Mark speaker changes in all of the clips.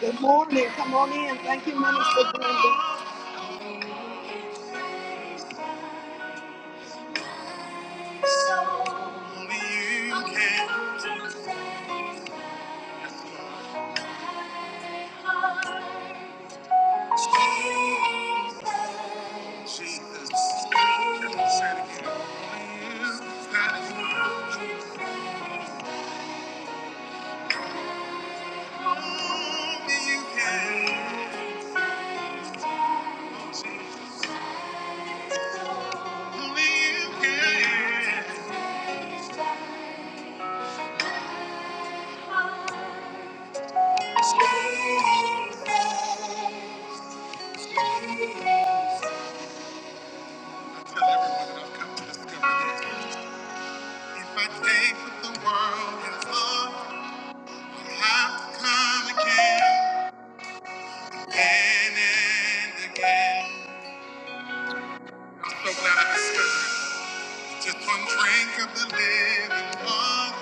Speaker 1: Good morning. Come on in. Thank you, Minister Brenda. Only you can change Jesus. Say it again. Only you can change. Only you can change. Only you can. If I take what the world has lost, I have to come again, again again. I'm so glad I discovered it. Just one drink of the living water.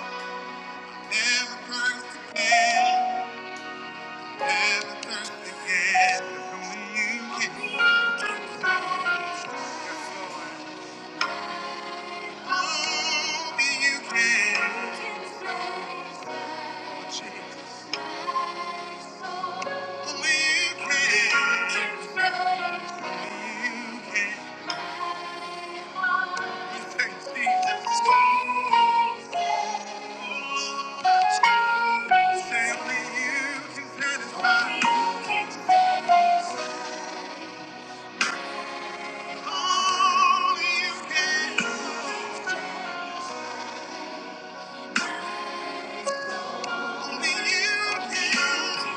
Speaker 1: Never thirst again, never thirst again. Only you can. Yes, Lord. Only you can. Only you can.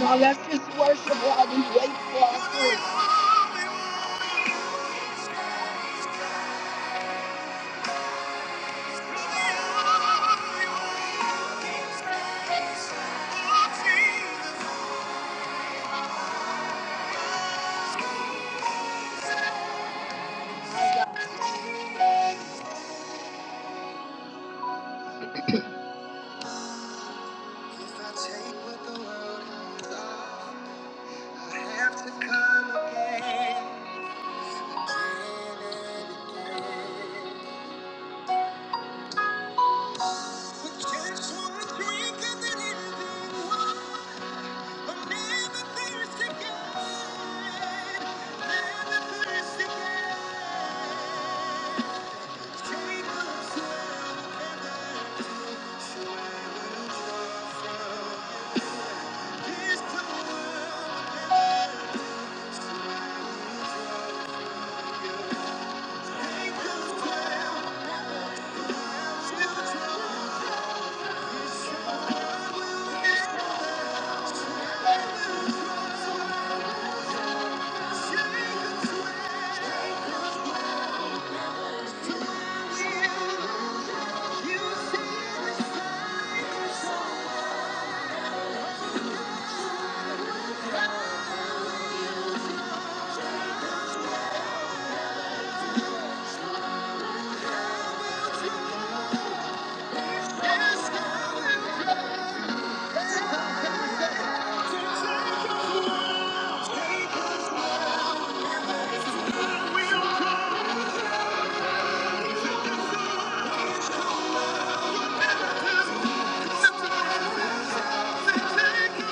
Speaker 1: Now let's just worship while we wait for our food. Thank you.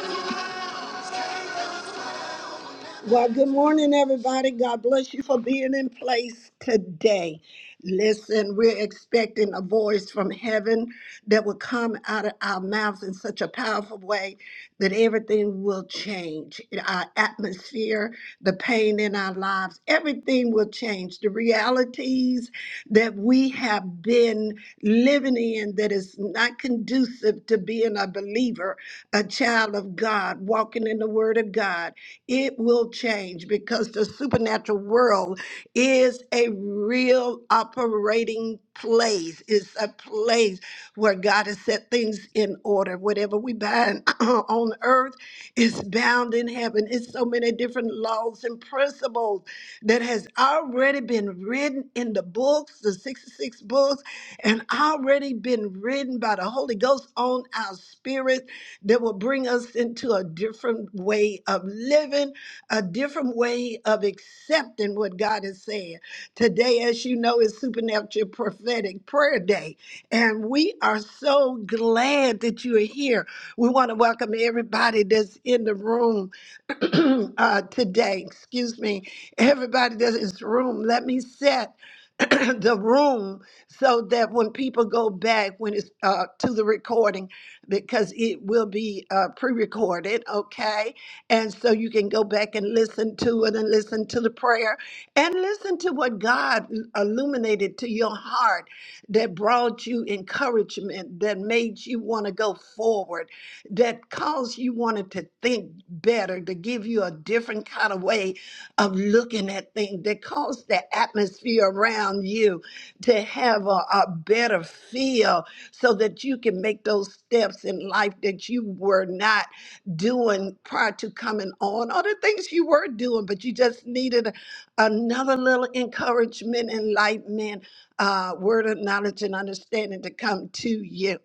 Speaker 1: Well, good morning, everybody. God bless you for being in place today. Listen, we're expecting a voice from heaven that will come out of our mouths in such a powerful way that everything will change. Our atmosphere, the pain in our lives, everything will change. The realities that we have been living in that is not conducive to being a believer believer, a child of God, walking in the Word of God, it will change because the supernatural world is a real operating place. It's a place where God has set things in order. Whatever we bind on earth is bound in heaven. It's so many different laws and principles that has already been written in the books, the 66 books books and already been written by the Holy Ghost on our spirit that will bring us into a different way of living, a different way of accepting what God is saying. Today, as you know, is Supernatural Prophetic Prayer Day, and we are so glad that you are here. We want to welcome everybody that's in the room uh, today. Excuse me, everybody that's in this room. Let me set the room so that when people go back when it's uh, to the recording because it will be uh, pre-recorded okay and so you can go back and listen to it and listen to the prayer and listen to what god illuminated to your heart that brought you encouragement that made you want to go forward that caused you wanted to think better to give you a different kind of way of looking at things that caused the atmosphere around you to have a, a better feel so that you can make those steps in life that you were not doing prior to coming on or the things you were doing, but you just needed another little encouragement, enlightenment, uh, word of knowledge and understanding to come to you.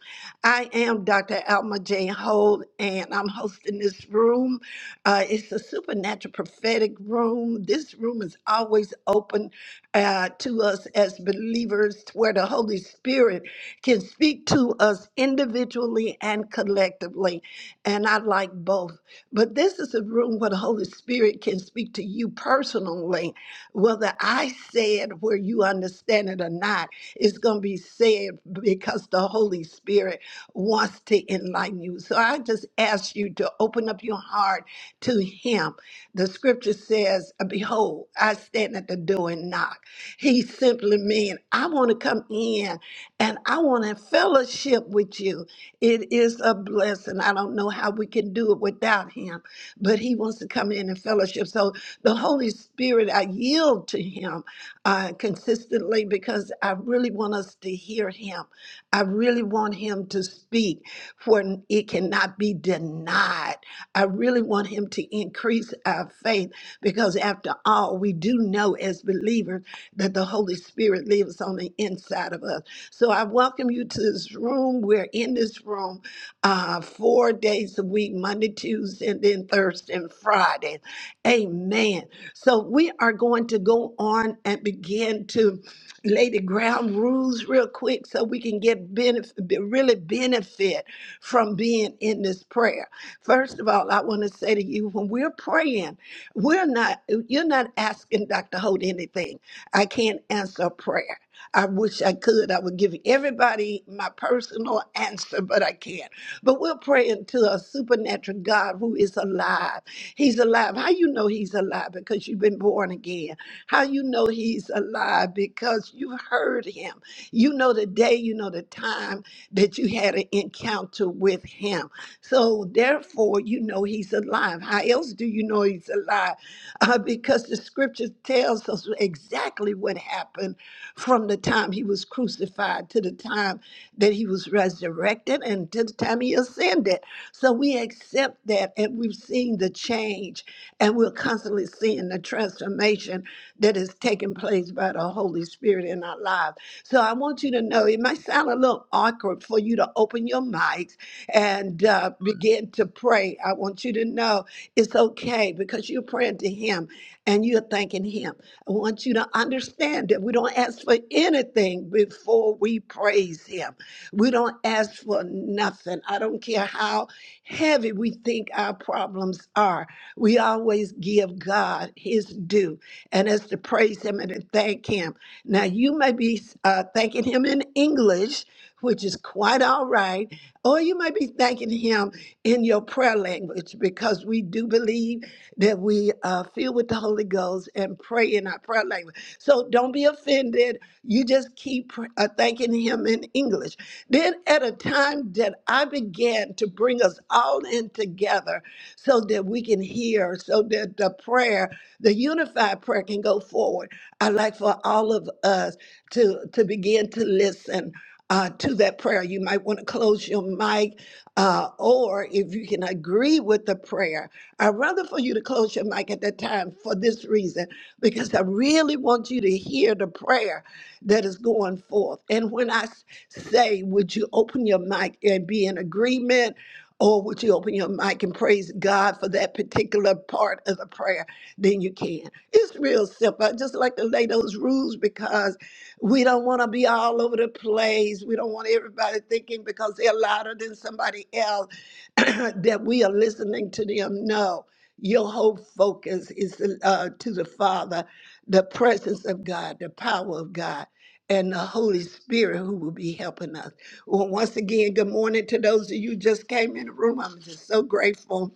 Speaker 1: I am Dr. Alma J. Holt, and I'm hosting this room. Uh, it's a supernatural prophetic room. This room is always open uh, to us as believers, where the Holy Spirit can speak to us individually and collectively. And I like both. But this is a room where the Holy Spirit can speak to you personally, whether I say it where you understand it or not. It's going to be said because the Holy Spirit wants to enlighten you. So I just ask you to open up your heart to Him. The scripture says, Behold, I stand at the door and knock. He simply means, I want to come in and I want to fellowship with you. It is a blessing. I don't know how we can do it without him, but he wants to come in and fellowship. So the Holy Spirit, I yield to him uh, consistently because I really want us to hear him. I really want him to speak for it cannot be denied. I really want him to increase our faith because, after all, we do know as believers that the Holy Spirit lives on the inside of us. So I welcome you to this room. We're in this room uh, four days a week Monday, Tuesday, and then Thursday and Friday. Amen. So we are going to go on and begin to lay the ground rules real quick so we can get benefit, really benefit from being in this prayer. First of all, I want to say to you, when we're praying, we're not, you're not asking Dr. Holt anything. I can't answer a prayer. I wish I could. I would give everybody my personal answer, but I can't. But we're praying to a supernatural God who is alive. He's alive. How you know he's alive? Because you've been born again. How you know he's alive? Because you've heard him. You know the day, you know the time that you had an encounter with him. So therefore, you know he's alive. How else do you know he's alive? Uh, because the scripture tells us exactly what happened from the time he was crucified to the time that he was resurrected and to the time he ascended. So we accept that and we've seen the change and we're constantly seeing the transformation that is taking place by the Holy Spirit in our lives. So I want you to know it might sound a little awkward for you to open your mics and uh, begin to pray. I want you to know it's okay because you're praying to Him and you're thanking Him. I want you to understand that we don't ask for anything before we praise Him. We don't ask for nothing. I don't care how heavy we think our problems are. We always give God His due, and that's to praise Him and to thank Him. Now, you may be uh, thanking Him in English, which is quite all right, or you may be thanking Him in your prayer language because we do believe that we uh, feel with the Holy Ghost and pray in our prayer language. So don't be offended. You just keep pr- uh, thanking Him in English. Then, at a time that I began to bring us all in together so that we can hear, so that the prayer, the unified prayer, can go forward, I'd like for all of us to, to begin to listen. Uh, to that prayer, you might want to close your mic, uh, or if you can agree with the prayer, I'd rather for you to close your mic at that time for this reason, because I really want you to hear the prayer that is going forth. And when I s- say, would you open your mic and be in agreement? Or would you open your mic and praise God for that particular part of the prayer? Then you can. It's real simple. I just like to lay those rules because we don't want to be all over the place. We don't want everybody thinking because they're louder than somebody else that we are listening to them. No, your whole focus is uh, to the Father, the presence of God, the power of God, and the Holy Spirit who will be helping us. Well, once again, good morning to those of you who just came in the room. I'm just so grateful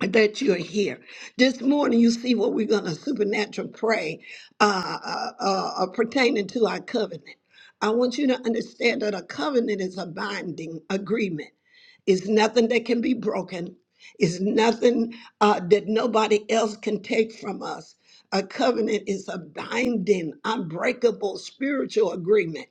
Speaker 1: that you're here. This morning, you see what we're going to supernatural pray uh, uh, uh, uh, pertaining to our covenant. I want you to understand that a covenant is a binding agreement. It's nothing that can be broken. It's nothing uh, that nobody else can take from us. A covenant is a binding, unbreakable spiritual agreement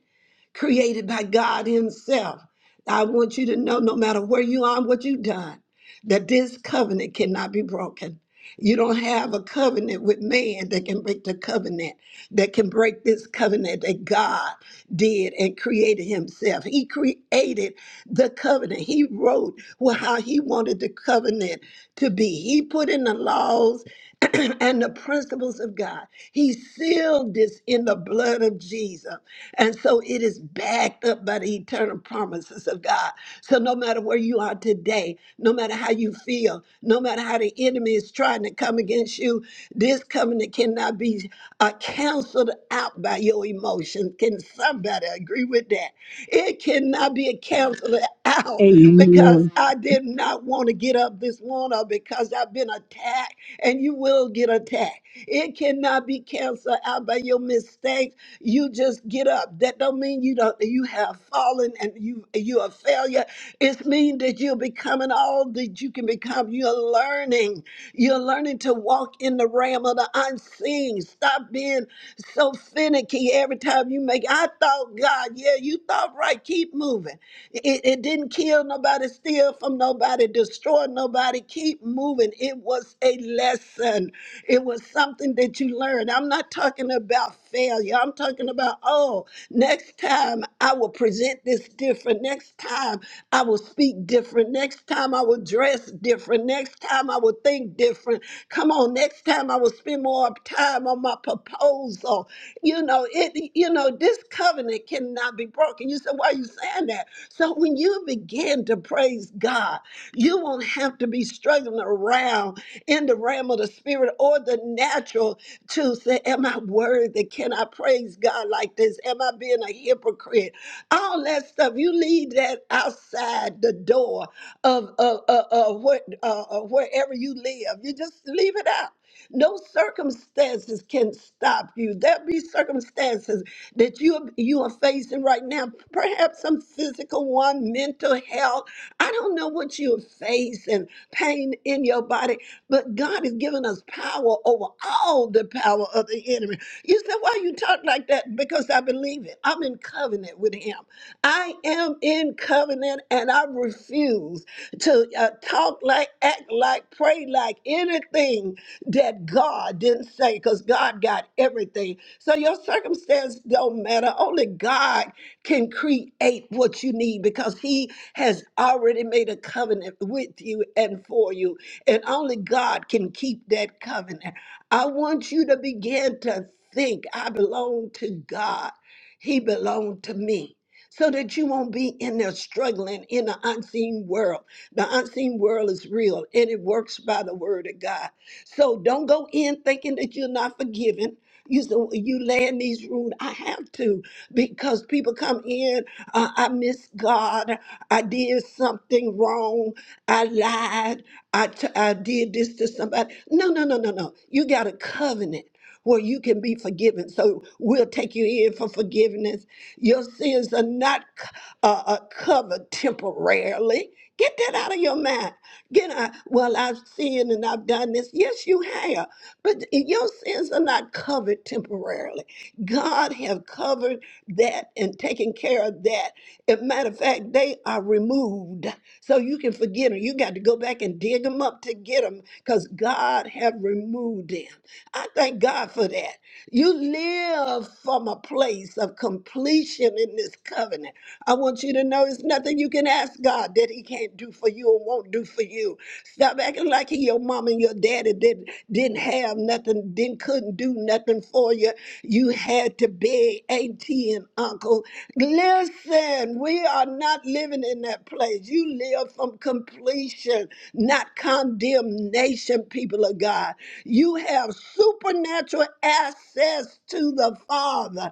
Speaker 1: created by God Himself. I want you to know no matter where you are, what you've done that this covenant cannot be broken. You don't have a covenant with man that can break the covenant, that can break this covenant that God did and created himself. He created the covenant. He wrote wh- how he wanted the covenant to be. He put in the laws and the principles of God. He sealed this in the blood of Jesus. And so it is is backed up by the eternal promises of God. So no matter where you are today, no matter how you feel, no matter how the enemy is trying to come against you, this covenant cannot be uh, canceled out by your emotions. Can somebody agree with that? It cannot be canceled out because
Speaker 2: Amen.
Speaker 1: I did not want to get up this morning or because I've been attacked and you will get attacked. It cannot be canceled out by your mistakes. You just get up. That don't mean you don't you have fallen and you you're a failure. It means that you're becoming all that you can become. You're learning. You're learning to walk in the realm of the unseen. Stop being so finicky every time you make. I thought, God, yeah, you thought right. Keep moving. It, it didn't kill nobody, steal from nobody, destroy nobody. Keep moving. It was a lesson. It was something that you learned. I'm not talking about failure. I'm talking about, oh, next time I will present this different. Next time I will speak different. Next time I will dress different. Next time I will think different. Come on, next next time I will spend more time on my proposal. You know, it you know, this covenant cannot be broken. You said, why are you saying that? So when you begin to praise God, you won't have to be struggling around in the realm of the spirit or the natural to say, Am I worthy? Can I praise God like this? Am I being a hypocrite? All that stuff. You leave that outside the door of, of, of, of what, uh, of wherever you live. You just leave it out. No circumstances can stop you. There will be circumstances that you you are facing right now. Perhaps some physical one, mental health. I don't know what you're facing, pain in your body, but God has given us power over all the power of the enemy. You said, why you talk like that? Because I believe it. I'm in covenant with him. I am in covenant and I refuse refuse to uh, talk like, act like, pray like anything that God didn't say because God got everything. So your circumstance don't matter. Only God can create what you need because he has already made a covenant with you and for you. And only God can keep that covenant. I want you to begin to think I belong to God. He belonged to me so that you won't be in there struggling in the unseen world. The unseen world is real and it works by the word of God. So don't go in thinking that you're not forgiven. You say, "Well, you lay in these rooms. I have to because people come in. Uh, I miss God. I did something wrong. I lied. I, t- I did this to somebody. No, no, no, no, no. You got a covenant where you can be forgiven. So we'll take you in for forgiveness. Your sins are not uh, uh, covered temporarily. Get that out of your mind. Get out, well, I've sinned and I've done this. Yes, you have. But your sins are not covered temporarily. God have covered that and taken care of that. As a matter of fact, they are removed. So you can forget them. You got to go back and dig them up to get them because God have removed them. I thank God for that. You live from a place of completion in this covenant. I want you to know it's nothing you can ask God that He can't do for you or won't do for you. Stop acting like your mom and your daddy didn't didn't have nothing, didn't couldn't do nothing for you. You had to beg auntie and uncle. Listen, we are not living in that place. You live from completion, not condemnation, people of God. You have supernatural access to the Father.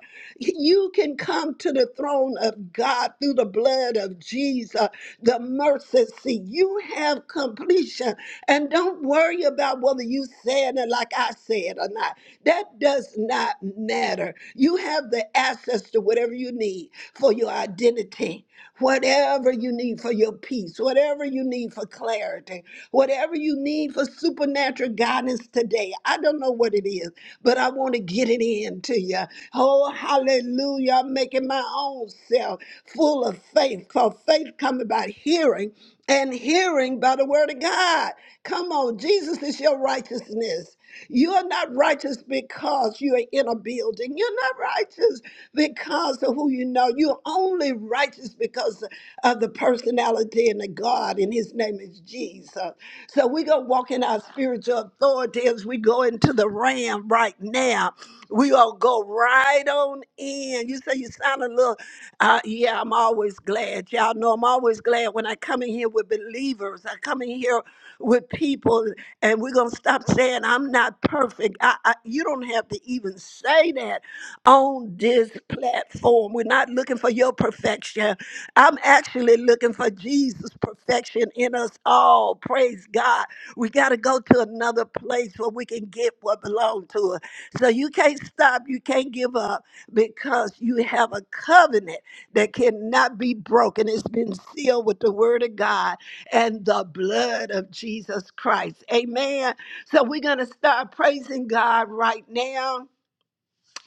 Speaker 1: You can come to to the throne of God through the blood of Jesus, the mercy seat. You have completion. And don't worry about whether you said it like I said or not. That does not matter. You have the access to whatever you need for your identity, whatever you need for your peace, whatever you need for clarity, whatever you need for supernatural guidance is today. I don't know what it is, but I want to get it in to you. Oh, hallelujah. I'm making my own self full of faith. For faith coming by hearing and hearing by the word of God. Come on, Jesus is your righteousness. You are not righteous because you are in a building. You're not righteous because of who you know. You're only righteous because of the personality and the God, and his name is Jesus. So we're going to walk in our spiritual authority as we go into the ram right now. we all go right on in. You say you sound a little, uh, yeah, I'm always glad. Y'all know I'm always glad when I come in here with believers. I come in here with people, and we're going to stop saying, I'm not perfect. I, I, you don't have to even say that on this platform. We're not looking for your perfection. I'm actually looking for Jesus' perfection in us all. Praise God. We got to go to another place where we can get what belongs to us. So you can't stop, you can't give up because you have a covenant that cannot be broken. It's been sealed with the word of God and the blood of Jesus Christ. Amen. So we're going to start praising God right now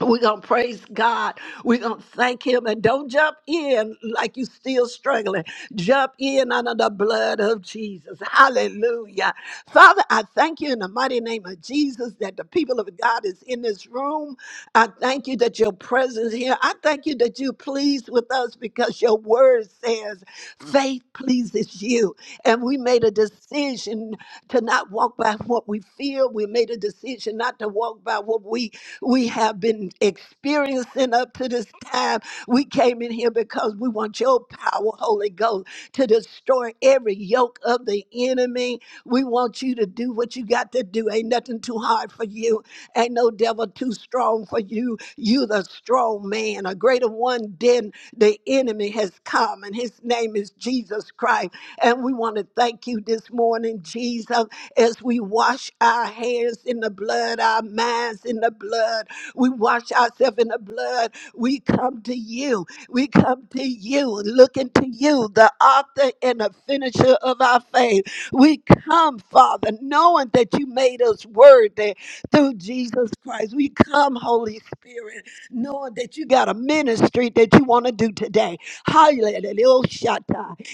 Speaker 1: we're going to praise God. We're going to thank Him. And don't jump in like you still struggling. Jump in under the blood of Jesus. Hallelujah. Father, I thank you in the mighty name of Jesus that the people of God is in this room. I thank you that your presence here. I thank you that you're pleased with us because your word says faith pleases you. And we made a decision to not walk by what we feel. We made a decision not to walk by what we we have been experiencing up to this time. We came in here because we want your power, Holy Ghost, to destroy every yoke of the enemy. We want you to do what you got to do. Ain't nothing too hard for you. Ain't no devil too strong for you. You the strong man, a greater one than the enemy has come, and his name is Jesus Christ. And we want to thank you this morning, Jesus as we wash our hands in the blood, our minds in the blood. We wash ourselves in the blood. We come to you. We come to you, looking to you, the author and the finisher of our faith. We come, Father, knowing that you made us worthy through Jesus Christ. We come, Holy Spirit, knowing that you got a ministry that you want to do today. Hallelujah.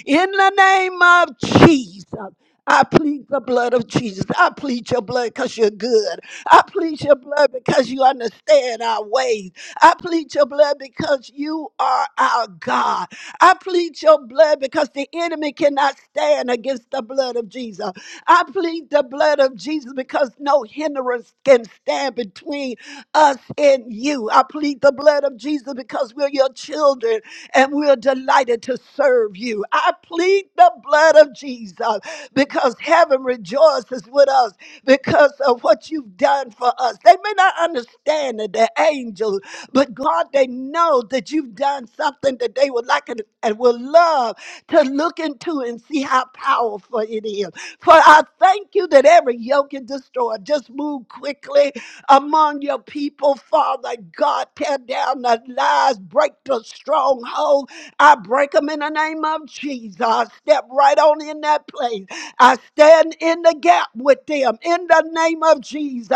Speaker 1: In the name of Jesus. I plead the blood of Jesus. I plead your blood because you're good. I plead your blood because you understand our ways. I plead your blood because you are our God. I plead your blood because the enemy cannot stand against the blood of Jesus. I plead the blood of Jesus because no hindrance can stand between us and you. I plead the blood of Jesus because we're your children and we're delighted to serve you. I plead the blood of Jesus because heaven rejoices with us because of what you've done for us. They may not understand it, the angels, but God, they know that you've done something that they would like and and would love to look into and see how powerful it is. For I thank you that every yoke is destroyed. Just move quickly among your people, Father God. Tear down the lies, break the stronghold. I break them in the name of Jesus. I step right on in that place. I stand in the gap with them in the name of Jesus.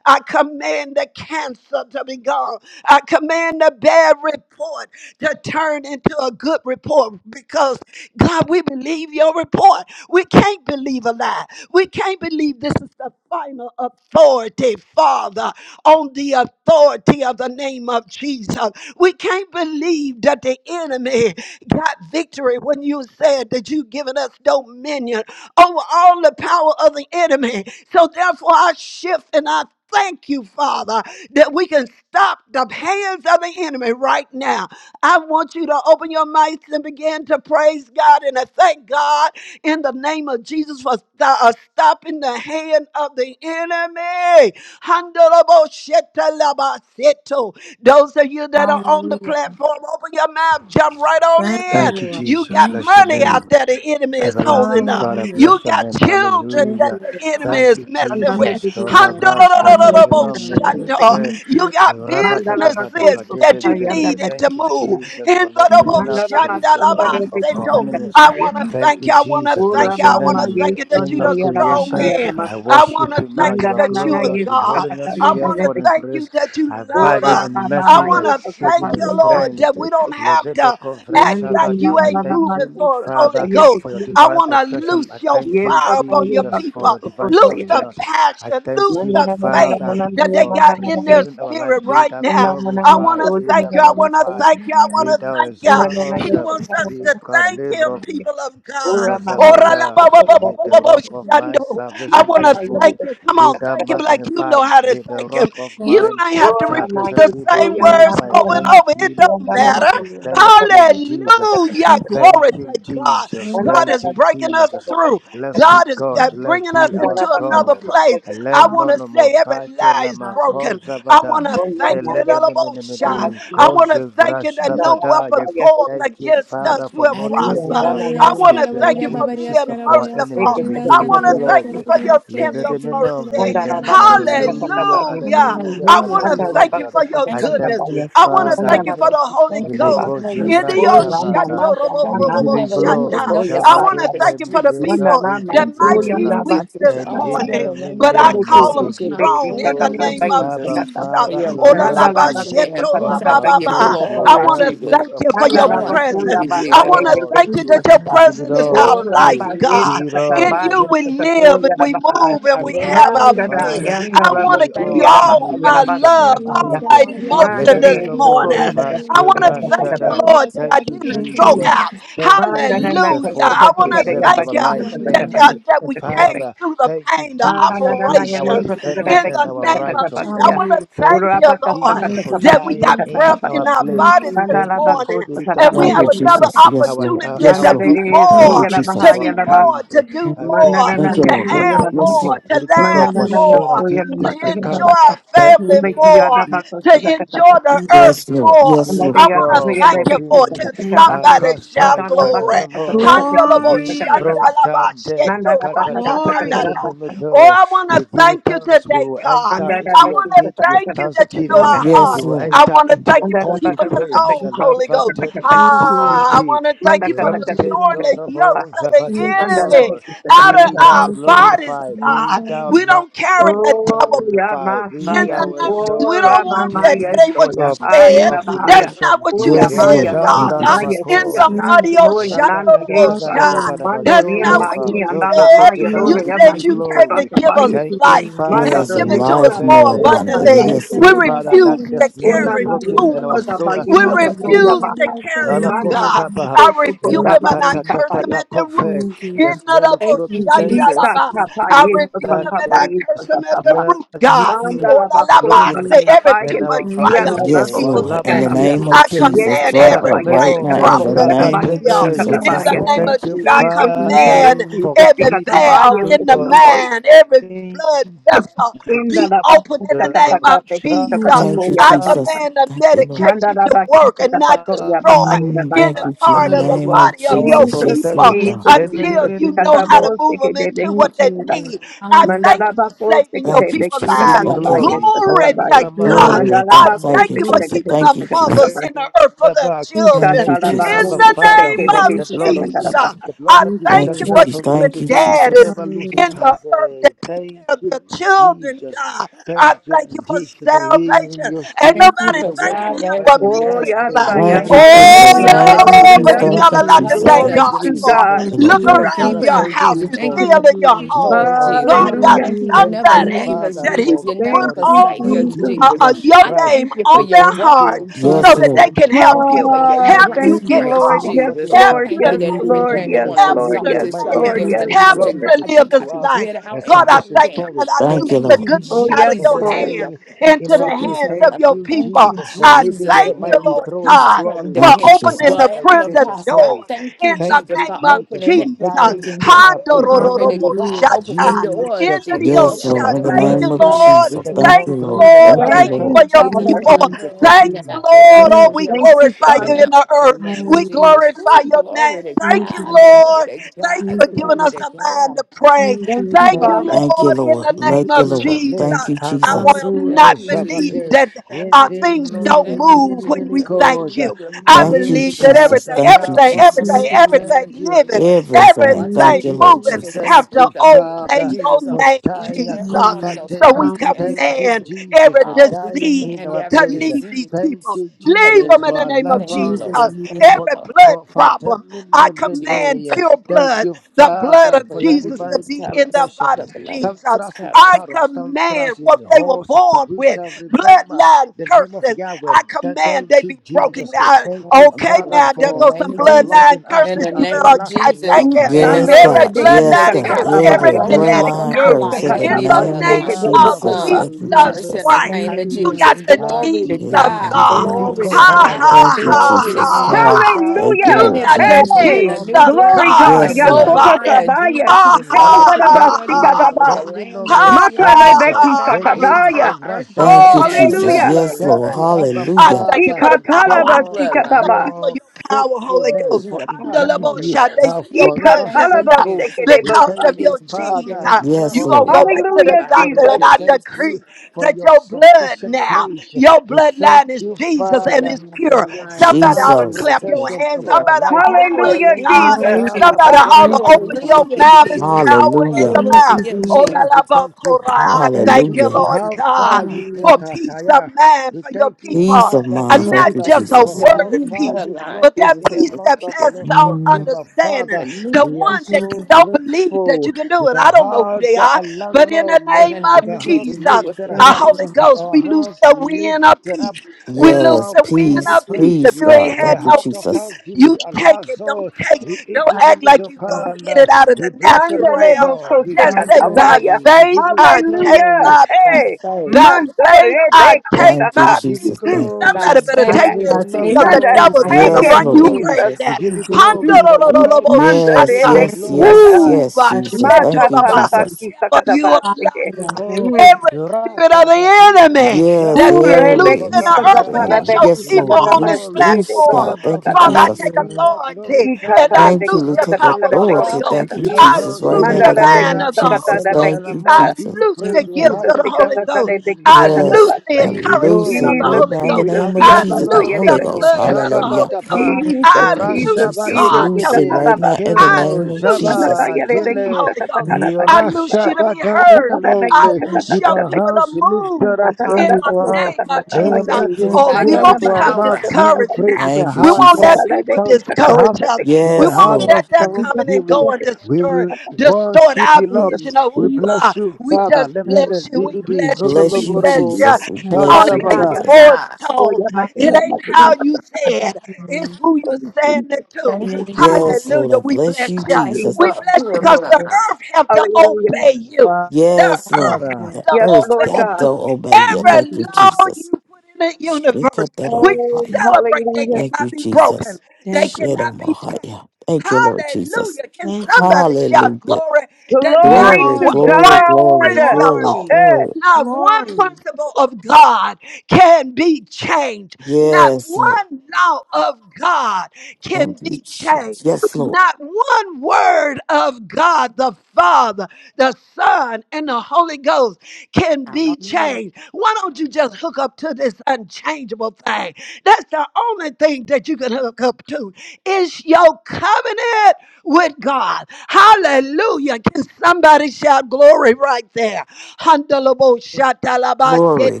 Speaker 1: I command the cancer to be gone. I command the bad report to turn into a good report because God, we believe your report. We can't believe a lie. We can't believe this is the final authority, Father, on the authority of the name of Jesus. We can't believe that the enemy got victory when you said that you've given us dominion over all the power of the enemy. So therefore, I shift and I thank you, Father, that we can stop the hands of the enemy right now. I want you to open your mouths and begin to praise God and to thank God in the name of Jesus for st- uh, stopping the hand of the enemy. Handalaboshethalabaseto. Those of you that are on the
Speaker 3: Hallelujah.
Speaker 1: platform, open your mouth, jump right on
Speaker 3: Thank you,
Speaker 1: in.
Speaker 4: Thank you,
Speaker 3: Lord.
Speaker 1: You
Speaker 4: Jesus.
Speaker 1: got
Speaker 3: Thank
Speaker 4: Bless your
Speaker 3: you,
Speaker 1: money
Speaker 3: Jesus.
Speaker 1: out
Speaker 4: name.
Speaker 1: there the enemy is
Speaker 4: Everlasting
Speaker 1: holding up.
Speaker 4: Father,
Speaker 1: You
Speaker 3: Hallelujah.
Speaker 4: bless your
Speaker 1: got
Speaker 4: name.
Speaker 1: children
Speaker 3: Thank
Speaker 1: that
Speaker 4: Hallelujah.
Speaker 3: you,
Speaker 1: the
Speaker 3: Lord.
Speaker 1: enemy
Speaker 2: Baba,
Speaker 4: Thank
Speaker 1: is
Speaker 4: you,
Speaker 1: messing
Speaker 2: Sanda
Speaker 3: Thank
Speaker 1: with.
Speaker 4: Jesus.
Speaker 2: Rubu
Speaker 4: No
Speaker 3: you,
Speaker 2: Kisa
Speaker 3: Lord.
Speaker 2: Katapa
Speaker 4: lavraska
Speaker 2: Azle
Speaker 3: Hallelujah,
Speaker 2: Sakataka
Speaker 3: Lord.
Speaker 1: Handalaboshando.
Speaker 2: Rebeki.
Speaker 4: vadinomendeje.
Speaker 3: Thank
Speaker 1: You
Speaker 3: you.
Speaker 1: got
Speaker 2: Mandala Bako
Speaker 1: businesses that you
Speaker 2: Sakata,
Speaker 1: you
Speaker 2: yada
Speaker 4: Rabadadabadabadedebedebede.
Speaker 1: needed
Speaker 2: Dabaki
Speaker 1: to
Speaker 4: Thank you,
Speaker 2: Sakata.
Speaker 1: move.
Speaker 4: Jesus,
Speaker 1: In
Speaker 4: for
Speaker 1: the
Speaker 4: not
Speaker 3: Thank
Speaker 1: double
Speaker 4: leaving us to
Speaker 2: Mandala
Speaker 4: the wishes of
Speaker 2: Basanda
Speaker 4: our, of
Speaker 2: Rebeki
Speaker 4: our
Speaker 1: shandalabaseto.
Speaker 4: enemies.
Speaker 1: I
Speaker 2: Sakataka
Speaker 1: want to
Speaker 2: Yama.
Speaker 4: Thank
Speaker 1: thank
Speaker 4: you,
Speaker 1: you. I want to
Speaker 4: Jesus.
Speaker 1: thank
Speaker 2: Ora
Speaker 4: Bless
Speaker 1: you.
Speaker 4: your
Speaker 1: I want to
Speaker 2: Mama
Speaker 4: name,
Speaker 1: thank you that
Speaker 4: King
Speaker 1: you're
Speaker 2: Yesanto
Speaker 4: of
Speaker 1: the strong
Speaker 2: Yarabaha
Speaker 4: creation.
Speaker 1: man.
Speaker 4: I
Speaker 2: Yaramasa.
Speaker 1: I
Speaker 4: worship
Speaker 1: want to
Speaker 4: you now.
Speaker 1: thank you
Speaker 4: You are
Speaker 2: Mandala
Speaker 1: that you
Speaker 2: Nana
Speaker 1: are
Speaker 4: glorious in
Speaker 1: God.
Speaker 4: holiness,
Speaker 2: Yesakataka
Speaker 1: I
Speaker 2: Yama
Speaker 1: want to
Speaker 4: fearful in
Speaker 2: Rebeki.
Speaker 1: thank you
Speaker 4: praise,
Speaker 1: that you love
Speaker 4: abiding
Speaker 2: Ora
Speaker 1: us.
Speaker 4: in
Speaker 1: I
Speaker 2: Mama
Speaker 4: mercy,
Speaker 1: want to
Speaker 4: exceeding
Speaker 1: thank
Speaker 2: Yesakataka
Speaker 4: in
Speaker 1: you, Lord, that
Speaker 4: strength.
Speaker 1: we don't
Speaker 2: Yama
Speaker 1: have
Speaker 4: Levede
Speaker 1: to
Speaker 4: kovre
Speaker 1: act
Speaker 2: Nandi
Speaker 1: like you
Speaker 4: shavade. I
Speaker 1: ain't
Speaker 2: Nandana
Speaker 4: thank
Speaker 1: moving
Speaker 2: Bako
Speaker 4: you,
Speaker 1: for us, Holy
Speaker 4: Father,
Speaker 2: Sakataya
Speaker 1: Ghost.
Speaker 4: for your
Speaker 2: Deki
Speaker 1: I
Speaker 4: divine
Speaker 1: want to
Speaker 2: Sakataka.
Speaker 4: protection. I
Speaker 1: loose your
Speaker 4: thank
Speaker 2: Yes,
Speaker 4: you,
Speaker 1: fire upon your
Speaker 2: Otaya
Speaker 4: Jesus, for
Speaker 2: Bako
Speaker 4: your
Speaker 1: people.
Speaker 4: divine
Speaker 1: Loose the
Speaker 2: Sokotaya
Speaker 4: sustenance. I
Speaker 1: passion, loose
Speaker 4: thank you,
Speaker 1: the faith
Speaker 4: Father,
Speaker 1: that they
Speaker 4: for
Speaker 1: got in their
Speaker 4: preserving our lives.
Speaker 1: spirit
Speaker 4: Be
Speaker 1: right
Speaker 4: thou
Speaker 1: now. I want to
Speaker 4: glorified. Be thou
Speaker 1: thank you. I want to
Speaker 4: glorified.
Speaker 1: thank you. I want
Speaker 4: Be
Speaker 1: to
Speaker 4: thou
Speaker 1: thank you. He
Speaker 4: exalted.
Speaker 1: wants us
Speaker 4: This
Speaker 1: to
Speaker 4: God
Speaker 1: thank
Speaker 4: live
Speaker 1: him, people of God.
Speaker 3: you,
Speaker 1: Ora la
Speaker 4: Vasavada.
Speaker 1: ba ba ba ba
Speaker 4: May
Speaker 1: ba
Speaker 4: the
Speaker 1: ba
Speaker 3: thank
Speaker 1: ba
Speaker 4: rock of my
Speaker 1: shando. I
Speaker 4: salvation
Speaker 1: want to
Speaker 4: this morning
Speaker 1: thank you. Come
Speaker 4: be
Speaker 1: on,
Speaker 4: thou
Speaker 1: thank him like you
Speaker 4: magnified.
Speaker 1: know how to
Speaker 4: May the
Speaker 1: thank
Speaker 4: rock
Speaker 1: him.
Speaker 4: of
Speaker 3: you,
Speaker 1: You
Speaker 3: thank
Speaker 4: my
Speaker 1: may have to repeat
Speaker 4: salvation
Speaker 1: the
Speaker 4: be thou
Speaker 1: same
Speaker 3: you, Lord.
Speaker 1: words
Speaker 4: glorified.
Speaker 1: over and
Speaker 4: Thank
Speaker 1: over. It
Speaker 4: you,
Speaker 1: don't
Speaker 3: Thank
Speaker 1: matter.
Speaker 3: you,
Speaker 4: Jesus.
Speaker 3: Lord.
Speaker 4: Thank you, Jesus.
Speaker 1: Hallelujah.
Speaker 3: Thank
Speaker 4: Thank
Speaker 1: Glory to
Speaker 4: you,
Speaker 1: God.
Speaker 4: Jesus.
Speaker 3: you,
Speaker 1: God
Speaker 4: Thank
Speaker 1: is
Speaker 4: you,
Speaker 1: breaking us
Speaker 4: Jesus.
Speaker 1: through.
Speaker 4: Blessed be
Speaker 3: thank
Speaker 1: God is
Speaker 3: you,
Speaker 4: God.
Speaker 1: uh,
Speaker 3: Lord.
Speaker 4: Blessed
Speaker 1: bringing us
Speaker 4: be our
Speaker 1: into
Speaker 3: Thank
Speaker 1: another
Speaker 4: God.
Speaker 1: place. I want to say every
Speaker 4: Elemonomofate
Speaker 1: lie is
Speaker 3: you,
Speaker 1: broken. I
Speaker 4: lamakozavada.
Speaker 1: want to thank you, little
Speaker 3: Hallelujah.
Speaker 1: shot.
Speaker 3: Thank
Speaker 4: Elemenemenemede
Speaker 3: you,
Speaker 1: I
Speaker 3: Lord.
Speaker 1: want to thank you that no weapon
Speaker 4: kozevraskabada.
Speaker 1: formed
Speaker 4: Thank you,
Speaker 1: against
Speaker 4: Father,
Speaker 1: us
Speaker 4: for
Speaker 1: will
Speaker 4: not
Speaker 5: Adios,
Speaker 4: leaving
Speaker 1: prosper.
Speaker 2: Mandala
Speaker 4: us
Speaker 1: I
Speaker 5: carabarias,
Speaker 1: want
Speaker 4: to
Speaker 1: to
Speaker 4: the
Speaker 1: thank you
Speaker 5: carabarina,
Speaker 1: for
Speaker 2: bako
Speaker 5: babarias,
Speaker 4: wishes
Speaker 1: being
Speaker 4: of our
Speaker 5: carabarias,
Speaker 4: enemies.
Speaker 1: merciful.
Speaker 4: We
Speaker 5: carabarinas,
Speaker 4: give
Speaker 1: I
Speaker 4: you
Speaker 1: want to
Speaker 5: carabarinas,
Speaker 1: thank you
Speaker 4: glory.
Speaker 1: for your
Speaker 5: carabarinas,
Speaker 1: tender
Speaker 5: carabarinas,
Speaker 1: mercy.
Speaker 4: Levedemenombe,
Speaker 5: carabarina,
Speaker 4: dem-
Speaker 5: babarias, and-
Speaker 2: sakataka
Speaker 4: Hallelujah,
Speaker 1: Hallelujah.
Speaker 4: hallelujah,
Speaker 1: I
Speaker 5: Hallelujah,
Speaker 1: want
Speaker 5: Jesus.
Speaker 1: to thank you
Speaker 4: hallelujah.
Speaker 1: for your
Speaker 5: Thank
Speaker 4: I
Speaker 5: you,
Speaker 1: goodness.
Speaker 4: thank
Speaker 5: Jesus.
Speaker 4: you,
Speaker 1: I want to
Speaker 5: Praise
Speaker 4: Father.
Speaker 5: you,
Speaker 1: thank you
Speaker 5: Jesus.
Speaker 1: for the Holy
Speaker 5: Thank you for
Speaker 1: Ghost.
Speaker 5: your
Speaker 4: Vileko
Speaker 5: Holy
Speaker 3: Thank
Speaker 1: In
Speaker 3: you,
Speaker 4: Zemra
Speaker 1: the
Speaker 5: Spirit,
Speaker 1: ocean,
Speaker 5: Jesus.
Speaker 1: do-
Speaker 4: Shavada.
Speaker 1: ro- ro-
Speaker 5: Thank
Speaker 4: We
Speaker 5: you, you
Speaker 4: give you
Speaker 5: never leave us,
Speaker 4: glory.
Speaker 1: shanda.
Speaker 5: nor
Speaker 1: I want
Speaker 5: forsake
Speaker 1: to
Speaker 4: Shavadin
Speaker 5: us,
Speaker 1: thank you for the
Speaker 5: Jesus.
Speaker 4: Nemkeda
Speaker 1: people that
Speaker 5: Thank you,
Speaker 1: might be
Speaker 4: Divizovra.
Speaker 1: weak
Speaker 5: Jesus, that you
Speaker 1: this
Speaker 4: And
Speaker 5: all
Speaker 4: in
Speaker 5: together
Speaker 1: morning,
Speaker 4: the
Speaker 1: but
Speaker 5: wonderful
Speaker 1: I
Speaker 5: and
Speaker 4: name, oh,
Speaker 1: call
Speaker 5: merciful
Speaker 4: we
Speaker 1: them
Speaker 4: give
Speaker 5: God.
Speaker 4: you
Speaker 1: strong
Speaker 5: Thank
Speaker 1: in the
Speaker 4: glory.
Speaker 5: you,
Speaker 1: name of
Speaker 5: Jesus,
Speaker 4: Abba,
Speaker 1: Jesus.
Speaker 5: for
Speaker 4: Father,
Speaker 5: your
Speaker 4: you are
Speaker 1: Ola
Speaker 5: grace,
Speaker 1: la ba
Speaker 4: worthy
Speaker 5: mercy, and
Speaker 1: sheto
Speaker 4: of
Speaker 1: la
Speaker 5: peace
Speaker 1: ba
Speaker 5: out
Speaker 4: our
Speaker 5: of
Speaker 1: ba
Speaker 5: your
Speaker 2: baki
Speaker 1: ba.
Speaker 4: praise. You are
Speaker 1: I
Speaker 2: sakataba
Speaker 5: glory,
Speaker 1: want to
Speaker 5: Jesus.
Speaker 4: worthy
Speaker 1: thank
Speaker 4: of
Speaker 1: you for
Speaker 4: our
Speaker 2: Anda
Speaker 1: your
Speaker 2: la
Speaker 5: Oh, I
Speaker 4: praise.
Speaker 5: thank
Speaker 4: We
Speaker 2: bakuya
Speaker 1: presence.
Speaker 5: you,
Speaker 4: give it
Speaker 1: I
Speaker 2: baha
Speaker 5: Jesus.
Speaker 1: want
Speaker 2: yende
Speaker 1: to
Speaker 4: all to
Speaker 1: thank
Speaker 2: teki
Speaker 1: you
Speaker 4: you.
Speaker 1: that your
Speaker 4: We
Speaker 2: sakata.
Speaker 4: give
Speaker 5: Thank
Speaker 4: it
Speaker 1: presence is
Speaker 5: you,
Speaker 4: all
Speaker 1: our
Speaker 2: O
Speaker 4: to
Speaker 5: thank you,
Speaker 4: you.
Speaker 2: raba
Speaker 1: life,
Speaker 4: We
Speaker 2: yes
Speaker 4: give
Speaker 1: God.
Speaker 5: Jesus.
Speaker 4: it
Speaker 2: sakata
Speaker 4: all
Speaker 1: In
Speaker 2: ba
Speaker 4: to you
Speaker 1: you
Speaker 2: yes
Speaker 1: we
Speaker 2: sakato
Speaker 1: live and
Speaker 2: yada
Speaker 1: we
Speaker 2: baha.
Speaker 1: move
Speaker 5: Have
Speaker 1: and
Speaker 5: a
Speaker 1: we
Speaker 4: you,
Speaker 1: we have
Speaker 5: very
Speaker 4: Abba
Speaker 1: our
Speaker 5: good
Speaker 2: Manda
Speaker 5: one,
Speaker 2: da
Speaker 1: being.
Speaker 4: Father.
Speaker 5: Jesus.
Speaker 2: yanda
Speaker 1: I
Speaker 4: We
Speaker 5: And
Speaker 2: la
Speaker 5: we
Speaker 4: give
Speaker 1: want to
Speaker 4: it
Speaker 1: give
Speaker 5: thank
Speaker 1: you
Speaker 4: all
Speaker 2: bakuya
Speaker 5: you
Speaker 2: da
Speaker 4: to
Speaker 5: to
Speaker 1: all
Speaker 2: baha
Speaker 4: you.
Speaker 1: my
Speaker 2: yada
Speaker 4: Bless your
Speaker 2: basi
Speaker 1: love,
Speaker 4: name,
Speaker 5: Yes,
Speaker 1: all
Speaker 2: kataya.
Speaker 5: yes,
Speaker 1: my
Speaker 4: Jesus.
Speaker 5: yes, yes, yes,
Speaker 3: Hallelujah.
Speaker 2: Manda
Speaker 1: emotion
Speaker 2: da
Speaker 1: this
Speaker 2: yes
Speaker 5: yes,
Speaker 1: morning.
Speaker 2: sakato
Speaker 4: Lemenenomo
Speaker 2: yada
Speaker 5: yes,
Speaker 2: basi
Speaker 5: yes,
Speaker 1: I
Speaker 4: vaske
Speaker 1: want
Speaker 2: sakata
Speaker 1: to
Speaker 5: yes, yes,
Speaker 2: kata
Speaker 1: thank you,
Speaker 4: vrashada.
Speaker 2: kata.
Speaker 1: Lord, that I
Speaker 4: Thank you,
Speaker 1: didn't
Speaker 5: yes,
Speaker 3: Thank you,
Speaker 1: stroke
Speaker 4: Jesus.
Speaker 3: Lord.
Speaker 1: out.
Speaker 4: Thank you,
Speaker 2: Manda da
Speaker 3: Thank
Speaker 2: na
Speaker 4: Jesus,
Speaker 1: Hallelujah.
Speaker 4: for
Speaker 2: kata
Speaker 1: I
Speaker 2: kata
Speaker 1: want to
Speaker 2: kata yada
Speaker 4: preserving
Speaker 1: thank
Speaker 4: our
Speaker 1: you
Speaker 2: basi
Speaker 3: you,
Speaker 4: lives.
Speaker 2: sakata
Speaker 1: that,
Speaker 2: kata
Speaker 3: Lord.
Speaker 4: Thank
Speaker 1: uh,
Speaker 4: you.
Speaker 2: kata
Speaker 1: that we
Speaker 2: kata kata.
Speaker 1: came
Speaker 4: Father,
Speaker 1: through the
Speaker 4: thank you,
Speaker 1: pain, the
Speaker 2: Anda
Speaker 4: Jesus,
Speaker 2: da
Speaker 4: for
Speaker 2: da da
Speaker 4: being
Speaker 2: yes
Speaker 4: our
Speaker 1: operations
Speaker 3: Thank you,
Speaker 2: sakato kata
Speaker 4: defender
Speaker 3: Lord.
Speaker 1: in
Speaker 4: and
Speaker 1: the
Speaker 2: basi
Speaker 4: our
Speaker 1: name
Speaker 2: sakata kata
Speaker 1: of Jesus. I
Speaker 4: righteousness.
Speaker 2: ya.
Speaker 1: want to
Speaker 3: Hallelujah, Lord.
Speaker 4: Thank
Speaker 1: thank
Speaker 4: you,
Speaker 1: you,
Speaker 2: Uraba kata
Speaker 1: Lord,
Speaker 4: Jesus,
Speaker 2: kata
Speaker 3: Thank you,
Speaker 4: for
Speaker 2: kata
Speaker 3: Lord.
Speaker 1: that we
Speaker 4: dying
Speaker 1: got
Speaker 2: sakata
Speaker 4: in
Speaker 1: breath
Speaker 4: our
Speaker 1: in our
Speaker 4: place.
Speaker 3: Thank you,
Speaker 1: bodies this
Speaker 2: Anda
Speaker 3: Lord.
Speaker 2: la
Speaker 4: Thank you,
Speaker 1: morning
Speaker 2: bakuya
Speaker 4: Spirit of
Speaker 1: and
Speaker 2: sakata ba
Speaker 1: we
Speaker 4: God,
Speaker 6: Thank
Speaker 3: Thank
Speaker 1: have
Speaker 6: you,
Speaker 4: for
Speaker 3: you,
Speaker 2: yes
Speaker 1: another
Speaker 4: being
Speaker 6: Jesus.
Speaker 3: Lord.
Speaker 6: Yes,
Speaker 4: our
Speaker 6: Lord.
Speaker 4: uh,
Speaker 1: opportunity
Speaker 6: Yes,
Speaker 4: our
Speaker 1: to
Speaker 2: Mandare
Speaker 6: Lord.
Speaker 1: be
Speaker 4: comforter,
Speaker 6: Thank
Speaker 4: our
Speaker 3: Thank
Speaker 6: you,
Speaker 1: more,
Speaker 3: you,
Speaker 4: teacher,
Speaker 1: to
Speaker 2: soyalabaha
Speaker 6: Jesus.
Speaker 3: Lord.
Speaker 4: our
Speaker 1: be
Speaker 2: yalaba.
Speaker 1: more,
Speaker 4: guide.
Speaker 1: to do
Speaker 4: Uh,
Speaker 6: Mm.
Speaker 4: thank
Speaker 1: more
Speaker 4: you,
Speaker 6: Thank
Speaker 2: Mandarana
Speaker 6: you,
Speaker 4: mm,
Speaker 1: to
Speaker 6: Lord
Speaker 3: Hallelujah,
Speaker 6: God.
Speaker 1: have
Speaker 3: Lord.
Speaker 4: thank you,
Speaker 6: Yes,
Speaker 2: yasoyalabaha.
Speaker 1: more,
Speaker 6: Lord.
Speaker 1: to
Speaker 4: Spirit of God,
Speaker 1: laugh
Speaker 4: for
Speaker 2: Mandarana
Speaker 3: Thank
Speaker 4: showing us
Speaker 3: you.
Speaker 1: more,
Speaker 4: thi-
Speaker 1: to
Speaker 4: things
Speaker 2: yasoyalabaka
Speaker 4: to
Speaker 1: enjoy
Speaker 4: come.
Speaker 2: yalabaka.
Speaker 1: our
Speaker 3: Thank
Speaker 4: Thank
Speaker 1: family
Speaker 2: Ubeki
Speaker 3: you,
Speaker 1: more,
Speaker 4: you,
Speaker 2: yalabaka
Speaker 1: to enjoy
Speaker 2: sagatakata
Speaker 3: Lord.
Speaker 1: the
Speaker 3: Thank
Speaker 2: kitu.
Speaker 3: you,
Speaker 1: earth
Speaker 6: Yes, Lord.
Speaker 1: more.
Speaker 6: Yes,
Speaker 4: Spirit
Speaker 2: Mandare
Speaker 4: of
Speaker 1: I
Speaker 6: Lord.
Speaker 1: want to
Speaker 4: God
Speaker 1: thank
Speaker 4: for
Speaker 2: yasoyalaba
Speaker 3: Hallelujah.
Speaker 1: you
Speaker 2: beki
Speaker 1: for it.
Speaker 4: being
Speaker 1: Can
Speaker 3: Thank you,
Speaker 2: sagatakata.
Speaker 1: somebody
Speaker 3: Lord.
Speaker 1: shout
Speaker 4: Akashaita
Speaker 2: Mandalabaka
Speaker 1: glory?
Speaker 4: Nanamo
Speaker 2: sagatakata beki
Speaker 1: Handalabo
Speaker 4: Ye
Speaker 3: Glory,
Speaker 2: sagatakata.
Speaker 1: shandalaba
Speaker 4: Vroshandem
Speaker 1: sheto
Speaker 2: Nandarabaka
Speaker 3: glory.
Speaker 1: ratatatata.
Speaker 2: sagatakata.
Speaker 1: Oh,
Speaker 4: Katatatatatatatamodo.
Speaker 1: I want
Speaker 4: We
Speaker 1: to
Speaker 4: give you
Speaker 1: thank you
Speaker 4: thanks. We
Speaker 1: today,
Speaker 4: will
Speaker 1: God.
Speaker 4: enter
Speaker 3: Thank
Speaker 4: into
Speaker 1: I
Speaker 3: you,
Speaker 4: your
Speaker 2: Mandarabaki
Speaker 1: want
Speaker 3: Lord.
Speaker 1: to
Speaker 4: gate with
Speaker 1: thank you
Speaker 2: sagatakata
Speaker 1: that you know
Speaker 4: thanksgiving.
Speaker 1: our
Speaker 4: We
Speaker 6: Yes,
Speaker 1: heart.
Speaker 3: Hallelujah.
Speaker 4: will
Speaker 6: Lord.
Speaker 2: sagatakata.
Speaker 1: I
Speaker 4: enter
Speaker 1: want to
Speaker 4: into
Speaker 1: thank
Speaker 4: your
Speaker 1: you for
Speaker 3: Thank
Speaker 4: court with
Speaker 2: Mandarabaka
Speaker 3: you,
Speaker 1: keeping us
Speaker 4: praise.
Speaker 2: sagatakata
Speaker 3: Lord.
Speaker 1: on,
Speaker 2: beki
Speaker 1: Holy
Speaker 4: Shalava
Speaker 1: Ghost.
Speaker 3: Thank
Speaker 2: sagatakata.
Speaker 3: you,
Speaker 1: Ah, I
Speaker 3: Lord.
Speaker 4: Midi
Speaker 1: want to thank you
Speaker 2: Mandakata
Speaker 1: for
Speaker 4: Ramte
Speaker 3: Hallelujah.
Speaker 1: destroying the yokes
Speaker 4: Donavo
Speaker 2: sagatakata.
Speaker 1: of the
Speaker 3: Thank you, Lord.
Speaker 1: enemy
Speaker 4: Zavadinamo.
Speaker 2: Mandarabaki
Speaker 1: out of
Speaker 4: Be thou
Speaker 1: our
Speaker 3: Thank you, Lord.
Speaker 2: sagatakata.
Speaker 1: bodies,
Speaker 5: yes,
Speaker 4: glorified. Be
Speaker 1: God.
Speaker 4: thou
Speaker 5: yes,
Speaker 1: We
Speaker 4: magnified
Speaker 1: don't carry the
Speaker 5: yes,
Speaker 2: Oh,
Speaker 1: devil
Speaker 2: yeah,
Speaker 4: magnified, be
Speaker 1: in
Speaker 3: Thank
Speaker 2: Masaya.
Speaker 1: the
Speaker 4: thou
Speaker 3: you,
Speaker 1: name of
Speaker 3: Lord.
Speaker 2: Oh,
Speaker 1: Jesus, we
Speaker 4: exalted,
Speaker 1: don't
Speaker 2: Rabba
Speaker 1: want
Speaker 5: yes,
Speaker 1: that.
Speaker 5: yes.
Speaker 2: Maya,
Speaker 4: King
Speaker 1: That
Speaker 3: Hallelujah.
Speaker 1: ain't what you
Speaker 2: Soya.
Speaker 4: of
Speaker 2: Ah, yeah,
Speaker 1: said.
Speaker 3: Thank
Speaker 4: of
Speaker 2: Rabba
Speaker 3: you,
Speaker 1: That's
Speaker 3: Lord.
Speaker 1: not
Speaker 4: creation.
Speaker 1: what
Speaker 2: Oh,
Speaker 1: you
Speaker 2: yeah,
Speaker 6: Yes,
Speaker 1: said,
Speaker 3: Thank
Speaker 2: Maya,
Speaker 6: Lord.
Speaker 3: you,
Speaker 2: Nana,
Speaker 6: Thank
Speaker 3: Lord.
Speaker 6: you,
Speaker 1: Father.
Speaker 2: Maya,
Speaker 1: In
Speaker 2: Sia,
Speaker 6: Jesus.
Speaker 1: the
Speaker 4: Beshandanamako,
Speaker 3: Thank
Speaker 2: Nana,
Speaker 1: mighty
Speaker 3: you.
Speaker 2: Noya, Nana, Yesa.
Speaker 1: Oshandorabosha.
Speaker 3: Hallelujah.
Speaker 4: rabadadadabadadabadaba,
Speaker 2: Mando,
Speaker 1: That's
Speaker 2: Ria,
Speaker 1: not
Speaker 3: Thank
Speaker 1: what
Speaker 3: you,
Speaker 1: you
Speaker 4: Zorova,
Speaker 2: Maya,
Speaker 3: Lord.
Speaker 2: Nana,
Speaker 1: said.
Speaker 2: Maya,
Speaker 4: Dodovedina,
Speaker 1: You
Speaker 2: Roda,
Speaker 3: Thank
Speaker 4: We
Speaker 2: Ya,
Speaker 4: give
Speaker 1: said
Speaker 2: Maya,
Speaker 4: you
Speaker 1: you came to
Speaker 4: glory.
Speaker 2: Sakasa,
Speaker 3: you, Lord.
Speaker 1: give us
Speaker 2: Maya.
Speaker 3: Thank you,
Speaker 4: Thank you,
Speaker 1: life
Speaker 3: Lord.
Speaker 2: Mando,
Speaker 4: Father.
Speaker 1: and
Speaker 6: Yes,
Speaker 1: give
Speaker 2: the
Speaker 1: it
Speaker 4: Lake
Speaker 3: Thank
Speaker 1: to
Speaker 3: you.
Speaker 4: of
Speaker 1: us
Speaker 2: Vekia,
Speaker 6: life
Speaker 4: fame.
Speaker 1: more
Speaker 6: more
Speaker 4: We
Speaker 5: Yes,
Speaker 2: Sakoya,
Speaker 5: God,
Speaker 4: we
Speaker 6: abundantly.
Speaker 5: we
Speaker 2: Pata,
Speaker 1: abundantly.
Speaker 5: yes,
Speaker 4: thank
Speaker 3: Thank
Speaker 6: Yes,
Speaker 5: God,
Speaker 4: you,
Speaker 1: We
Speaker 6: Lord.
Speaker 5: we
Speaker 3: you,
Speaker 2: Sakaya,
Speaker 3: Lord.
Speaker 5: yes,
Speaker 4: Father,
Speaker 5: God,
Speaker 2: Maya.
Speaker 1: refuse
Speaker 4: that
Speaker 5: we
Speaker 4: the
Speaker 1: to
Speaker 5: yes, God,
Speaker 2: Oh,
Speaker 4: snare is
Speaker 3: Thank
Speaker 1: carry
Speaker 5: we
Speaker 3: you,
Speaker 2: Nana,
Speaker 5: yes,
Speaker 4: broken
Speaker 5: God,
Speaker 3: Lord.
Speaker 2: Yesa,
Speaker 4: and our
Speaker 1: tumors.
Speaker 5: we
Speaker 2: Kata,
Speaker 5: yes,
Speaker 4: soul
Speaker 5: God,
Speaker 4: has,
Speaker 2: Maya,
Speaker 1: We
Speaker 5: we
Speaker 4: has
Speaker 5: yes, God,
Speaker 4: escaped.
Speaker 3: Hallelujah.
Speaker 5: we
Speaker 2: Sakatoya,
Speaker 1: refuse
Speaker 5: yes, God, we
Speaker 1: to
Speaker 2: Baha.
Speaker 5: yes, God,
Speaker 1: carry them,
Speaker 5: we
Speaker 3: Thank
Speaker 5: yes.
Speaker 3: you,
Speaker 2: Manda,
Speaker 3: Lord.
Speaker 1: God.
Speaker 2: Nana,
Speaker 4: Kalakoshabaha,
Speaker 1: I
Speaker 2: Koto,
Speaker 1: rebuke
Speaker 2: Koya,
Speaker 3: Thank
Speaker 1: them
Speaker 3: you,
Speaker 1: and I
Speaker 3: Lord.
Speaker 2: Basi,
Speaker 1: curse them
Speaker 2: Kataya.
Speaker 1: at the root.
Speaker 4: Iratatatabakove.
Speaker 3: Thank you,
Speaker 1: In
Speaker 4: The
Speaker 3: Lord.
Speaker 1: the
Speaker 4: snare is
Speaker 1: name
Speaker 5: Thank
Speaker 1: of
Speaker 5: you,
Speaker 3: In
Speaker 4: broken. Thank
Speaker 3: Jesus'
Speaker 2: Isha,
Speaker 5: Jesus.
Speaker 1: Shandalaba,
Speaker 3: name.
Speaker 2: Kata,
Speaker 1: I
Speaker 4: you
Speaker 2: Yesa,
Speaker 1: rebuke
Speaker 4: that
Speaker 3: Hallelujah.
Speaker 1: them
Speaker 2: Kata,
Speaker 1: and I
Speaker 4: the
Speaker 2: Maya,
Speaker 1: curse them at the
Speaker 2: Sakata,
Speaker 4: snare
Speaker 1: root,
Speaker 3: Thank
Speaker 1: God.
Speaker 3: you, Lord.
Speaker 2: Anda
Speaker 1: Oh,
Speaker 2: la
Speaker 1: la,
Speaker 4: is
Speaker 1: la, ba,
Speaker 2: bakosta
Speaker 4: broken
Speaker 1: say,
Speaker 3: Hallelujah.
Speaker 1: every
Speaker 2: katabaye
Speaker 4: and
Speaker 1: tumor
Speaker 4: our
Speaker 2: siki
Speaker 3: Thank
Speaker 1: dry
Speaker 3: you, Lord.
Speaker 2: anda
Speaker 1: up in
Speaker 2: la
Speaker 6: Yes,
Speaker 4: soul, our
Speaker 1: Jesus'
Speaker 6: Lord.
Speaker 2: bakosta
Speaker 6: In the
Speaker 3: In
Speaker 1: name.
Speaker 4: liberty
Speaker 2: kataba.
Speaker 4: has
Speaker 6: name of
Speaker 3: Jesus'
Speaker 1: I
Speaker 4: escaped.
Speaker 3: name.
Speaker 6: Jesus,
Speaker 2: Yese
Speaker 1: command
Speaker 6: dry
Speaker 1: every
Speaker 2: kataba
Speaker 6: up right
Speaker 1: brain
Speaker 2: yese
Speaker 4: Aradadameno
Speaker 6: now. In
Speaker 2: kataba
Speaker 6: the
Speaker 1: problem
Speaker 3: Hallelujah.
Speaker 1: to
Speaker 2: yada
Speaker 1: be
Speaker 6: name of
Speaker 2: bakosta
Speaker 1: healed.
Speaker 6: Jesus.
Speaker 4: meshkabadeleje.
Speaker 3: Thank
Speaker 5: In
Speaker 1: In
Speaker 3: you,
Speaker 5: the
Speaker 6: Yes,
Speaker 1: the
Speaker 2: katabaye.
Speaker 4: We
Speaker 3: Lord.
Speaker 6: Lord
Speaker 1: name
Speaker 5: name of
Speaker 6: God.
Speaker 1: of
Speaker 4: thank you,
Speaker 1: Jesus, I
Speaker 5: Jesus.
Speaker 2: Jesus,
Speaker 3: Thank you,
Speaker 4: Father,
Speaker 2: Jesus,
Speaker 1: command
Speaker 3: Lord.
Speaker 4: for
Speaker 2: Jesus, si
Speaker 1: every
Speaker 4: giving
Speaker 2: kataba
Speaker 1: valve in
Speaker 2: yese
Speaker 1: the
Speaker 4: your
Speaker 3: Hallelujah.
Speaker 2: kataba.
Speaker 1: mind, every blood vessel
Speaker 4: angels
Speaker 2: Inda
Speaker 1: be
Speaker 2: la
Speaker 1: open in
Speaker 2: bakosta
Speaker 1: the name of
Speaker 2: katakate
Speaker 4: charge
Speaker 2: kista
Speaker 3: In
Speaker 1: Jesus.
Speaker 6: Thank
Speaker 2: katoko
Speaker 6: you,
Speaker 3: Jesus'
Speaker 1: I
Speaker 2: yada
Speaker 3: name.
Speaker 2: baba.
Speaker 6: Jesus.
Speaker 1: command the
Speaker 6: Thank you, Lord.
Speaker 2: Manda
Speaker 1: medication
Speaker 2: la
Speaker 1: to work
Speaker 2: bakosta
Speaker 1: and not
Speaker 2: katako yada
Speaker 1: destroy
Speaker 2: yada
Speaker 6: Mm,
Speaker 1: any
Speaker 6: thank
Speaker 2: baksa.
Speaker 6: you, Jesus.
Speaker 1: part
Speaker 6: In the
Speaker 1: of the
Speaker 6: name
Speaker 4: over
Speaker 6: of
Speaker 3: Hallelujah.
Speaker 1: body of
Speaker 4: our
Speaker 1: your
Speaker 6: Jesus.
Speaker 2: Jesus,
Speaker 6: Yes,
Speaker 1: people
Speaker 4: protection.
Speaker 6: Lord
Speaker 3: Thank
Speaker 6: God.
Speaker 3: you,
Speaker 2: Jesus,
Speaker 4: Let many,
Speaker 3: Lord.
Speaker 1: until
Speaker 2: Jesus, si
Speaker 4: many,
Speaker 1: you know
Speaker 4: many
Speaker 2: kataba
Speaker 1: how to
Speaker 4: more.
Speaker 1: move them into
Speaker 2: yese
Speaker 1: what
Speaker 3: Thank
Speaker 1: they
Speaker 3: you,
Speaker 2: kataba.
Speaker 3: Lord.
Speaker 1: need. I thank
Speaker 2: Mandala
Speaker 1: you
Speaker 3: Hallelujah.
Speaker 1: for
Speaker 2: bako
Speaker 1: saving your
Speaker 2: sekete
Speaker 6: Thank you,
Speaker 1: people
Speaker 2: beki
Speaker 4: We
Speaker 6: Jesus.
Speaker 1: lives.
Speaker 4: give
Speaker 3: Thank you,
Speaker 4: you
Speaker 6: Thank you,
Speaker 3: Lord.
Speaker 6: Lord.
Speaker 2: sakatabaya
Speaker 4: glory.
Speaker 1: Glory
Speaker 4: Come,
Speaker 1: to
Speaker 2: sakatabaya.
Speaker 4: Namaha.
Speaker 1: God.
Speaker 6: Glory
Speaker 3: Glory,
Speaker 6: to
Speaker 2: Mandala
Speaker 3: to
Speaker 1: I
Speaker 6: God.
Speaker 3: God.
Speaker 2: bako
Speaker 6: Thank
Speaker 1: thank
Speaker 6: you,
Speaker 1: you for
Speaker 6: Jesus.
Speaker 2: sekete
Speaker 3: Glory.
Speaker 1: keeping
Speaker 2: beki
Speaker 6: Thank
Speaker 1: the
Speaker 6: you,
Speaker 1: mothers
Speaker 4: Praise
Speaker 6: Jesus.
Speaker 2: sakatabaya.
Speaker 1: in the earth for
Speaker 4: the
Speaker 1: their
Speaker 4: back. We
Speaker 2: Isa
Speaker 1: children.
Speaker 6: Thank you,
Speaker 4: thank
Speaker 2: tala
Speaker 4: you,
Speaker 3: Thank
Speaker 1: In
Speaker 3: you,
Speaker 2: bako
Speaker 6: Jesus.
Speaker 4: Abba
Speaker 3: Lord.
Speaker 1: the
Speaker 2: sekete
Speaker 4: Father,
Speaker 3: In
Speaker 1: name
Speaker 4: for
Speaker 1: of
Speaker 2: beki
Speaker 4: the
Speaker 3: Jesus'
Speaker 6: Thank
Speaker 4: blood of
Speaker 6: you,
Speaker 3: name.
Speaker 4: Jesus.
Speaker 1: Jesus.
Speaker 6: Jesus.
Speaker 2: sakatabaya.
Speaker 4: The blood
Speaker 1: I
Speaker 4: that
Speaker 3: Thank
Speaker 4: you
Speaker 1: thank
Speaker 3: you,
Speaker 4: shall
Speaker 6: Thank
Speaker 1: you
Speaker 6: you,
Speaker 3: Lord.
Speaker 1: for
Speaker 2: Mm.
Speaker 4: strength
Speaker 6: Jesus.
Speaker 4: from day
Speaker 1: keeping
Speaker 6: Thank
Speaker 4: to
Speaker 6: you,
Speaker 4: day, it will
Speaker 6: Jesus.
Speaker 1: daddies
Speaker 4: never lose its
Speaker 3: Hallelujah.
Speaker 1: in
Speaker 4: power.
Speaker 1: the earth that take care
Speaker 4: Thank
Speaker 1: of
Speaker 4: you,
Speaker 1: their children,
Speaker 4: Jesus.
Speaker 1: God. I
Speaker 4: Thank you,
Speaker 1: thank you for
Speaker 4: Jesus. And in
Speaker 1: salvation.
Speaker 4: your
Speaker 1: Ain't
Speaker 4: spirit
Speaker 5: Thank you
Speaker 4: to
Speaker 1: nobody
Speaker 5: for
Speaker 4: the worst on
Speaker 1: thanking him
Speaker 4: earth
Speaker 1: but
Speaker 4: is
Speaker 5: salvation.
Speaker 1: me,
Speaker 2: Oh
Speaker 5: Yes,
Speaker 1: seem
Speaker 4: done.
Speaker 2: yes,
Speaker 5: Jesus.
Speaker 1: like.
Speaker 2: yeah.
Speaker 6: Thank
Speaker 5: Thank
Speaker 3: Hallelujah.
Speaker 6: you,
Speaker 5: you
Speaker 4: Thank
Speaker 5: for
Speaker 4: you.
Speaker 5: your
Speaker 4: There is
Speaker 3: Thank
Speaker 6: Jesus.
Speaker 4: a
Speaker 3: you,
Speaker 2: Hallelujah,
Speaker 6: Thank
Speaker 4: redeemer.
Speaker 5: blood,
Speaker 3: Lord.
Speaker 6: you,
Speaker 4: I
Speaker 1: Oh,
Speaker 5: Jesus.
Speaker 6: Jesus.
Speaker 1: but
Speaker 2: hallelujah.
Speaker 1: you
Speaker 5: Thank
Speaker 4: cover
Speaker 5: you
Speaker 1: got
Speaker 3: Thank
Speaker 5: for
Speaker 1: a
Speaker 4: thee.
Speaker 3: you,
Speaker 1: lot to
Speaker 3: Lord.
Speaker 5: covering
Speaker 1: thank
Speaker 6: Thank
Speaker 4: Thank
Speaker 5: us,
Speaker 6: you,
Speaker 2: Glory
Speaker 1: God
Speaker 2: to
Speaker 4: you
Speaker 6: Jesus.
Speaker 5: Jesus.
Speaker 1: for.
Speaker 6: Thank
Speaker 4: for
Speaker 2: God.
Speaker 6: you, Lord
Speaker 5: Thank
Speaker 1: Look
Speaker 5: you
Speaker 4: Jesus.
Speaker 6: God.
Speaker 3: Hallelujah.
Speaker 5: for
Speaker 2: Mm.
Speaker 1: around
Speaker 4: Father,
Speaker 3: Thank
Speaker 5: keeping
Speaker 3: you,
Speaker 1: your
Speaker 5: us,
Speaker 4: thank
Speaker 1: house.
Speaker 4: you
Speaker 5: Jesus.
Speaker 3: God.
Speaker 1: You're
Speaker 5: Thank
Speaker 4: for
Speaker 5: you
Speaker 1: still
Speaker 5: for
Speaker 1: in your
Speaker 5: praying
Speaker 3: Hallelujah.
Speaker 1: home.
Speaker 5: for
Speaker 4: Jesus,
Speaker 5: us,
Speaker 4: our
Speaker 5: Jesus.
Speaker 1: God
Speaker 4: Redeemer.
Speaker 1: got
Speaker 2: Hallelujah.
Speaker 5: Thank you. You
Speaker 3: Hallelujah.
Speaker 4: Thank
Speaker 5: never
Speaker 4: you,
Speaker 3: Thank
Speaker 1: somebody
Speaker 5: leave
Speaker 3: you,
Speaker 5: us,
Speaker 4: Father,
Speaker 1: that
Speaker 3: Lord.
Speaker 1: he
Speaker 5: Jesus.
Speaker 4: for
Speaker 5: You
Speaker 1: will
Speaker 5: never
Speaker 1: put
Speaker 4: our
Speaker 2: Thank you,
Speaker 5: forsake
Speaker 4: Redeemer,
Speaker 1: all
Speaker 5: us,
Speaker 3: Thank you,
Speaker 2: Jesus.
Speaker 1: uh,
Speaker 5: Jesus.
Speaker 3: Lord.
Speaker 1: uh,
Speaker 4: Jesus
Speaker 1: your
Speaker 5: I
Speaker 4: Christ.
Speaker 1: name
Speaker 5: thank you for
Speaker 4: We
Speaker 1: on
Speaker 5: your
Speaker 1: their
Speaker 4: thank
Speaker 1: heart
Speaker 4: you,
Speaker 5: word,
Speaker 3: Thank
Speaker 1: so
Speaker 6: Yes,
Speaker 4: Father,
Speaker 3: you,
Speaker 5: Jesus.
Speaker 1: that
Speaker 3: Lord.
Speaker 1: they
Speaker 6: Lord.
Speaker 4: for,
Speaker 1: can
Speaker 5: I
Speaker 1: help
Speaker 4: for
Speaker 5: thank you
Speaker 4: not
Speaker 5: for
Speaker 1: you,
Speaker 4: for
Speaker 5: your
Speaker 2: Ah,
Speaker 1: help
Speaker 4: sending
Speaker 2: thank
Speaker 3: Thank
Speaker 5: grace,
Speaker 1: you
Speaker 3: you.
Speaker 2: you,
Speaker 1: get
Speaker 4: your
Speaker 5: grace,
Speaker 2: Lord.
Speaker 4: only
Speaker 1: called,
Speaker 2: Yes,
Speaker 5: Jesus.
Speaker 4: begotten
Speaker 5: I
Speaker 1: help
Speaker 2: Lord.
Speaker 4: Son.
Speaker 1: you
Speaker 5: thank
Speaker 1: to
Speaker 5: you
Speaker 2: Yes,
Speaker 4: Thank
Speaker 5: that
Speaker 3: thank
Speaker 4: you,
Speaker 3: you,
Speaker 1: make it,
Speaker 2: Lord.
Speaker 3: Lord.
Speaker 5: everything that
Speaker 2: Yes,
Speaker 4: Jesus,
Speaker 5: want to
Speaker 4: for
Speaker 1: help you
Speaker 2: Lord.
Speaker 5: exalt
Speaker 4: leaving
Speaker 1: to
Speaker 4: your
Speaker 2: Yes,
Speaker 5: itself
Speaker 4: mighty
Speaker 1: stand,
Speaker 2: Lord.
Speaker 5: against
Speaker 3: Thank
Speaker 4: throne
Speaker 5: the
Speaker 2: Yes,
Speaker 3: you,
Speaker 4: in
Speaker 1: help
Speaker 5: knowledge of
Speaker 1: you
Speaker 4: glory
Speaker 3: Lord.
Speaker 2: Lord.
Speaker 5: God,
Speaker 1: to
Speaker 4: to
Speaker 5: you
Speaker 1: live
Speaker 4: bring
Speaker 5: got
Speaker 4: to
Speaker 1: this
Speaker 5: to
Speaker 4: us
Speaker 1: life.
Speaker 5: get
Speaker 4: a
Speaker 5: out
Speaker 1: God,
Speaker 5: and
Speaker 1: I
Speaker 5: go
Speaker 4: salvation
Speaker 1: thank you
Speaker 5: down.
Speaker 4: story.
Speaker 1: that I
Speaker 5: I
Speaker 6: Thank
Speaker 1: loose
Speaker 4: Thank
Speaker 6: you,
Speaker 5: thank
Speaker 1: the
Speaker 4: you,
Speaker 6: Lord.
Speaker 5: you,
Speaker 1: goodness
Speaker 2: Oh,
Speaker 1: out
Speaker 4: Jesus,
Speaker 1: of
Speaker 2: yes,
Speaker 4: for
Speaker 1: your
Speaker 5: Jesus, for
Speaker 2: Lord.
Speaker 5: your
Speaker 1: hand
Speaker 4: dying
Speaker 1: into
Speaker 4: in
Speaker 5: Mercy,
Speaker 4: our
Speaker 1: the
Speaker 4: place.
Speaker 5: peace,
Speaker 1: hands
Speaker 5: and
Speaker 1: of
Speaker 5: love.
Speaker 4: Thank
Speaker 5: I
Speaker 1: your
Speaker 4: you,
Speaker 5: Thank
Speaker 1: people.
Speaker 5: you,
Speaker 4: Jesus, for
Speaker 1: I
Speaker 4: leaving
Speaker 5: Jesus,
Speaker 4: your
Speaker 1: thank
Speaker 5: that
Speaker 1: you,
Speaker 5: no
Speaker 4: mighty
Speaker 1: Lord
Speaker 4: throne in
Speaker 5: weapons
Speaker 1: God,
Speaker 5: formed
Speaker 4: glory
Speaker 1: for
Speaker 4: to
Speaker 6: Thank you,
Speaker 5: against
Speaker 4: bring to
Speaker 6: Jesus.
Speaker 1: opening
Speaker 5: will
Speaker 4: us
Speaker 1: the
Speaker 4: a
Speaker 5: ever
Speaker 1: prison
Speaker 4: redemption
Speaker 5: prosper. I
Speaker 4: story.
Speaker 1: door
Speaker 5: thank you,
Speaker 1: in the
Speaker 4: Thank
Speaker 5: Jesus,
Speaker 4: you,
Speaker 5: for
Speaker 1: name of
Speaker 4: Jesus,
Speaker 5: opening
Speaker 4: for
Speaker 5: every
Speaker 1: Jesus.
Speaker 4: dying
Speaker 5: prison
Speaker 4: in
Speaker 5: door.
Speaker 4: our
Speaker 5: Ooh,
Speaker 4: place. Thank
Speaker 5: glory to
Speaker 4: you,
Speaker 1: Handorororobo
Speaker 3: Hallelujah.
Speaker 5: God. Open the
Speaker 1: shanda
Speaker 3: Thank you.
Speaker 1: in
Speaker 5: doors,
Speaker 4: Jesus, for
Speaker 1: the
Speaker 5: Jesus.
Speaker 4: being
Speaker 6: Yes,
Speaker 1: ocean.
Speaker 5: Open the
Speaker 4: our
Speaker 6: Lord. In the
Speaker 1: Thank
Speaker 3: Thank
Speaker 5: doors,
Speaker 6: name
Speaker 1: you,
Speaker 6: of
Speaker 5: Jesus.
Speaker 3: you,
Speaker 4: defender
Speaker 3: Lord.
Speaker 5: Open
Speaker 1: Lord.
Speaker 5: the
Speaker 4: in
Speaker 6: Jesus.
Speaker 4: the
Speaker 5: doors.
Speaker 6: Thank
Speaker 3: Thank
Speaker 1: Thank
Speaker 6: you,
Speaker 3: you,
Speaker 1: you,
Speaker 6: Lord.
Speaker 4: courtroom of
Speaker 3: Jesus.
Speaker 1: Lord.
Speaker 5: Oh,
Speaker 6: Thank
Speaker 5: I
Speaker 6: you,
Speaker 2: Thank
Speaker 4: heaven.
Speaker 1: Thank you
Speaker 5: thank
Speaker 6: Lord.
Speaker 2: you,
Speaker 1: for
Speaker 5: you,
Speaker 4: Thank
Speaker 1: your
Speaker 5: Jesus,
Speaker 2: Father.
Speaker 4: you,
Speaker 5: for
Speaker 3: Thank
Speaker 1: people.
Speaker 5: a
Speaker 3: you,
Speaker 4: Jesus,
Speaker 5: brand
Speaker 4: for
Speaker 5: new
Speaker 1: Thank
Speaker 5: day.
Speaker 4: being
Speaker 3: Jesus.
Speaker 1: you,
Speaker 5: I
Speaker 4: our
Speaker 5: Thank you,
Speaker 1: Lord. Oh,
Speaker 3: Thank
Speaker 5: Jesus,
Speaker 1: we
Speaker 3: you,
Speaker 5: that
Speaker 2: Thank
Speaker 5: we
Speaker 4: righteousness.
Speaker 3: Lord.
Speaker 2: you,
Speaker 1: glorify you
Speaker 4: Uh,
Speaker 5: stepping
Speaker 2: Father.
Speaker 1: in the
Speaker 5: out in the
Speaker 1: earth.
Speaker 5: name of
Speaker 1: We
Speaker 3: Hallelujah.
Speaker 5: Jesus.
Speaker 1: glorify
Speaker 5: Ooh,
Speaker 1: your name.
Speaker 5: glory to
Speaker 1: Thank
Speaker 3: Thank
Speaker 1: you,
Speaker 3: you,
Speaker 5: God.
Speaker 3: Lord.
Speaker 5: Glory
Speaker 1: Lord.
Speaker 5: to
Speaker 1: Thank you
Speaker 5: God.
Speaker 3: Thank
Speaker 1: for
Speaker 3: you,
Speaker 1: giving
Speaker 5: Glory
Speaker 1: us
Speaker 3: Lord.
Speaker 5: to
Speaker 1: a mind to pray.
Speaker 3: Thank
Speaker 2: Thank
Speaker 3: you,
Speaker 2: you,
Speaker 1: Thank
Speaker 3: Lord.
Speaker 1: you,
Speaker 5: God.
Speaker 4: Thank
Speaker 2: Father.
Speaker 6: Thank you,
Speaker 4: you,
Speaker 1: Lord, in
Speaker 6: Lord.
Speaker 1: the name
Speaker 3: Thank
Speaker 6: Thank you,
Speaker 1: of
Speaker 4: Jesus.
Speaker 3: you,
Speaker 6: Lord.
Speaker 3: Lord.
Speaker 1: Jesus.
Speaker 4: Ale
Speaker 6: Thank you,
Speaker 1: I
Speaker 6: Jesus.
Speaker 1: will
Speaker 4: havaso
Speaker 3: Hallelujah.
Speaker 5: Thank
Speaker 1: not
Speaker 5: you,
Speaker 3: Thank you,
Speaker 5: Jesus.
Speaker 3: Lord.
Speaker 1: believe
Speaker 4: reshavade
Speaker 1: that
Speaker 5: Thank you,
Speaker 1: our things
Speaker 4: revino
Speaker 5: Jesus.
Speaker 3: Thank
Speaker 1: don't
Speaker 4: mini
Speaker 5: Thank
Speaker 4: mini
Speaker 3: you,
Speaker 5: you,
Speaker 1: move
Speaker 4: mini
Speaker 1: when
Speaker 4: mini
Speaker 1: we
Speaker 5: Jesus. Thank you,
Speaker 1: thank you.
Speaker 4: koda.
Speaker 5: you
Speaker 1: I
Speaker 5: removed
Speaker 3: Hallelujah.
Speaker 5: me
Speaker 6: Thank you,
Speaker 5: from
Speaker 4: Yes,
Speaker 1: believe
Speaker 5: the
Speaker 1: that
Speaker 6: Jesus.
Speaker 4: God,
Speaker 5: creation
Speaker 4: I
Speaker 1: everything,
Speaker 6: Thank
Speaker 5: space
Speaker 6: you,
Speaker 4: love
Speaker 1: everything,
Speaker 5: I
Speaker 4: of
Speaker 5: had no
Speaker 3: Hallelujah.
Speaker 6: Jesus.
Speaker 1: everything,
Speaker 4: them.
Speaker 5: business
Speaker 3: Hallelujah.
Speaker 5: in in
Speaker 4: Thank
Speaker 5: the
Speaker 1: everything
Speaker 4: you.
Speaker 5: first
Speaker 1: living,
Speaker 5: place. Oh, I
Speaker 6: Everything.
Speaker 4: Thank you,
Speaker 3: Hallelujah.
Speaker 6: Thank
Speaker 5: thank
Speaker 1: everything
Speaker 6: you,
Speaker 5: you,
Speaker 6: Lord
Speaker 1: moving
Speaker 4: Jesus.
Speaker 5: Jesus, that
Speaker 6: Jesus.
Speaker 5: I
Speaker 1: have
Speaker 4: Thank
Speaker 1: to
Speaker 5: put
Speaker 4: you,
Speaker 5: the blood of
Speaker 4: Father,
Speaker 1: obey your
Speaker 5: Jesus
Speaker 4: for
Speaker 5: over
Speaker 1: name,
Speaker 5: each
Speaker 4: dying
Speaker 5: and
Speaker 4: a
Speaker 5: every
Speaker 1: Jesus.
Speaker 5: one of
Speaker 3: Amen.
Speaker 5: those
Speaker 1: So
Speaker 4: comforter.
Speaker 1: we
Speaker 5: places and
Speaker 3: Hallelujah.
Speaker 4: Thank you,
Speaker 1: command
Speaker 5: spaces.
Speaker 4: Jesus,
Speaker 1: every
Speaker 4: for
Speaker 5: Oh, we
Speaker 4: dying
Speaker 1: disease
Speaker 4: in
Speaker 5: command
Speaker 4: our
Speaker 5: every
Speaker 1: to
Speaker 4: place.
Speaker 1: leave
Speaker 5: disease
Speaker 1: these
Speaker 4: Thank
Speaker 1: people.
Speaker 4: you,
Speaker 5: to
Speaker 1: Leave
Speaker 4: Jesus,
Speaker 1: them in
Speaker 4: for
Speaker 1: the
Speaker 5: leave.
Speaker 4: our
Speaker 1: name of
Speaker 3: In
Speaker 4: love
Speaker 5: Thank you,
Speaker 1: Jesus.
Speaker 4: on
Speaker 3: Jesus'
Speaker 5: Lord.
Speaker 4: them.
Speaker 5: Thank
Speaker 3: name.
Speaker 5: you,
Speaker 4: For
Speaker 1: Every
Speaker 5: Lord.
Speaker 1: blood
Speaker 4: for for
Speaker 1: problem,
Speaker 4: turning
Speaker 5: Thank
Speaker 1: I
Speaker 4: them
Speaker 5: you,
Speaker 4: in
Speaker 1: command
Speaker 5: Jesus.
Speaker 4: there.
Speaker 1: pure
Speaker 4: Thank
Speaker 1: blood
Speaker 4: you,
Speaker 1: the blood
Speaker 4: Father,
Speaker 5: The
Speaker 1: of
Speaker 4: for your
Speaker 5: blood of
Speaker 1: Jesus to
Speaker 4: divine
Speaker 5: Jesus
Speaker 1: be in their
Speaker 5: covers. The
Speaker 4: protection.
Speaker 1: bodies,
Speaker 5: blood of
Speaker 4: Some
Speaker 1: Jesus.
Speaker 5: Jesus
Speaker 4: trust in
Speaker 1: I
Speaker 5: covers.
Speaker 4: chariots, some
Speaker 1: command
Speaker 4: trust in
Speaker 1: what they were
Speaker 4: horses, but
Speaker 1: born
Speaker 4: we
Speaker 1: with,
Speaker 4: shall remember
Speaker 1: bloodline
Speaker 4: the name of
Speaker 1: curses.
Speaker 4: Yahweh.
Speaker 1: I
Speaker 4: Th-
Speaker 1: command they
Speaker 4: Thank you,
Speaker 1: be
Speaker 5: Lord,
Speaker 1: broken
Speaker 4: Jesus.
Speaker 5: get
Speaker 1: down.
Speaker 4: Thank
Speaker 5: off
Speaker 4: you,
Speaker 5: of my
Speaker 1: Okay,
Speaker 4: Father,
Speaker 1: now
Speaker 5: life in
Speaker 1: there
Speaker 5: the
Speaker 4: for,
Speaker 1: goes
Speaker 5: name
Speaker 1: some
Speaker 5: of
Speaker 4: for
Speaker 5: Jesus.
Speaker 1: bloodline
Speaker 4: loving us
Speaker 5: In
Speaker 4: with
Speaker 1: curses.
Speaker 5: the
Speaker 1: You
Speaker 4: an
Speaker 5: name of
Speaker 1: better ca-
Speaker 4: everlasting
Speaker 5: Jesus.
Speaker 4: love.
Speaker 1: take it.
Speaker 5: In the
Speaker 4: Fire.
Speaker 6: Yes,
Speaker 5: name
Speaker 1: Every
Speaker 5: of
Speaker 6: God. Yes,
Speaker 5: Jesus,
Speaker 1: bloodline
Speaker 5: it
Speaker 6: God.
Speaker 5: got
Speaker 1: curse,
Speaker 5: to be
Speaker 1: every
Speaker 6: Every
Speaker 2: Ishandoroebekisakasabaya.
Speaker 3: Amen.
Speaker 5: broken
Speaker 1: genetic
Speaker 5: off of
Speaker 6: bloodline
Speaker 5: my
Speaker 1: curse,
Speaker 6: curse
Speaker 5: life,
Speaker 6: in the
Speaker 1: in
Speaker 4: Thank
Speaker 5: any of
Speaker 3: Hallelujah.
Speaker 1: the
Speaker 5: their
Speaker 4: you,
Speaker 6: name of
Speaker 1: name
Speaker 5: lives.
Speaker 3: In
Speaker 1: of
Speaker 4: Father, for
Speaker 6: Jesus.
Speaker 2: Yesekatabasekebekofa.
Speaker 5: Uh,
Speaker 4: your
Speaker 3: Jesus'
Speaker 6: Thank you,
Speaker 3: name.
Speaker 1: Jesus
Speaker 5: curse
Speaker 4: loving
Speaker 5: in
Speaker 6: Jesus.
Speaker 5: the
Speaker 1: Christ.
Speaker 5: name
Speaker 3: Thank
Speaker 5: of
Speaker 3: you,
Speaker 1: You
Speaker 4: kindness.
Speaker 3: Lord.
Speaker 5: Jesus.
Speaker 1: got the
Speaker 4: Ah,
Speaker 5: Glory to
Speaker 1: kings
Speaker 4: di-
Speaker 6: In
Speaker 4: di-
Speaker 1: of
Speaker 5: God.
Speaker 4: di-
Speaker 1: God.
Speaker 4: di-
Speaker 6: Kandoro
Speaker 4: di-
Speaker 5: Glory to
Speaker 1: Ha
Speaker 3: Hallelujah.
Speaker 6: Messiah.
Speaker 4: kofaya.
Speaker 1: ha
Speaker 5: God.
Speaker 6: Thank you,
Speaker 4: Thank
Speaker 1: ha
Speaker 5: Glory
Speaker 4: you,
Speaker 5: to
Speaker 6: Jesus.
Speaker 1: ha
Speaker 4: Abba
Speaker 3: Hallelujah.
Speaker 6: Ah,
Speaker 1: ha.
Speaker 5: God.
Speaker 6: thank you,
Speaker 2: Hallelujah.
Speaker 1: You
Speaker 5: Any
Speaker 6: Lord
Speaker 4: Father,
Speaker 1: got
Speaker 5: blood,
Speaker 1: the
Speaker 6: Jesus.
Speaker 5: and
Speaker 3: Thank
Speaker 4: for
Speaker 5: we
Speaker 3: you,
Speaker 5: in
Speaker 2: Hey,
Speaker 5: a
Speaker 1: genes
Speaker 5: new
Speaker 4: loving
Speaker 1: of
Speaker 4: us
Speaker 2: glory
Speaker 4: with
Speaker 1: God
Speaker 5: bloodline,
Speaker 1: in
Speaker 2: God.
Speaker 4: an
Speaker 5: the
Speaker 6: Yes,
Speaker 1: your
Speaker 3: Lord.
Speaker 6: Lord.
Speaker 4: everlasting
Speaker 1: body.
Speaker 5: bloodline
Speaker 1: Ha
Speaker 5: of
Speaker 2: Yasokatabaya.
Speaker 5: Jesus
Speaker 1: ha
Speaker 4: Everlasting
Speaker 5: Himself, the
Speaker 4: Lamb.
Speaker 5: creator
Speaker 1: ha
Speaker 5: of
Speaker 4: Thank
Speaker 5: the
Speaker 4: you.
Speaker 1: ha
Speaker 5: universe,
Speaker 2: Heyadabasikataba.
Speaker 5: the
Speaker 1: ha.
Speaker 5: lamb that
Speaker 4: Daninovo
Speaker 5: was
Speaker 1: Ha
Speaker 5: slain
Speaker 1: ha
Speaker 4: Shavada.
Speaker 5: before the
Speaker 1: ha
Speaker 4: Let
Speaker 1: ha
Speaker 5: foundations
Speaker 4: ladies
Speaker 5: of the
Speaker 2: Matarebekisakadaya.
Speaker 1: ha.
Speaker 5: earth.
Speaker 4: converse.
Speaker 5: We
Speaker 6: Thank
Speaker 5: in
Speaker 1: Oh,
Speaker 6: you,
Speaker 5: that
Speaker 1: ho, ho,
Speaker 6: Jesus.
Speaker 5: new
Speaker 2: Hallelujah.
Speaker 1: ho,
Speaker 6: Yes,
Speaker 4: Thank
Speaker 6: Lord.
Speaker 5: bloodline.
Speaker 4: you,
Speaker 1: ho.
Speaker 5: Thank
Speaker 4: Abba
Speaker 5: you,
Speaker 1: I
Speaker 6: Hallelujah.
Speaker 1: thank
Speaker 5: Jesus,
Speaker 1: you
Speaker 4: Father,
Speaker 1: for
Speaker 5: for a
Speaker 1: the
Speaker 5: brand
Speaker 1: power.
Speaker 5: new
Speaker 1: I
Speaker 4: for
Speaker 5: bloodline.
Speaker 1: thank you
Speaker 2: Ikatalabasikataba.
Speaker 1: for
Speaker 4: your
Speaker 1: your power, Holy Ghost.
Speaker 4: faithfulness,
Speaker 5: Ooh, got
Speaker 4: for
Speaker 5: a part of
Speaker 4: indeed
Speaker 5: Holy
Speaker 4: you
Speaker 1: Andalabosha, They say
Speaker 5: Ghost.
Speaker 4: are
Speaker 1: your blood
Speaker 4: forever
Speaker 5: Thank
Speaker 1: messed
Speaker 5: you,
Speaker 1: up
Speaker 4: faithful.
Speaker 5: Jesus. It's
Speaker 4: We
Speaker 1: because
Speaker 2: Ikatalabasekebekofa.
Speaker 1: of
Speaker 4: thank
Speaker 5: broken,
Speaker 4: you,
Speaker 5: it's
Speaker 1: your genes.
Speaker 5: broken,
Speaker 4: Father,
Speaker 5: it's
Speaker 1: Uh,
Speaker 6: Yes,
Speaker 1: you
Speaker 4: for
Speaker 5: broken,
Speaker 1: gonna
Speaker 6: Lord.
Speaker 5: it's
Speaker 1: go
Speaker 4: your
Speaker 1: back to
Speaker 5: broken
Speaker 1: the
Speaker 2: Hallelujah,
Speaker 5: by the
Speaker 1: doctor
Speaker 4: faithfulness.
Speaker 5: blood
Speaker 1: and
Speaker 2: Jesus.
Speaker 4: We
Speaker 5: of
Speaker 1: I
Speaker 4: thank
Speaker 5: Jesus.
Speaker 4: you
Speaker 1: decree
Speaker 4: for
Speaker 1: that
Speaker 4: your
Speaker 1: your blood
Speaker 4: sufficient
Speaker 1: now,
Speaker 4: grace.
Speaker 1: your
Speaker 4: We thank
Speaker 1: bloodline is
Speaker 4: you,
Speaker 5: Thank
Speaker 1: Jesus
Speaker 5: you
Speaker 1: and
Speaker 4: Father,
Speaker 5: that
Speaker 1: is
Speaker 5: my
Speaker 4: for
Speaker 1: pure.
Speaker 4: your
Speaker 5: bloodline is
Speaker 1: Somebody
Speaker 5: you,
Speaker 4: divine
Speaker 1: ought to
Speaker 6: Jesus.
Speaker 5: Jesus,
Speaker 1: clap
Speaker 5: and
Speaker 1: your
Speaker 5: it's
Speaker 4: protection
Speaker 1: hands.
Speaker 4: over
Speaker 5: here.
Speaker 4: our
Speaker 1: Somebody
Speaker 4: life.
Speaker 1: ought to
Speaker 4: We
Speaker 1: praise
Speaker 2: Hallelujah,
Speaker 4: thank you,
Speaker 1: God.
Speaker 5: Hallelujah,
Speaker 2: Jesus.
Speaker 4: Father,
Speaker 3: Hallelujah.
Speaker 1: Somebody
Speaker 4: for
Speaker 5: Jesus.
Speaker 2: Ah,
Speaker 4: what
Speaker 1: ought
Speaker 3: Thank
Speaker 4: you've
Speaker 1: to
Speaker 4: done,
Speaker 3: you.
Speaker 1: open
Speaker 4: for
Speaker 1: your
Speaker 4: what
Speaker 5: Hallelujah,
Speaker 4: you've been
Speaker 1: mouth. It's
Speaker 4: doing,
Speaker 5: Jesus.
Speaker 1: power
Speaker 4: for
Speaker 1: in
Speaker 4: what
Speaker 6: Hallelujah.
Speaker 4: you're
Speaker 1: your
Speaker 3: Thank
Speaker 4: about to
Speaker 1: mouth.
Speaker 5: Hallelujah,
Speaker 3: you,
Speaker 4: do
Speaker 1: Oh,
Speaker 3: Jesus.
Speaker 1: la,
Speaker 4: for us.
Speaker 1: la,
Speaker 4: We
Speaker 5: Jesus.
Speaker 1: ba,
Speaker 4: thank you.
Speaker 1: ko, ra.
Speaker 4: We
Speaker 1: I
Speaker 4: thank
Speaker 3: Thank
Speaker 1: thank
Speaker 4: you
Speaker 3: you,
Speaker 1: you,
Speaker 6: Hallelujah.
Speaker 4: for
Speaker 1: Lord
Speaker 3: Jesus.
Speaker 4: how far
Speaker 1: God,
Speaker 5: Mm.
Speaker 4: you
Speaker 1: for
Speaker 4: brought
Speaker 3: Hallelujah.
Speaker 1: peace of
Speaker 4: us.
Speaker 1: mind
Speaker 4: We
Speaker 1: for your
Speaker 4: thank you,
Speaker 1: people.
Speaker 6: Peace of
Speaker 4: Abba
Speaker 1: And
Speaker 6: mind.
Speaker 3: Thank
Speaker 6: Thank
Speaker 3: you,
Speaker 1: not
Speaker 6: you,
Speaker 4: Father,
Speaker 1: just
Speaker 5: Receive
Speaker 1: a
Speaker 4: for
Speaker 6: Jesus.
Speaker 5: your
Speaker 4: how
Speaker 1: word
Speaker 5: new
Speaker 3: Jesus.
Speaker 4: far
Speaker 1: peace,
Speaker 4: you
Speaker 5: bloodline,
Speaker 1: but
Speaker 4: brought us
Speaker 1: that
Speaker 5: Jesus,
Speaker 4: in the
Speaker 5: and
Speaker 1: peace
Speaker 5: it's
Speaker 4: month
Speaker 1: that
Speaker 4: of
Speaker 5: pure.
Speaker 1: passes
Speaker 4: No-
Speaker 1: all
Speaker 6: Mm.
Speaker 4: November.
Speaker 1: understanding.
Speaker 5: A
Speaker 4: Father,
Speaker 5: new
Speaker 1: The
Speaker 4: we are
Speaker 3: In
Speaker 1: one that
Speaker 3: Jesus'
Speaker 4: so
Speaker 3: name.
Speaker 1: don't
Speaker 5: bloodline.
Speaker 1: believe that
Speaker 4: grateful
Speaker 1: you can do
Speaker 4: with
Speaker 1: it.
Speaker 4: our
Speaker 1: I don't know who
Speaker 4: heart
Speaker 1: they are, but in the
Speaker 4: alarmed,
Speaker 5: In
Speaker 1: name
Speaker 5: the
Speaker 4: with
Speaker 5: name
Speaker 1: of
Speaker 5: of
Speaker 4: our hands
Speaker 5: Jesus,
Speaker 1: Jesus.
Speaker 5: do it
Speaker 4: lifted
Speaker 5: for
Speaker 1: Our
Speaker 5: us,
Speaker 3: Thank
Speaker 4: up,
Speaker 3: you,
Speaker 1: Holy
Speaker 5: Jesus.
Speaker 3: Lord.
Speaker 4: with
Speaker 1: Ghost,
Speaker 4: our
Speaker 1: we lose
Speaker 4: hands
Speaker 1: the wind of
Speaker 4: lifted up,
Speaker 1: peace.
Speaker 4: and
Speaker 1: We
Speaker 4: our
Speaker 1: lose
Speaker 6: Yes,
Speaker 4: mouth
Speaker 1: the wind
Speaker 4: filled with
Speaker 6: peace,
Speaker 1: of peace.
Speaker 3: Hallelujah.
Speaker 4: praise,
Speaker 1: If
Speaker 6: peace,
Speaker 4: you.
Speaker 1: you
Speaker 6: God.
Speaker 1: ain't
Speaker 4: with a
Speaker 1: had
Speaker 6: Thank you,
Speaker 1: no
Speaker 4: heart of
Speaker 1: peace,
Speaker 6: Jesus.
Speaker 4: thanksgiving.
Speaker 1: you
Speaker 4: Allah,
Speaker 1: take it. Don't
Speaker 4: so
Speaker 1: take
Speaker 4: we
Speaker 1: it.
Speaker 4: eat
Speaker 1: Don't
Speaker 3: I
Speaker 1: act
Speaker 4: in
Speaker 3: Thank
Speaker 1: like you
Speaker 3: you,
Speaker 1: gonna
Speaker 3: Lord.
Speaker 1: get
Speaker 4: Japan.
Speaker 1: it out of
Speaker 4: We
Speaker 1: the
Speaker 4: bless your
Speaker 1: natural
Speaker 4: name, O
Speaker 1: realm.
Speaker 4: God. We
Speaker 1: Just
Speaker 4: give you
Speaker 1: say,
Speaker 3: Hallelujah.
Speaker 1: by
Speaker 2: Handelebokosekatavaya.
Speaker 4: glory. We give
Speaker 1: faith
Speaker 4: you
Speaker 1: I take
Speaker 2: Hallelujah.
Speaker 4: glory.
Speaker 1: my
Speaker 5: By
Speaker 2: Hey,
Speaker 1: peace.
Speaker 5: faith,
Speaker 1: By
Speaker 2: mandore be
Speaker 1: faith I take
Speaker 6: Thank you,
Speaker 2: mandorelebekuchata.
Speaker 4: We
Speaker 1: my
Speaker 4: give you
Speaker 1: peace.
Speaker 6: Jesus.
Speaker 2: Mm,
Speaker 6: Thank you,
Speaker 4: glory,
Speaker 5: by
Speaker 1: Somebody
Speaker 6: Jesus.
Speaker 1: better
Speaker 3: I,
Speaker 2: get
Speaker 5: faith,
Speaker 2: back.
Speaker 1: take
Speaker 5: we
Speaker 1: this
Speaker 3: by
Speaker 4: King
Speaker 1: peace
Speaker 4: of
Speaker 5: receive
Speaker 3: faith,
Speaker 1: because
Speaker 3: I
Speaker 5: our
Speaker 1: the
Speaker 2: Manda,
Speaker 3: take
Speaker 4: glory,
Speaker 1: devil
Speaker 5: peace
Speaker 3: my
Speaker 5: in the
Speaker 1: trying to
Speaker 2: take
Speaker 3: peace
Speaker 4: King
Speaker 6: Yes,
Speaker 2: it,
Speaker 1: run
Speaker 5: name
Speaker 4: of
Speaker 5: of
Speaker 1: you
Speaker 6: Lord.
Speaker 4: glory.
Speaker 2: Jesus.
Speaker 1: crazy.
Speaker 4: We
Speaker 5: Jesus.
Speaker 4: give
Speaker 3: in
Speaker 4: you
Speaker 3: Jesus'
Speaker 4: glory
Speaker 2: Mm,
Speaker 3: name.
Speaker 4: for your
Speaker 2: mm,
Speaker 1: Handorororobo
Speaker 4: worthy to
Speaker 6: Yes,
Speaker 1: shanda.
Speaker 4: be
Speaker 3: Thank
Speaker 6: yes,
Speaker 3: you, Lord.
Speaker 6: yes,
Speaker 2: mandorebekusaka.
Speaker 4: glorified.
Speaker 1: Ooh,
Speaker 6: yes,
Speaker 1: ba
Speaker 3: By faith,
Speaker 6: Jesus.
Speaker 3: I
Speaker 1: sheto
Speaker 6: Thank you,
Speaker 1: la
Speaker 3: take my
Speaker 1: ba.
Speaker 3: peace.
Speaker 6: Jesus.
Speaker 1: Devil, you a
Speaker 2: Makatalabakisakatavaseke.
Speaker 1: liar.
Speaker 3: Hallelujah.
Speaker 4: Nico,
Speaker 3: Thank you.
Speaker 2: Mm.
Speaker 1: Every spirit of
Speaker 4: Rasa,
Speaker 1: the
Speaker 4: Vadima,
Speaker 1: enemy
Speaker 6: Yes,
Speaker 4: Moshava,
Speaker 1: that's been
Speaker 2: Urebekisakatalabekisakatabaseke.
Speaker 1: loosed
Speaker 6: every
Speaker 4: Daliko,
Speaker 2: be
Speaker 1: in the
Speaker 6: secret of
Speaker 1: earth
Speaker 6: the
Speaker 2: kusakatala
Speaker 4: Vrashava,
Speaker 1: against
Speaker 6: enemy.
Speaker 2: be
Speaker 1: your
Speaker 6: Yes,
Speaker 4: we
Speaker 1: people
Speaker 4: give you
Speaker 6: Lord.
Speaker 1: on this
Speaker 6: Loose,
Speaker 4: glory.
Speaker 2: kusakatabaseke de
Speaker 6: loose,
Speaker 1: platform.
Speaker 2: bako
Speaker 6: God.
Speaker 4: Abba,
Speaker 6: Thank you,
Speaker 1: Father, I
Speaker 2: sakataba.
Speaker 4: Father,
Speaker 3: Thank
Speaker 6: Jesus.
Speaker 3: you,
Speaker 1: take
Speaker 4: be
Speaker 3: Lord.
Speaker 4: that
Speaker 1: authority and
Speaker 4: glorified
Speaker 2: Ikatale
Speaker 1: I
Speaker 2: be
Speaker 4: with
Speaker 6: Thank you,
Speaker 4: the
Speaker 1: loose
Speaker 6: Lord.
Speaker 1: the
Speaker 4: hands
Speaker 6: Take
Speaker 1: power of
Speaker 2: kusakatakara
Speaker 1: the
Speaker 4: lifted
Speaker 2: be
Speaker 4: up,
Speaker 1: Holy
Speaker 6: authority.
Speaker 5: Oh,
Speaker 1: Ghost.
Speaker 5: thank
Speaker 6: Thank
Speaker 5: you,
Speaker 6: you,
Speaker 4: with
Speaker 2: kusakataba.
Speaker 4: the
Speaker 1: I
Speaker 5: Jesus.
Speaker 6: Jesus.
Speaker 4: hands
Speaker 6: Right
Speaker 1: loose
Speaker 6: now, in
Speaker 3: Thank
Speaker 1: the
Speaker 6: the
Speaker 3: you.
Speaker 2: Mandala be
Speaker 6: name
Speaker 4: lifted
Speaker 1: mind
Speaker 6: of
Speaker 4: up,
Speaker 1: of the
Speaker 3: Thank you,
Speaker 1: Holy
Speaker 6: Jesus.
Speaker 4: and,
Speaker 2: kusakatala be
Speaker 1: Ghost.
Speaker 3: Jesus.
Speaker 4: and
Speaker 6: Thank
Speaker 4: a
Speaker 6: you,
Speaker 2: kusaka.
Speaker 4: mouth
Speaker 1: I
Speaker 4: filled
Speaker 6: Jesus.
Speaker 4: with
Speaker 1: loose
Speaker 4: praise,
Speaker 1: the
Speaker 3: Thank
Speaker 4: with
Speaker 3: you.
Speaker 4: a
Speaker 3: Lord.
Speaker 1: gifts
Speaker 4: heart
Speaker 2: Jesus,
Speaker 1: of
Speaker 4: of
Speaker 1: the Holy Ghost.
Speaker 4: thanksgiving.
Speaker 1: I
Speaker 4: We, we,
Speaker 3: Thank
Speaker 4: we
Speaker 6: Yes,
Speaker 1: loose the
Speaker 2: tikatarebekisakadabasai.
Speaker 6: the
Speaker 4: give you
Speaker 6: loose
Speaker 1: encouragement
Speaker 6: it
Speaker 4: glory.
Speaker 1: of the
Speaker 4: We,
Speaker 6: right
Speaker 2: Jesus,
Speaker 1: Holy
Speaker 6: now in the
Speaker 1: Ghost.
Speaker 4: we
Speaker 2: Jesus,
Speaker 6: name of
Speaker 1: I
Speaker 4: antono
Speaker 3: you.
Speaker 6: Jesus. The
Speaker 4: nomo
Speaker 1: loose
Speaker 4: nomo
Speaker 6: Holy
Speaker 1: the
Speaker 3: Thank you.
Speaker 4: nomo
Speaker 6: Ghost.
Speaker 1: blood
Speaker 2: tiatatayelebekisakada.
Speaker 1: of the
Speaker 4: shaba da
Speaker 6: Hallelujah.
Speaker 1: Holy
Speaker 4: da
Speaker 1: Ghost.
Speaker 4: pa,
Speaker 3: Hallelujah.
Speaker 2: Jesus,
Speaker 1: I
Speaker 6: Thank you,
Speaker 1: loose
Speaker 2: Jesus,
Speaker 4: Yorashaba
Speaker 6: Jesus.
Speaker 2: Jesus,
Speaker 4: dile
Speaker 1: God to
Speaker 6: Loose it right
Speaker 1: move.
Speaker 4: mede,
Speaker 6: now in
Speaker 2: tikatarabasai.
Speaker 6: the
Speaker 1: I
Speaker 3: Thank
Speaker 4: Kero,
Speaker 6: name
Speaker 3: you.
Speaker 6: of
Speaker 1: loose you to
Speaker 6: Jesus.
Speaker 1: be
Speaker 4: Jaba
Speaker 1: seen,
Speaker 4: dile.
Speaker 1: Holy Ghost.
Speaker 6: Mm.
Speaker 3: Thank
Speaker 4: You
Speaker 3: you.
Speaker 1: I
Speaker 4: rush
Speaker 1: loose
Speaker 4: up
Speaker 2: Madakayelebekisakatakarabakisakada.
Speaker 1: you to
Speaker 4: and
Speaker 1: be
Speaker 4: down in
Speaker 1: heard.
Speaker 4: the
Speaker 1: I
Speaker 4: morning
Speaker 1: loose
Speaker 4: with
Speaker 1: your
Speaker 4: our
Speaker 1: people
Speaker 2: Matakarebekisakatakarabaki.
Speaker 1: to
Speaker 4: hands
Speaker 1: move
Speaker 4: lifted up and
Speaker 1: in
Speaker 4: with
Speaker 1: the
Speaker 3: Hallelujah.
Speaker 4: our
Speaker 1: name
Speaker 5: In the
Speaker 1: of
Speaker 5: name
Speaker 2: Matakarebakosakatakaba.
Speaker 4: uh,
Speaker 1: Jesus.
Speaker 5: of
Speaker 2: Yes.
Speaker 4: mighty
Speaker 5: Jesus,
Speaker 4: with
Speaker 3: Thank
Speaker 1: Oh,
Speaker 3: you.
Speaker 5: by
Speaker 1: we
Speaker 4: and
Speaker 5: your
Speaker 1: won't
Speaker 4: with our
Speaker 1: become
Speaker 4: mouth
Speaker 5: power,
Speaker 4: we will
Speaker 1: discouraged
Speaker 2: Manalabakosakatakabaki.
Speaker 4: pray
Speaker 1: now.
Speaker 4: with the
Speaker 6: Thank you,
Speaker 1: We
Speaker 4: heart
Speaker 1: won't
Speaker 3: Lord.
Speaker 4: of
Speaker 1: let
Speaker 6: Jesus.
Speaker 1: people
Speaker 4: with the
Speaker 1: discourage
Speaker 4: heart
Speaker 1: us.
Speaker 2: Atalerebekisakatakarabaki.
Speaker 4: with
Speaker 1: We
Speaker 4: the
Speaker 6: Yes,
Speaker 1: won't
Speaker 4: heart
Speaker 3: Thank
Speaker 6: Lord.
Speaker 1: let
Speaker 4: of
Speaker 3: you.
Speaker 1: that
Speaker 3: Lord.
Speaker 1: coming and
Speaker 4: thanksgiving.
Speaker 1: going
Speaker 2: Matakarebekisakata.
Speaker 4: We
Speaker 1: distort,
Speaker 4: will
Speaker 1: distort
Speaker 4: worship
Speaker 1: our
Speaker 4: you, Lord.
Speaker 2: Jesus,
Speaker 1: vision of
Speaker 4: We
Speaker 1: who you
Speaker 2: Jesus,
Speaker 1: are.
Speaker 4: bless you,
Speaker 1: We
Speaker 2: Jesus,
Speaker 4: Father.
Speaker 1: just
Speaker 3: Thank
Speaker 4: Lemon
Speaker 2: Jesus,
Speaker 1: bless
Speaker 4: and
Speaker 1: you.
Speaker 3: you.
Speaker 1: We
Speaker 2: Jesus,
Speaker 3: Lord.
Speaker 6: We
Speaker 4: DDB,
Speaker 1: bless you.
Speaker 6: bless
Speaker 1: We
Speaker 6: you,
Speaker 2: Jesus,
Speaker 1: bless
Speaker 4: Loloborobo,
Speaker 1: you.
Speaker 2: Jesus.
Speaker 6: Jesus.
Speaker 3: Thank
Speaker 6: We
Speaker 3: you.
Speaker 1: Come on,
Speaker 6: bless you,
Speaker 1: it
Speaker 3: Lord.
Speaker 1: ain't
Speaker 5: God
Speaker 4: Shadadabada,
Speaker 2: Hallelujah.
Speaker 5: be
Speaker 6: Jesus.
Speaker 1: your voice
Speaker 5: God.
Speaker 2: Oh,
Speaker 1: tone.
Speaker 2: yeah, my God,
Speaker 1: It
Speaker 2: yeah,
Speaker 3: Hallelujah.
Speaker 2: my
Speaker 1: ain't
Speaker 2: God, yeah,
Speaker 1: how
Speaker 2: my
Speaker 1: you
Speaker 2: God.
Speaker 1: say it is who you're
Speaker 2: Oh,
Speaker 1: standing
Speaker 2: Jesus,
Speaker 1: to.
Speaker 5: Thank
Speaker 2: Jesus,
Speaker 5: you,
Speaker 3: Thank you, Lord.
Speaker 6: Yes,
Speaker 5: Jesus.
Speaker 6: Lord.
Speaker 1: Hallelujah.
Speaker 6: I
Speaker 1: We
Speaker 6: bless
Speaker 1: bless
Speaker 6: you,
Speaker 1: you.
Speaker 5: Thank you
Speaker 6: Jesus.
Speaker 1: We
Speaker 2: Jesus.
Speaker 5: for
Speaker 1: bless you
Speaker 5: your
Speaker 3: Thank
Speaker 1: because
Speaker 3: you, Lord. Thank you,
Speaker 5: blood.
Speaker 1: the
Speaker 3: Lord.
Speaker 5: Lord.
Speaker 1: earth have to
Speaker 2: Hallelujah.
Speaker 1: obey you.
Speaker 4: Father.
Speaker 1: The
Speaker 6: Yes,
Speaker 1: earth
Speaker 6: Lord.
Speaker 3: Hallelujah.
Speaker 1: have
Speaker 6: The
Speaker 1: to
Speaker 2: Yes,
Speaker 6: earth
Speaker 2: Lord
Speaker 1: obey
Speaker 6: got
Speaker 2: God.
Speaker 6: to
Speaker 1: you.
Speaker 6: obey you.
Speaker 3: Thank
Speaker 1: Every
Speaker 6: Thank
Speaker 3: you,
Speaker 6: you,
Speaker 3: Lord.
Speaker 1: law you
Speaker 6: Jesus.
Speaker 1: put in the
Speaker 6: Shake
Speaker 1: universe,
Speaker 6: up that on
Speaker 1: we
Speaker 6: the
Speaker 2: Oh,
Speaker 6: fire.
Speaker 1: celebrate they
Speaker 2: hallelujah.
Speaker 6: Thank you,
Speaker 1: cannot be broken.
Speaker 6: Jesus.
Speaker 1: They
Speaker 3: Thank you.
Speaker 6: Shit
Speaker 3: Lord.
Speaker 6: on
Speaker 1: cannot
Speaker 6: my
Speaker 1: be changed.
Speaker 6: fire. Thank you, Lord Jesus.
Speaker 1: Hallelujah. Can
Speaker 3: Thank you.
Speaker 1: somebody shout
Speaker 6: Hallelujah.
Speaker 1: glory that not
Speaker 2: Glory
Speaker 6: Glory,
Speaker 2: to
Speaker 1: w-
Speaker 3: Glory,
Speaker 6: glory,
Speaker 1: one
Speaker 2: God.
Speaker 6: glory, glory,
Speaker 1: principle
Speaker 3: glory,
Speaker 2: Eh.
Speaker 6: glory.
Speaker 1: not one
Speaker 3: glory.
Speaker 1: principle of God can be changed. Not
Speaker 6: Yes, Lord.
Speaker 1: one law of God can
Speaker 6: Thank you,
Speaker 1: be changed.
Speaker 6: Jesus. Yes, Lord.
Speaker 1: Not one word of God, the Father, the Son, and the Holy Ghost can
Speaker 5: I
Speaker 1: be
Speaker 5: want more.
Speaker 1: changed. Why don't you just hook up to this unchangeable thing? That's the only thing that you can hook up to is your covenant with God. Hallelujah. Can somebody shout glory right there? Handalabo shatalaba
Speaker 6: Glory,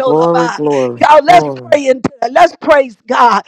Speaker 6: glory, glory,
Speaker 1: Y'all, let's
Speaker 6: glory.
Speaker 1: pray into that. Let's praise God.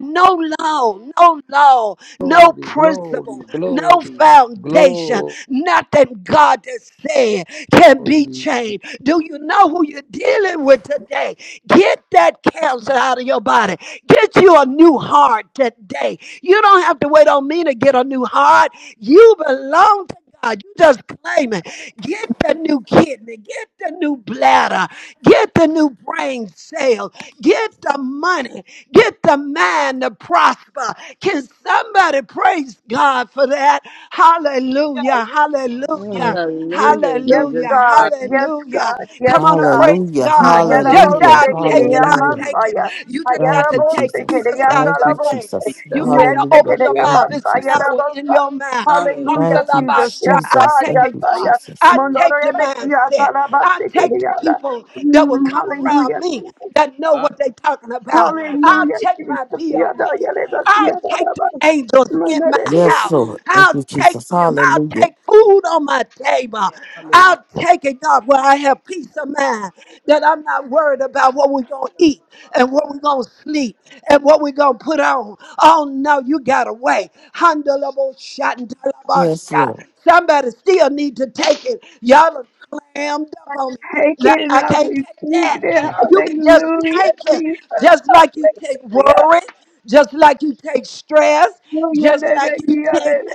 Speaker 1: No law, no law, no
Speaker 4: Glory, glory,
Speaker 1: principle, no
Speaker 4: glory,
Speaker 1: foundation,
Speaker 4: glory.
Speaker 1: nothing God has said can be changed. Do you know who you're dealing with today? Get that cancer out of your body. Get you a new heart today. You don't have to wait on me to get a new heart. You belong to God. You just claim it. Get the new kidney, get the new bladder, get the new brain cell, get the money, get the mind to prosper. Can somebody praise God for that? Hallelujah, hallelujah.
Speaker 7: Hallelujah.
Speaker 8: God,
Speaker 5: Hallelujah,
Speaker 2: Yes,
Speaker 5: Jesus.
Speaker 1: Hallelujah,
Speaker 2: God. Yes,
Speaker 1: hallelujah.
Speaker 2: God.
Speaker 1: Come
Speaker 2: Yes,
Speaker 1: on and
Speaker 2: God.
Speaker 1: praise
Speaker 6: Hallelujah.
Speaker 1: God.
Speaker 5: You are the
Speaker 1: Just say,
Speaker 5: King of
Speaker 6: Hallelujah.
Speaker 5: Kings
Speaker 1: i
Speaker 5: and the
Speaker 1: take it,
Speaker 5: Lord
Speaker 1: i
Speaker 5: of
Speaker 6: Hallelujah.
Speaker 1: take
Speaker 5: Lords.
Speaker 1: it.
Speaker 2: Hayalabosikiriyamasaya.
Speaker 1: You just got
Speaker 6: Thank you,
Speaker 1: to take it. You
Speaker 6: Jesus.
Speaker 1: just got
Speaker 6: Thank
Speaker 1: to
Speaker 6: you,
Speaker 8: thank
Speaker 1: say it.
Speaker 2: Hayalabosikiriyandalabose.
Speaker 8: you,
Speaker 6: Jesus.
Speaker 1: You
Speaker 8: Jesus.
Speaker 1: got
Speaker 2: Yes,
Speaker 1: to open
Speaker 6: Hallelujah.
Speaker 1: your
Speaker 8: Glory,
Speaker 6: Thank
Speaker 1: mouth.
Speaker 6: you,
Speaker 1: It's
Speaker 6: Jesus.
Speaker 1: power in
Speaker 2: sikiriyabasayalabosa.
Speaker 1: your mouth.
Speaker 8: hallelujah,
Speaker 2: Hallelujah,
Speaker 6: Thank you,
Speaker 2: Jesus.
Speaker 1: Handalabasha.
Speaker 2: Yes,
Speaker 1: I
Speaker 6: Jesus.
Speaker 2: God.
Speaker 1: take
Speaker 6: Thank
Speaker 2: Yes,
Speaker 1: it,
Speaker 6: you,
Speaker 2: God.
Speaker 1: God.
Speaker 2: Yes.
Speaker 6: Jesus.
Speaker 1: I take the mindset. I take the
Speaker 2: Mondorebekiyatalabasikiririyanda.
Speaker 1: people that will
Speaker 2: Mm,
Speaker 1: come around
Speaker 2: Hallelujah,
Speaker 1: me
Speaker 2: Jesus.
Speaker 1: that know what
Speaker 8: hallelujah,
Speaker 1: they're talking about. I'll
Speaker 2: Hallelujah,
Speaker 1: take my
Speaker 2: Jesus.
Speaker 1: bill
Speaker 2: Yada,
Speaker 1: paid.
Speaker 2: yada,
Speaker 1: I'll
Speaker 2: yada,
Speaker 1: take the angels in
Speaker 2: yada,
Speaker 1: my
Speaker 2: yada.
Speaker 6: Yes,
Speaker 1: house.
Speaker 6: Lord. Thank
Speaker 1: I'll
Speaker 6: you,
Speaker 1: take
Speaker 6: Jesus.
Speaker 1: them. I'll
Speaker 6: Hallelujah.
Speaker 1: take food on my table.
Speaker 8: hallelujah,
Speaker 1: I'll take it, God, where I have peace of mind that I'm not worried about what we're going to eat and what we're going to sleep and what we're going to put on. Oh, no, you got away. Handleable shot and talaba
Speaker 6: Yes,
Speaker 1: shot.
Speaker 6: Lord.
Speaker 1: Somebody still need to take it. Y'all are clammed up on me.
Speaker 2: Take
Speaker 1: Like,
Speaker 2: it and
Speaker 1: I
Speaker 2: I
Speaker 1: can't take
Speaker 2: received
Speaker 1: that.
Speaker 2: it.
Speaker 7: Okay.
Speaker 1: You can just
Speaker 2: Hallelujah.
Speaker 1: take it,
Speaker 2: Jesus.
Speaker 1: just like you take
Speaker 2: Hallelujah.
Speaker 1: worry just like you take stress,
Speaker 2: Hallelujah.
Speaker 1: just like you take
Speaker 2: Hallelujah.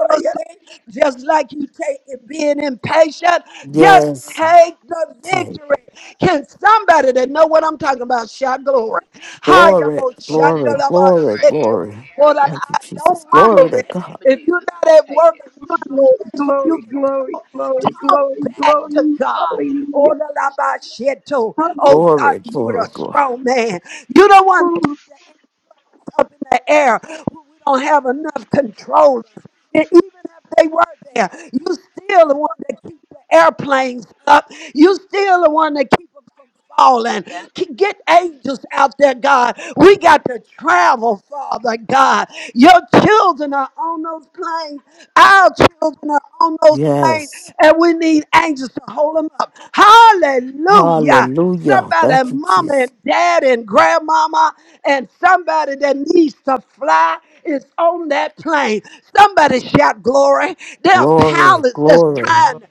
Speaker 2: Hallelujah.
Speaker 1: just like you take it being impatient, just
Speaker 6: Yes.
Speaker 1: take the
Speaker 6: Take it.
Speaker 1: victory. Can somebody that know what I'm talking about shout glory?
Speaker 6: glory,
Speaker 1: Hayabo
Speaker 7: Glory,
Speaker 6: glory,
Speaker 7: glory.
Speaker 1: shandalaba
Speaker 6: glory,
Speaker 7: Hallelujah.
Speaker 1: sheto.
Speaker 6: glory.
Speaker 1: Hold on,
Speaker 6: Thank you,
Speaker 1: I
Speaker 6: Jesus.
Speaker 1: don't
Speaker 6: Glory
Speaker 1: mumble
Speaker 6: to
Speaker 1: it.
Speaker 6: God.
Speaker 1: If you're not at work, if you're in a space where you
Speaker 2: Glory,
Speaker 1: can
Speaker 2: glory,
Speaker 1: talk,
Speaker 2: glory,
Speaker 1: talk
Speaker 2: glory,
Speaker 1: back to
Speaker 2: glory.
Speaker 1: God. Oh,
Speaker 2: Hallelujah.
Speaker 1: la, la, ba, shit, too. Oh,
Speaker 2: Hallelujah.
Speaker 1: God,
Speaker 6: Glory,
Speaker 1: you're
Speaker 6: glory,
Speaker 1: a
Speaker 6: glory.
Speaker 1: strong man. You're the one that keeps up in the air when we don't have enough controllers. And even if they were there, you still the one that keeps the airplanes up. You still the one that keeps them from falling. K- Get angels out there, God. We got to travel, Father God. Your children are on those planes. Our children are on those planes,
Speaker 6: Yes.
Speaker 1: and we need angels to hold them up. Hallelujah
Speaker 6: Hallelujah.
Speaker 1: somebody,
Speaker 6: Thank you,
Speaker 1: mama
Speaker 6: Jesus.
Speaker 1: and dad and grandmama, and somebody that needs to fly is on that plane. Somebody shout glory. There are
Speaker 6: Glory,
Speaker 1: pilots that's
Speaker 7: Glory,
Speaker 6: glory.
Speaker 1: trying
Speaker 7: glory.
Speaker 1: to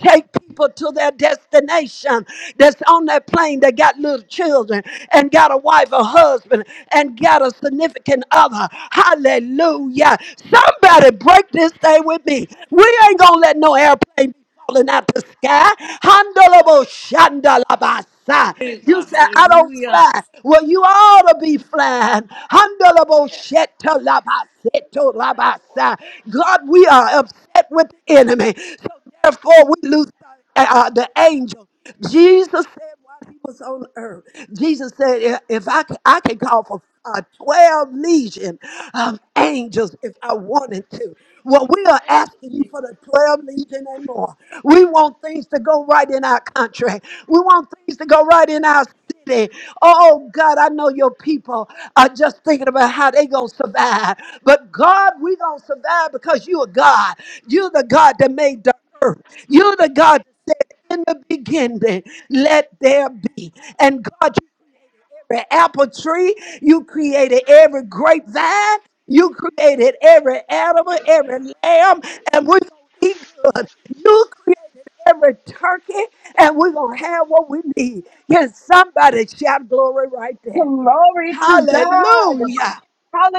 Speaker 1: take people to their destination that's on that plane that got little children and got a wife or husband and got a significant other. Hallelujah. Somebody break this thing with me. We ain't gonna let no airplane falling out the sky. Handalabo shandalabasa.
Speaker 9: Praise
Speaker 1: You
Speaker 9: God.
Speaker 1: say I don't
Speaker 9: Hallelujah.
Speaker 1: fly. Well, you ought to be flying. Handalabo shetalabaseto rabasa. God, we are upset with the enemy. So therefore, we lose uh, uh, the angel. Jesus said while he was on earth, Jesus said, "If if I, c- I can call for uh, 12 legion of angels if I wanted to. Well, we are asking you for the 12 legion and more. We want things to go right in our country. We want things to go right in our city. Oh God, I know your people are just thinking about how they gonna survive. But God, we gonna survive because you are God. You're the God that made the earth. You're the God that said in the beginning, let there be. And God, you created every apple tree, you created every grapevine, you created every animal, every lamb, and we're gonna eat good. You created every turkey, and we're going to have what we need. Can somebody shout glory right there?
Speaker 2: Glory to God.
Speaker 1: Hallelujah.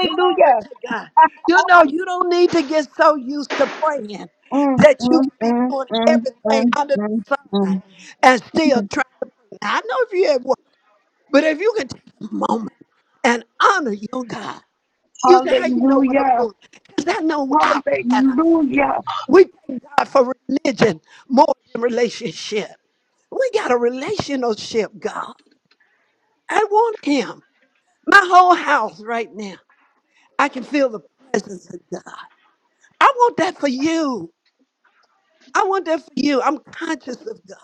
Speaker 1: Glory to God. You know, you don't need to get so used to praying
Speaker 2: Mm,
Speaker 1: that you
Speaker 2: mm,
Speaker 1: can be
Speaker 2: mm,
Speaker 1: doing
Speaker 2: mm,
Speaker 1: everything
Speaker 2: mm,
Speaker 1: under the sun
Speaker 2: mm,
Speaker 1: and still
Speaker 2: mm.
Speaker 1: trying to pray. Now, I know if you have work, but if you can take a moment and honor your God, you say, How you know what I'm
Speaker 2: Hallelujah.
Speaker 1: doing? Because I know our pattern.
Speaker 2: Hallelujah.
Speaker 1: We thank God for religion more than relationship. We got a relationship, God. I want Him. My whole house right now. I can feel the presence of God. I want that for you. I want that for you. I'm conscious of God.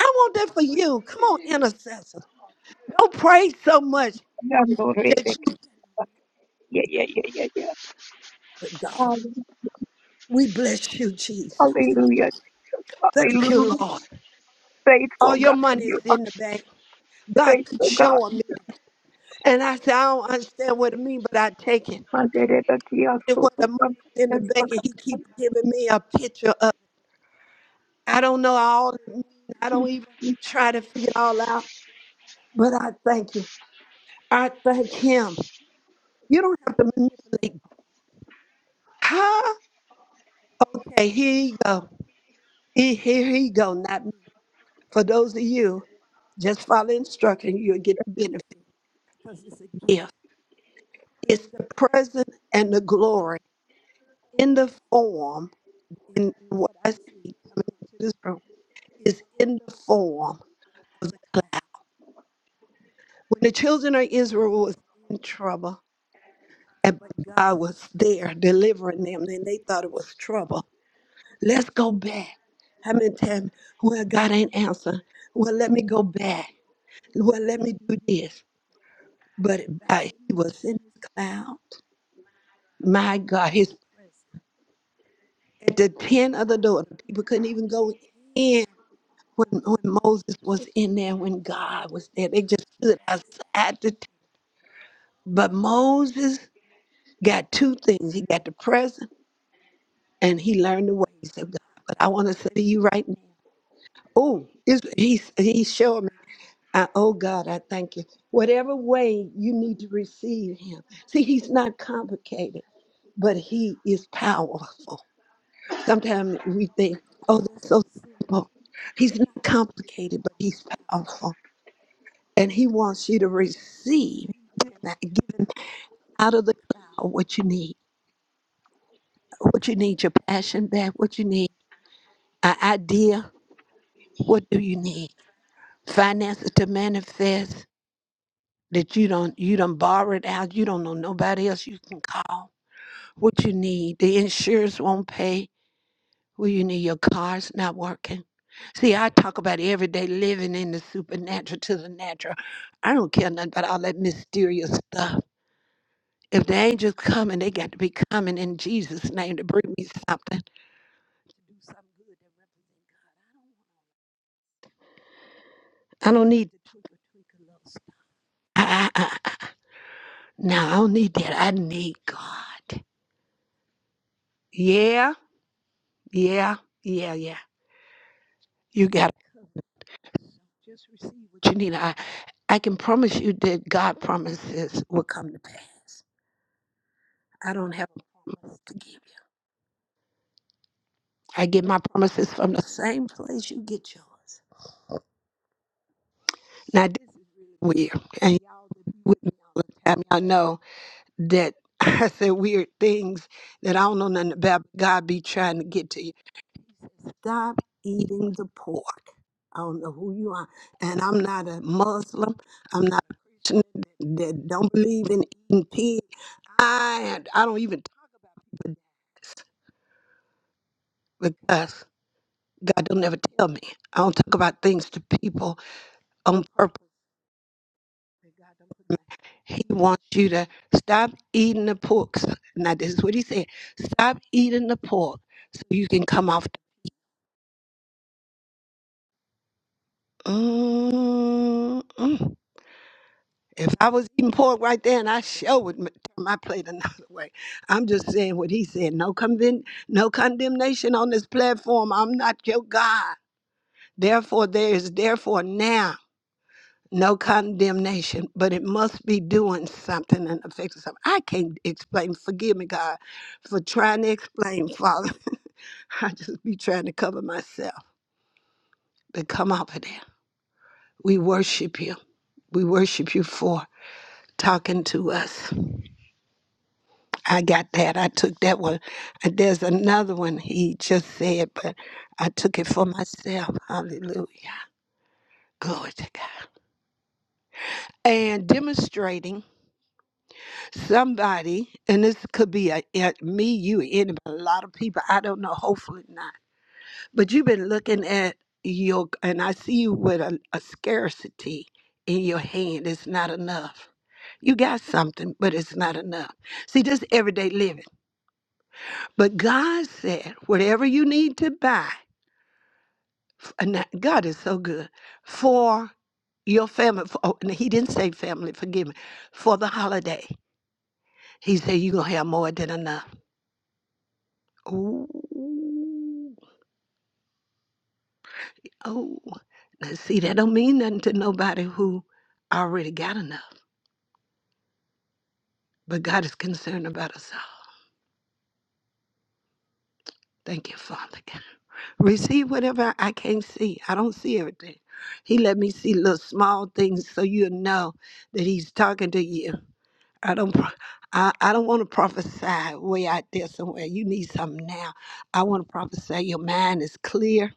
Speaker 1: I want that for you. Come on, intercessors. Don't pray so much
Speaker 2: Yeah,
Speaker 1: that you get
Speaker 2: yeah, yeah, yeah, yeah.
Speaker 1: with God.
Speaker 2: yeah.
Speaker 1: We bless you, Jesus.
Speaker 2: Hallelujah.
Speaker 1: Thank you,
Speaker 2: Hallelujah.
Speaker 1: Lord. All
Speaker 2: Faithful
Speaker 1: your
Speaker 2: God.
Speaker 1: money is
Speaker 2: You are
Speaker 1: in the bank. God keeps
Speaker 2: faithful God.
Speaker 1: showing me. And I say, I don't understand what it means, but I take it. it where the money's in the bank and he keep giving me a picture of it. I don't know all it means. I don't even try to figure it all out, but I thank you. I thank him. You don't have to manipulate. Huh? Okay, here you go. He- Here he go, not me. For those of you, just follow instruction, you'll get the benefit because it's a gift. It's the present and the glory in the form, in, in what I see coming into this room, is in the form of the cloud. When the children of Israel was in trouble, and but God was there delivering them, then they thought it was trouble. Let's go back. How many times? Well, God ain't answering. Well, let me go back. Well, let me do this. But uh, he was in his cloud. My God, his at the tent of the door, the people couldn't even go in when, when Moses was in there, when God was there. They just stood outside the tent. But Moses got two things. He got the presence and he learned the ways of God. But I want to say to you right now, oh, it's- he he showed me. I, oh God, I thank you. Whatever way you need to receive Him, see, He's not complicated, but He is powerful. Sometimes we think, oh, that's so simple. He's not complicated, but He's powerful, and He wants you to receive. Give him that- give him out of the cloud what you need. What you need, your passion back. What you need, an idea. What do you need? finances to manifest that you don't you don't borrow it out you don't know nobody else you can call what you need the insurance won't pay what you need your car's not working see i talk about everyday living in the supernatural to the natural i don't care nothing about all that mysterious stuff if the angels coming they got to be coming in jesus name to bring me something i don't need the twinkle twinkle love. Now I don't need that. I need God. Yeah, yeah, yeah, yeah. You gotta just receive what you need. I I can promise you that God promises will come to pass. I don't have a promise to give you. I get my promises from the same place you get yours. Now this is really weird. And y'all that be with me all the time, y'all know that I say weird things that I don't know nothing about. but God be trying to get to you. Stop eating the pork. I don't know who you are. And I'm not a Muslim. I'm not a Christian that, that don't believe in eating pig. I I don't even talk about this because God don't never tell me. I don't talk about things to people on purpose. that God don't put in my- He wants you to stop eating the pork. So- Now this is what he said. Stop eating the pork so you can come off. The, mm-mm. If I was eating pork right there and I sure would m- turn my plate another way. I'm just saying what he said. No conven- no condemnation on this platform. I'm not your God. Therefore, there is therefore now no condemnation, but it must be doing something and affecting something. I can't explain. Forgive me, God, for trying to explain, Father. I just be trying to cover myself. But come up with there. We worship you. We worship you for talking to us. I got that. I took that one. And there's another one he just said, but I took it for myself. Hallelujah. Glory to God. And demonstrating somebody, and this could be a, a- me, you, anybody, a lot of people. I don't know. Hopefully not. But you've been looking at your, and I see you with a, a scarcity in your hand. It's not enough. You got something, but it's not enough. See, just everyday living. But God said, whatever you need to buy, and that- God is so good for your family. For, oh, and he didn't say family, forgive me, for the holiday. He said, You're going to have more than enough. Ooh, oh. Now, see, that don't mean nothing to nobody who already got enough. But God is concerned about us all. Thank you, Father God. Receive whatever I can't see. I don't see everything. He let me see little small things so you know that He's talking to you I don't. pro- I, I don't want to prophesy way out there somewhere. You need something now. I want to prophesy. Your mind is clear.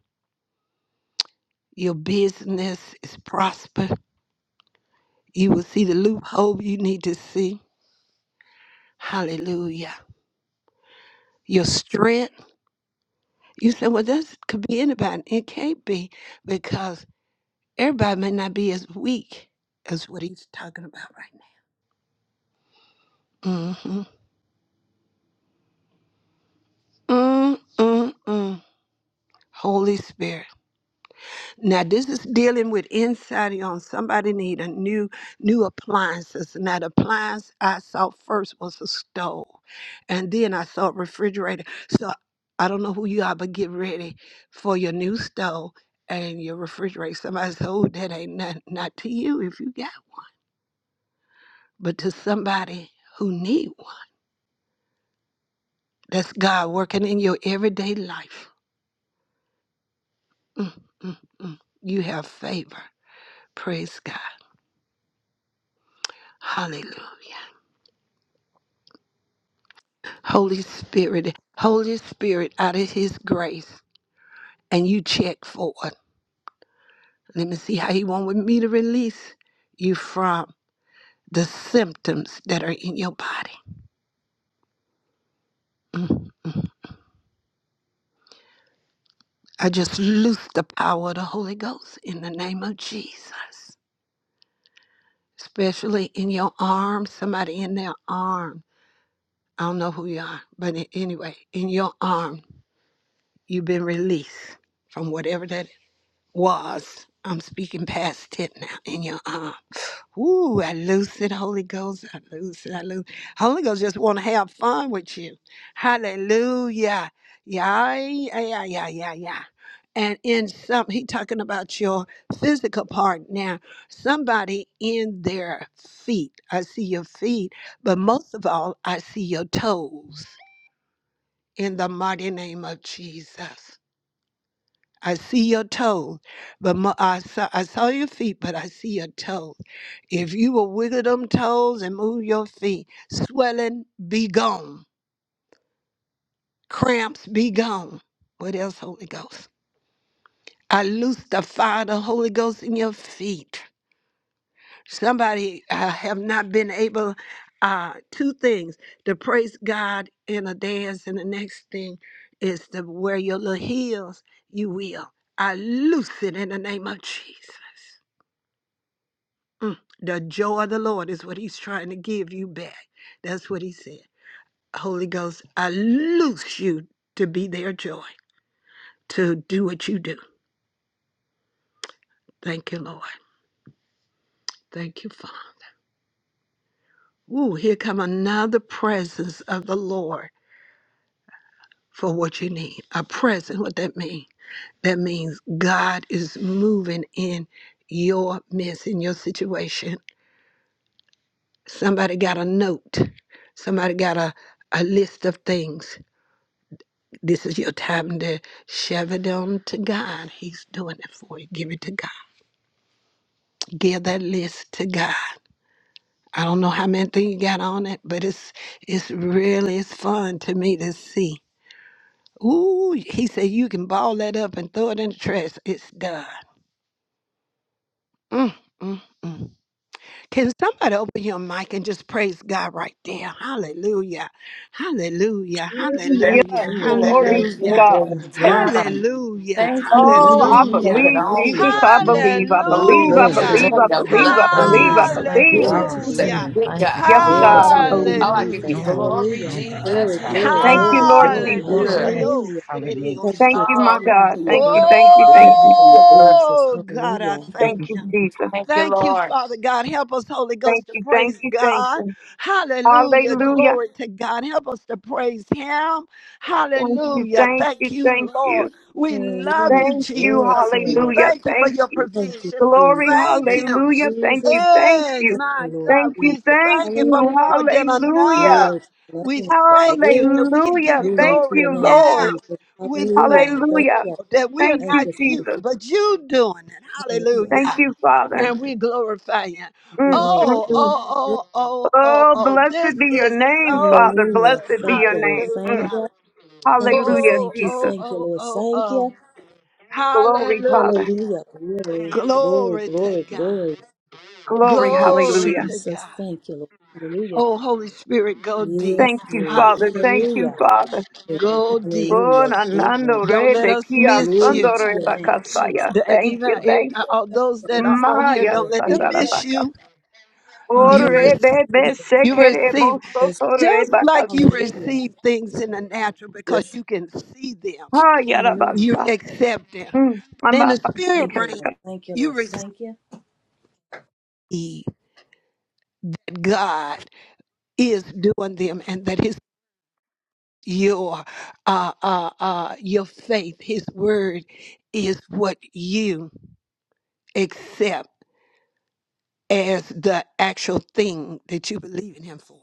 Speaker 1: Your business is prosper. You will see the loophole you need to see. Hallelujah. Your strength. You say, well, this could be anybody. It can't be because everybody may not be as weak as what he's talking about right now. Mm-hmm. Mm-mm-mm. Holy Spirit. Now this is dealing with inside on somebody need a new new appliances. Now the appliance I saw first was a stove, and then I saw a refrigerator. So I don't know who you are, but get ready for your new stove and your refrigerator. Somebody said, "Oh, that ain't not not to you if you got, one, but to somebody who need one." That's God working in your everyday life. Mm, You have favor. Praise God. Hallelujah. Holy Spirit, Holy Spirit, out of His grace, and you check for it. Let me see how He wanted me to release you from the symptoms that are in your body. I just loose the power of the Holy Ghost in the name of Jesus, especially in your arm, somebody in their arm. I don't know who you are, but a- anyway, in your arm, you've been released from whatever that is. was. I'm speaking past it now in your arm. Ooh, I lose it, Holy Ghost. I lose it. I lose. Holy Ghost just want to have fun with you. Hallelujah. Yeah, yeah, yeah, yeah, yeah. yeah. And in some, he talking about your physical part now. Somebody in their feet. I see your feet, but most of all, I see your toes. In the mighty name of Jesus. I see your toes, but my, I, saw, I saw your feet, but I see your toes. If you will wiggle them toes and move your feet, swelling be gone, cramps be gone. What else, Holy Ghost? I loose the fire of the Holy Ghost in your feet. Somebody uh, have not been able, uh, two things, to praise God in a dance, and the next thing is to wear your little heels. You will. I loose it in the name of Jesus. The joy of the Lord is what he's trying to give you back. That's what he said. Holy Ghost, I loose you to be their joy, to do what you do. Thank you, Lord. Thank you, Father. Ooh, here come another presence of the Lord for what you need. A present, what that mean? That means God is moving in your midst, in your situation. Somebody got a note. Somebody got a, a list of things. This is your time to shove it on to God. He's doing it for you. Give it to God. Give that list to God. I don't know how many things you got on it, but it's it's really it's fun to me to see. Ooh, he said you can ball that up and throw it in the trash. It's done. Mm, mm, mm. Can somebody open your mic and just praise God right there? Hallelujah. Hallelujah.
Speaker 2: Yeah.
Speaker 1: Hallelujah.
Speaker 10: Hallelujah.
Speaker 5: Jesus,
Speaker 10: Glory
Speaker 2: Glory to
Speaker 10: to
Speaker 1: Hallelujah.
Speaker 5: it
Speaker 10: your
Speaker 2: God.
Speaker 10: name,
Speaker 5: is
Speaker 2: Yes.
Speaker 10: Jesus.
Speaker 5: done.
Speaker 1: Hallelujah.
Speaker 10: It's
Speaker 5: Thank you,
Speaker 2: Oh,
Speaker 10: Jesus.
Speaker 5: Jesus.
Speaker 2: I
Speaker 5: You
Speaker 1: Hallelujah.
Speaker 5: make it
Speaker 2: believe,
Speaker 5: all fit.
Speaker 2: Jesus,
Speaker 10: Hallelujah.
Speaker 2: I believe, I believe,
Speaker 10: Glory
Speaker 2: I
Speaker 10: to
Speaker 7: Hallelujah.
Speaker 5: It's
Speaker 10: your
Speaker 1: Hallelujah.
Speaker 2: believe,
Speaker 7: Glory.
Speaker 5: like
Speaker 2: I
Speaker 5: the
Speaker 10: name,
Speaker 2: believe,
Speaker 5: blood
Speaker 2: I
Speaker 5: of you.
Speaker 2: believe, I
Speaker 7: Hallelujah.
Speaker 10: Jesus.
Speaker 7: Thank you.
Speaker 5: Yeah,
Speaker 7: I
Speaker 2: believe.
Speaker 10: Glory to
Speaker 5: He's a
Speaker 10: your
Speaker 7: receive
Speaker 1: Hallelujah.
Speaker 7: it.
Speaker 10: name.
Speaker 5: good
Speaker 7: Thank you,
Speaker 5: God,
Speaker 2: Yes,
Speaker 7: Father.
Speaker 10: Glory
Speaker 2: God,
Speaker 5: Jesus.
Speaker 7: God.
Speaker 10: to
Speaker 2: I
Speaker 10: your
Speaker 7: Thank you
Speaker 10: name,
Speaker 2: believe.
Speaker 7: for
Speaker 5: Oh, I
Speaker 7: what
Speaker 5: give you
Speaker 10: Jesus.
Speaker 7: you're
Speaker 1: Hallelujah.
Speaker 7: doing, what
Speaker 5: glory,
Speaker 7: you're
Speaker 10: Hallelujah.
Speaker 7: going to do.
Speaker 5: Jesus.
Speaker 10: Glory,
Speaker 5: You
Speaker 1: Hallelujah.
Speaker 5: have
Speaker 10: glory,
Speaker 5: been
Speaker 7: Thank
Speaker 2: Thank you,
Speaker 10: glory,
Speaker 7: you.
Speaker 2: Lord
Speaker 7: Glory,
Speaker 10: glory.
Speaker 2: Jesus.
Speaker 5: good.
Speaker 7: glory.
Speaker 1: Oh,
Speaker 10: Hallelujah.
Speaker 1: said
Speaker 7: Hallelujah.
Speaker 1: it, oh,
Speaker 10: Thank
Speaker 2: Thank
Speaker 10: you,
Speaker 2: you,
Speaker 1: Shanda.
Speaker 2: my
Speaker 5: Oh,
Speaker 10: Jesus.
Speaker 5: thank you
Speaker 2: God.
Speaker 5: for your
Speaker 2: Thank you,
Speaker 5: blood.
Speaker 2: thank you,
Speaker 10: Thank
Speaker 2: thank
Speaker 5: Thank you
Speaker 2: you.
Speaker 5: for
Speaker 10: you,
Speaker 5: your blood.
Speaker 10: Jesus.
Speaker 1: Oh, God, I
Speaker 10: Hallelujah.
Speaker 2: Thank
Speaker 1: thank you.
Speaker 2: you, Jesus.
Speaker 5: Thank you,
Speaker 1: Thank you,
Speaker 5: Lord.
Speaker 1: Father God. Help us, Holy
Speaker 2: Thank
Speaker 1: Ghost, to
Speaker 2: you, thank
Speaker 1: praise
Speaker 2: you, thank
Speaker 1: God.
Speaker 2: you.
Speaker 1: Hallelujah.
Speaker 2: Hallelujah.
Speaker 1: Glory to God. Help us to praise Him.
Speaker 2: Thank you,
Speaker 1: Hallelujah.
Speaker 2: thank
Speaker 1: Thank
Speaker 2: you,
Speaker 1: you,
Speaker 2: thank you.
Speaker 1: Lord. We love
Speaker 10: Hallelujah.
Speaker 1: you,
Speaker 2: Thank you.
Speaker 10: Glory
Speaker 1: Jesus.
Speaker 10: to your
Speaker 1: We
Speaker 10: name.
Speaker 2: Hallelujah.
Speaker 1: thank you for
Speaker 2: Thank
Speaker 1: your
Speaker 2: you.
Speaker 10: Thank you,
Speaker 1: provision. We
Speaker 2: Glory.
Speaker 10: Jesus.
Speaker 1: thank
Speaker 10: Thank you,
Speaker 1: you.
Speaker 2: Hallelujah. Thank
Speaker 10: Jesus.
Speaker 2: you. Thank
Speaker 1: Hey,
Speaker 10: Thank
Speaker 2: you.
Speaker 10: you,
Speaker 1: my
Speaker 10: Lord
Speaker 1: God.
Speaker 2: Thank
Speaker 10: Jesus.
Speaker 2: you.
Speaker 1: We
Speaker 2: Thank
Speaker 1: thank you for
Speaker 2: you.
Speaker 10: Hallelujah.
Speaker 1: more than
Speaker 2: Hallelujah.
Speaker 1: enough.
Speaker 10: Glory to your
Speaker 1: We
Speaker 10: name, Lord.
Speaker 1: thank you
Speaker 10: Glory,
Speaker 1: that we can give
Speaker 2: Hallelujah.
Speaker 1: you
Speaker 10: glory
Speaker 2: Thank
Speaker 10: to
Speaker 1: glory
Speaker 10: your
Speaker 2: you,
Speaker 10: name,
Speaker 2: Lord.
Speaker 1: now.
Speaker 10: Jesus.
Speaker 1: We
Speaker 10: Hallelujah.
Speaker 1: thank you,
Speaker 10: Thank
Speaker 2: Hallelujah.
Speaker 1: Lord,
Speaker 10: you.
Speaker 1: that we are
Speaker 2: Thank
Speaker 10: Thank
Speaker 2: you,
Speaker 1: not
Speaker 10: you. Thank
Speaker 1: you,
Speaker 2: Jesus.
Speaker 1: but you doing it.
Speaker 10: you. Hallelujah.
Speaker 2: Thank
Speaker 1: Hallelujah
Speaker 2: you, Father.
Speaker 1: and we glorify you.
Speaker 2: Mm,
Speaker 10: Yes,
Speaker 2: mm,
Speaker 1: Oh,
Speaker 2: mm.
Speaker 10: Lord.
Speaker 1: oh, oh, oh, oh,
Speaker 2: Oh,
Speaker 1: oh. This
Speaker 2: blessed be your
Speaker 1: is
Speaker 2: name,
Speaker 1: so
Speaker 2: Father.
Speaker 10: Hallelujah.
Speaker 1: good.
Speaker 2: Blessed be
Speaker 10: Thank
Speaker 2: your
Speaker 10: you, Lord.
Speaker 2: name.
Speaker 10: Thank
Speaker 2: Mm.
Speaker 1: Hallelujah.
Speaker 10: you. Thank you.
Speaker 2: Hallelujah,
Speaker 1: Oh,
Speaker 10: Thank you.
Speaker 1: oh,
Speaker 2: Jesus.
Speaker 10: Thank you,
Speaker 1: oh,
Speaker 10: Lord.
Speaker 1: oh,
Speaker 10: Thank
Speaker 1: oh.
Speaker 10: you.
Speaker 2: Glory, Father.
Speaker 1: Hallelujah.
Speaker 10: Hallelujah. Glory, glory,
Speaker 1: Glory to
Speaker 10: glory, glory.
Speaker 1: God.
Speaker 2: Glory.
Speaker 10: Thank you,
Speaker 1: Glory
Speaker 2: Hallelujah.
Speaker 1: to
Speaker 10: Jesus.
Speaker 1: God.
Speaker 10: Thank you, Lord. Hallelujah.
Speaker 1: Oh, Holy Spirit, go deep.
Speaker 8: thank
Speaker 10: Yes,
Speaker 2: Thank you,
Speaker 10: Lord.
Speaker 2: Father. Thank
Speaker 1: Hallelujah.
Speaker 2: you,
Speaker 10: Hallelujah.
Speaker 2: Father.
Speaker 8: you,
Speaker 1: Go deep.
Speaker 2: Oh,
Speaker 10: Hallelujah. Glory,
Speaker 2: nanando
Speaker 1: Don't
Speaker 2: re
Speaker 1: let us
Speaker 2: bekia
Speaker 1: miss
Speaker 10: glory
Speaker 1: you.
Speaker 10: to
Speaker 2: sandore
Speaker 10: your name, Jesus.
Speaker 2: bakasaya.
Speaker 1: The-
Speaker 2: Thank
Speaker 10: Thank
Speaker 1: even
Speaker 2: you,
Speaker 10: you.
Speaker 1: if,
Speaker 2: thank you.
Speaker 1: all
Speaker 10: Thank
Speaker 1: those
Speaker 10: you,
Speaker 1: that are
Speaker 10: Lord.
Speaker 1: on
Speaker 10: Thank you,
Speaker 1: here,
Speaker 2: Maya
Speaker 1: don't
Speaker 10: Lord.
Speaker 1: let
Speaker 8: Jesus.
Speaker 1: them
Speaker 10: Thank
Speaker 2: sandara
Speaker 10: you.
Speaker 1: miss
Speaker 2: baka.
Speaker 1: you.
Speaker 8: Hallelujah,
Speaker 10: Thank
Speaker 1: You,
Speaker 10: you,
Speaker 1: re-
Speaker 2: Ore
Speaker 10: Lord.
Speaker 2: bebe
Speaker 10: Jesus.
Speaker 1: you
Speaker 10: Hallelujah.
Speaker 2: sekere
Speaker 1: receive.
Speaker 2: boso
Speaker 8: Yes,
Speaker 2: Re
Speaker 1: Just
Speaker 2: bakas.
Speaker 1: like you
Speaker 10: Hallelujah.
Speaker 1: receive things in the natural because
Speaker 8: yes,
Speaker 1: you can see them,
Speaker 2: Ha
Speaker 10: Hallelujah.
Speaker 1: you
Speaker 2: yarabasa.
Speaker 1: accept them.
Speaker 2: Hmm.
Speaker 1: But in the
Speaker 2: Mama
Speaker 1: spirit
Speaker 10: Thank you,
Speaker 1: realm,
Speaker 10: Lord.
Speaker 2: baka.
Speaker 10: Thank you,
Speaker 1: you
Speaker 10: Lord.
Speaker 1: receive
Speaker 10: Thank you.
Speaker 1: that God is doing them and that His your uh, uh, uh, your faith, His word is what you accept as the actual thing that you believe in Him for.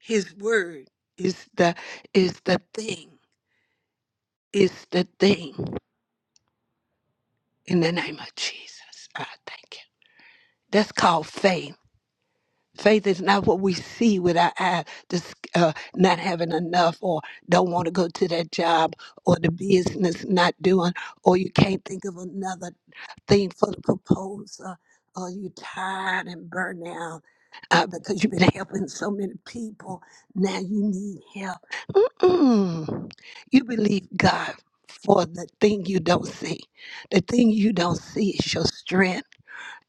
Speaker 1: His word is the is the thing is the thing. In the name of Jesus, I thank you. That's called faith. Faith is not what we see with our eyes, just uh, not having enough, or don't want to go to that job, or the business not doing, or you can't think of another thing for the proposal, or you tired and burnt out uh, because you've been helping so many people. Now you need help. Mm. You believe God for the thing you don't see. The thing you don't see is your strength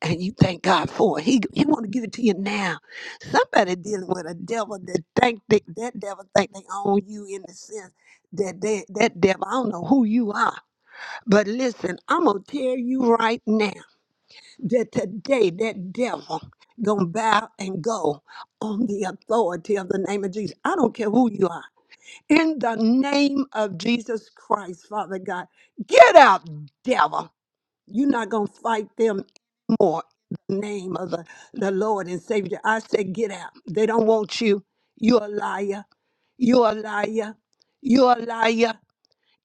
Speaker 1: and you thank God for it. He He want to give it to you now. Somebody dealing with a devil that think they, that devil think they own you in the sense that they, that devil I don't know who you are, but listen, I'm gonna tell you right now that today that devil gonna bow and go on the authority of the name of Jesus. I don't care who you are. In the name of Jesus Christ, Father God, get out, devil. You're not going to fight them anymore. in the Name of the, the Lord and Savior. I say, get out. They don't want you. You're a liar. You're a liar. You're a liar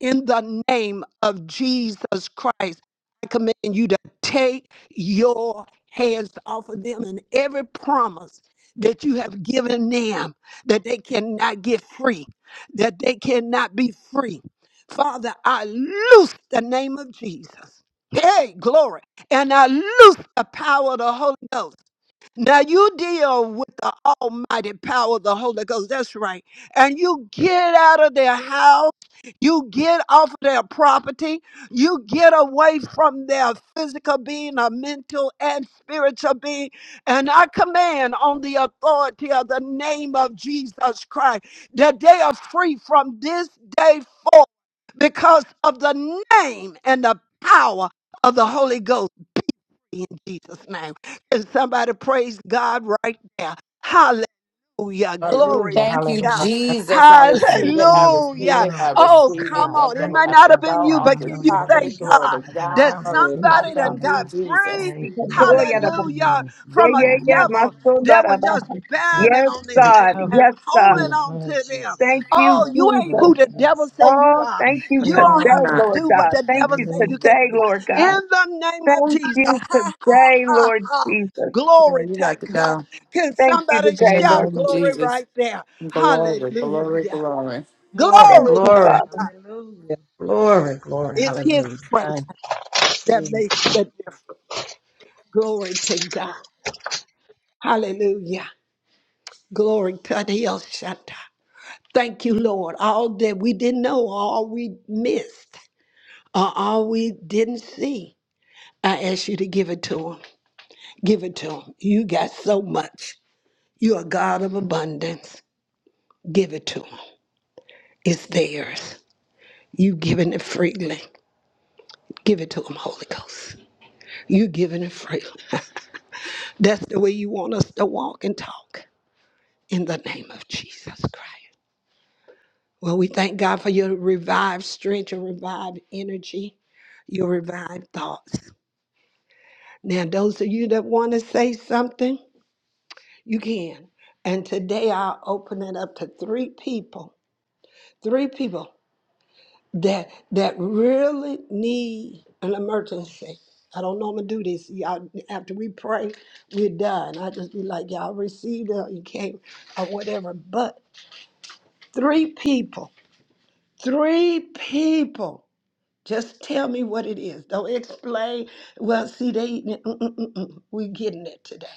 Speaker 1: in the name of Jesus Christ. I command you to take your hands off of them and every promise that you have given them that they cannot get free, that they cannot be free. Father, I loose the name of Jesus. Hey, glory. And I loose the power of the Holy Ghost. Now you deal with the almighty power of the Holy Ghost. That's right. And you get out of their house. You get off of their property. You get away from their physical being, a mental and spiritual being. And I command on the authority of the name of Jesus Christ that they are free from this day forth because of the name and the power of the Holy Ghost in Jesus' name. Can somebody praise God right there? Hallelujah. Hallelujah.
Speaker 8: hallelujah,
Speaker 1: Glory
Speaker 7: Hallelujah,
Speaker 1: to
Speaker 5: Thank you,
Speaker 7: hallelujah.
Speaker 1: God.
Speaker 7: Thank you,
Speaker 5: Jesus. I
Speaker 7: Lord
Speaker 5: receive
Speaker 7: God.
Speaker 5: it. I
Speaker 7: Glory,
Speaker 5: receive
Speaker 1: Hallelujah.
Speaker 5: it. I
Speaker 7: glory be
Speaker 1: Oh,
Speaker 7: to
Speaker 5: receive it.
Speaker 1: come
Speaker 7: God.
Speaker 5: That
Speaker 1: on. It
Speaker 7: Thank
Speaker 5: devil
Speaker 1: might
Speaker 7: you,
Speaker 5: has
Speaker 1: not
Speaker 5: to
Speaker 1: have
Speaker 7: Father
Speaker 5: go
Speaker 1: been you,
Speaker 7: God.
Speaker 5: off
Speaker 1: but
Speaker 7: I
Speaker 5: this
Speaker 1: can
Speaker 7: know
Speaker 1: you
Speaker 7: that it
Speaker 5: property.
Speaker 1: thank
Speaker 7: is you,
Speaker 5: Glory to
Speaker 1: God
Speaker 7: Father God.
Speaker 1: that
Speaker 5: God.
Speaker 7: I
Speaker 8: hallelujah.
Speaker 7: receive
Speaker 5: I
Speaker 7: it,
Speaker 1: somebody done
Speaker 5: thank
Speaker 7: Father
Speaker 5: you,
Speaker 1: got
Speaker 7: God.
Speaker 5: Jesus.
Speaker 1: free?
Speaker 7: Thank you,
Speaker 2: Oh,
Speaker 7: Lord God.
Speaker 2: yarabasa.
Speaker 1: Hallelujah.
Speaker 7: Yes, Lord
Speaker 2: Yeah,
Speaker 1: From a
Speaker 7: God.
Speaker 2: yeah,
Speaker 7: I
Speaker 2: yeah.
Speaker 7: love that
Speaker 1: devil
Speaker 7: man, but
Speaker 1: that
Speaker 2: Masundara
Speaker 1: was
Speaker 7: Father
Speaker 1: just
Speaker 7: God.
Speaker 2: baka.
Speaker 7: We continue
Speaker 1: banding
Speaker 2: Yes,
Speaker 1: on
Speaker 7: to
Speaker 1: them
Speaker 7: be
Speaker 1: and,
Speaker 2: God.
Speaker 7: covered
Speaker 1: and
Speaker 2: Yes,
Speaker 7: in
Speaker 2: God.
Speaker 1: holding
Speaker 7: the
Speaker 1: on
Speaker 7: blood,
Speaker 1: to them.
Speaker 7: Jesus, in
Speaker 2: Thank
Speaker 7: the blood,
Speaker 2: you,
Speaker 1: Oh,
Speaker 7: of
Speaker 1: you
Speaker 7: the
Speaker 1: ain't who
Speaker 2: Jesus.
Speaker 7: blood.
Speaker 1: the devil
Speaker 7: Yes,
Speaker 1: say
Speaker 7: Lord
Speaker 1: you
Speaker 7: God.
Speaker 2: Oh,
Speaker 1: are.
Speaker 2: thank
Speaker 7: Thank you,
Speaker 2: you
Speaker 1: You
Speaker 7: God.
Speaker 5: No,
Speaker 1: don't
Speaker 5: I'm
Speaker 1: have
Speaker 2: today,
Speaker 1: to
Speaker 7: Thank
Speaker 5: not.
Speaker 2: Lord
Speaker 7: you,
Speaker 1: do what
Speaker 7: Lord.
Speaker 2: God.
Speaker 1: the
Speaker 2: Thank
Speaker 1: devil
Speaker 2: you
Speaker 1: say you
Speaker 7: Hallelujah.
Speaker 1: can
Speaker 2: today,
Speaker 1: do.
Speaker 2: Lord God.
Speaker 1: In the name of
Speaker 2: Thank
Speaker 1: Jesus.
Speaker 2: you
Speaker 1: Ha ha
Speaker 2: today,
Speaker 1: ha
Speaker 2: Lord
Speaker 1: ha.
Speaker 2: Jesus.
Speaker 5: Yeah,
Speaker 1: Glory
Speaker 5: you
Speaker 1: to
Speaker 5: got to
Speaker 1: God.
Speaker 5: go.
Speaker 1: Can
Speaker 2: Thank you
Speaker 1: somebody
Speaker 5: In
Speaker 2: today,
Speaker 5: the
Speaker 2: Lord
Speaker 1: shout
Speaker 5: name of
Speaker 2: Jesus.
Speaker 1: glory
Speaker 5: Jesus.
Speaker 1: right there?
Speaker 5: Glory, glory,
Speaker 1: Hallelujah.
Speaker 5: glory.
Speaker 7: Glory,
Speaker 2: Thank
Speaker 1: Glory
Speaker 2: you,
Speaker 1: to
Speaker 7: glory,
Speaker 2: Father.
Speaker 1: God.
Speaker 7: hallelujah. Glory, glory,
Speaker 1: It's his
Speaker 7: hallelujah.
Speaker 1: presence
Speaker 7: Thank
Speaker 1: that
Speaker 7: you.
Speaker 1: makes the difference. Glory to God. Hallelujah. Glory to the El Shaddai. Thank you, Lord. All that we didn't know, all we missed, or all we didn't see. I ask you to give it to him. Give it to him. You got so much. You're a God of abundance. Give it to him. It's theirs. You've given it freely. Give it to them, Holy Ghost. You giving it freely. That's the way you want us to walk and talk in the name of Jesus Christ. Well, we thank God for your revived strength, your revived energy, your revived thoughts. Now, those of you that want to say something, you can. And today I'll open it up to three people. Three people. that that really need an emergency. I don't know I'm gonna do this. Y'all, after we pray, we're done. I just be like, y'all received it, or you came, or whatever. But three people, three people. Just tell me what it is. Don't explain. Well, see, they eating it. Mm, mm, mm, mm. we getting it today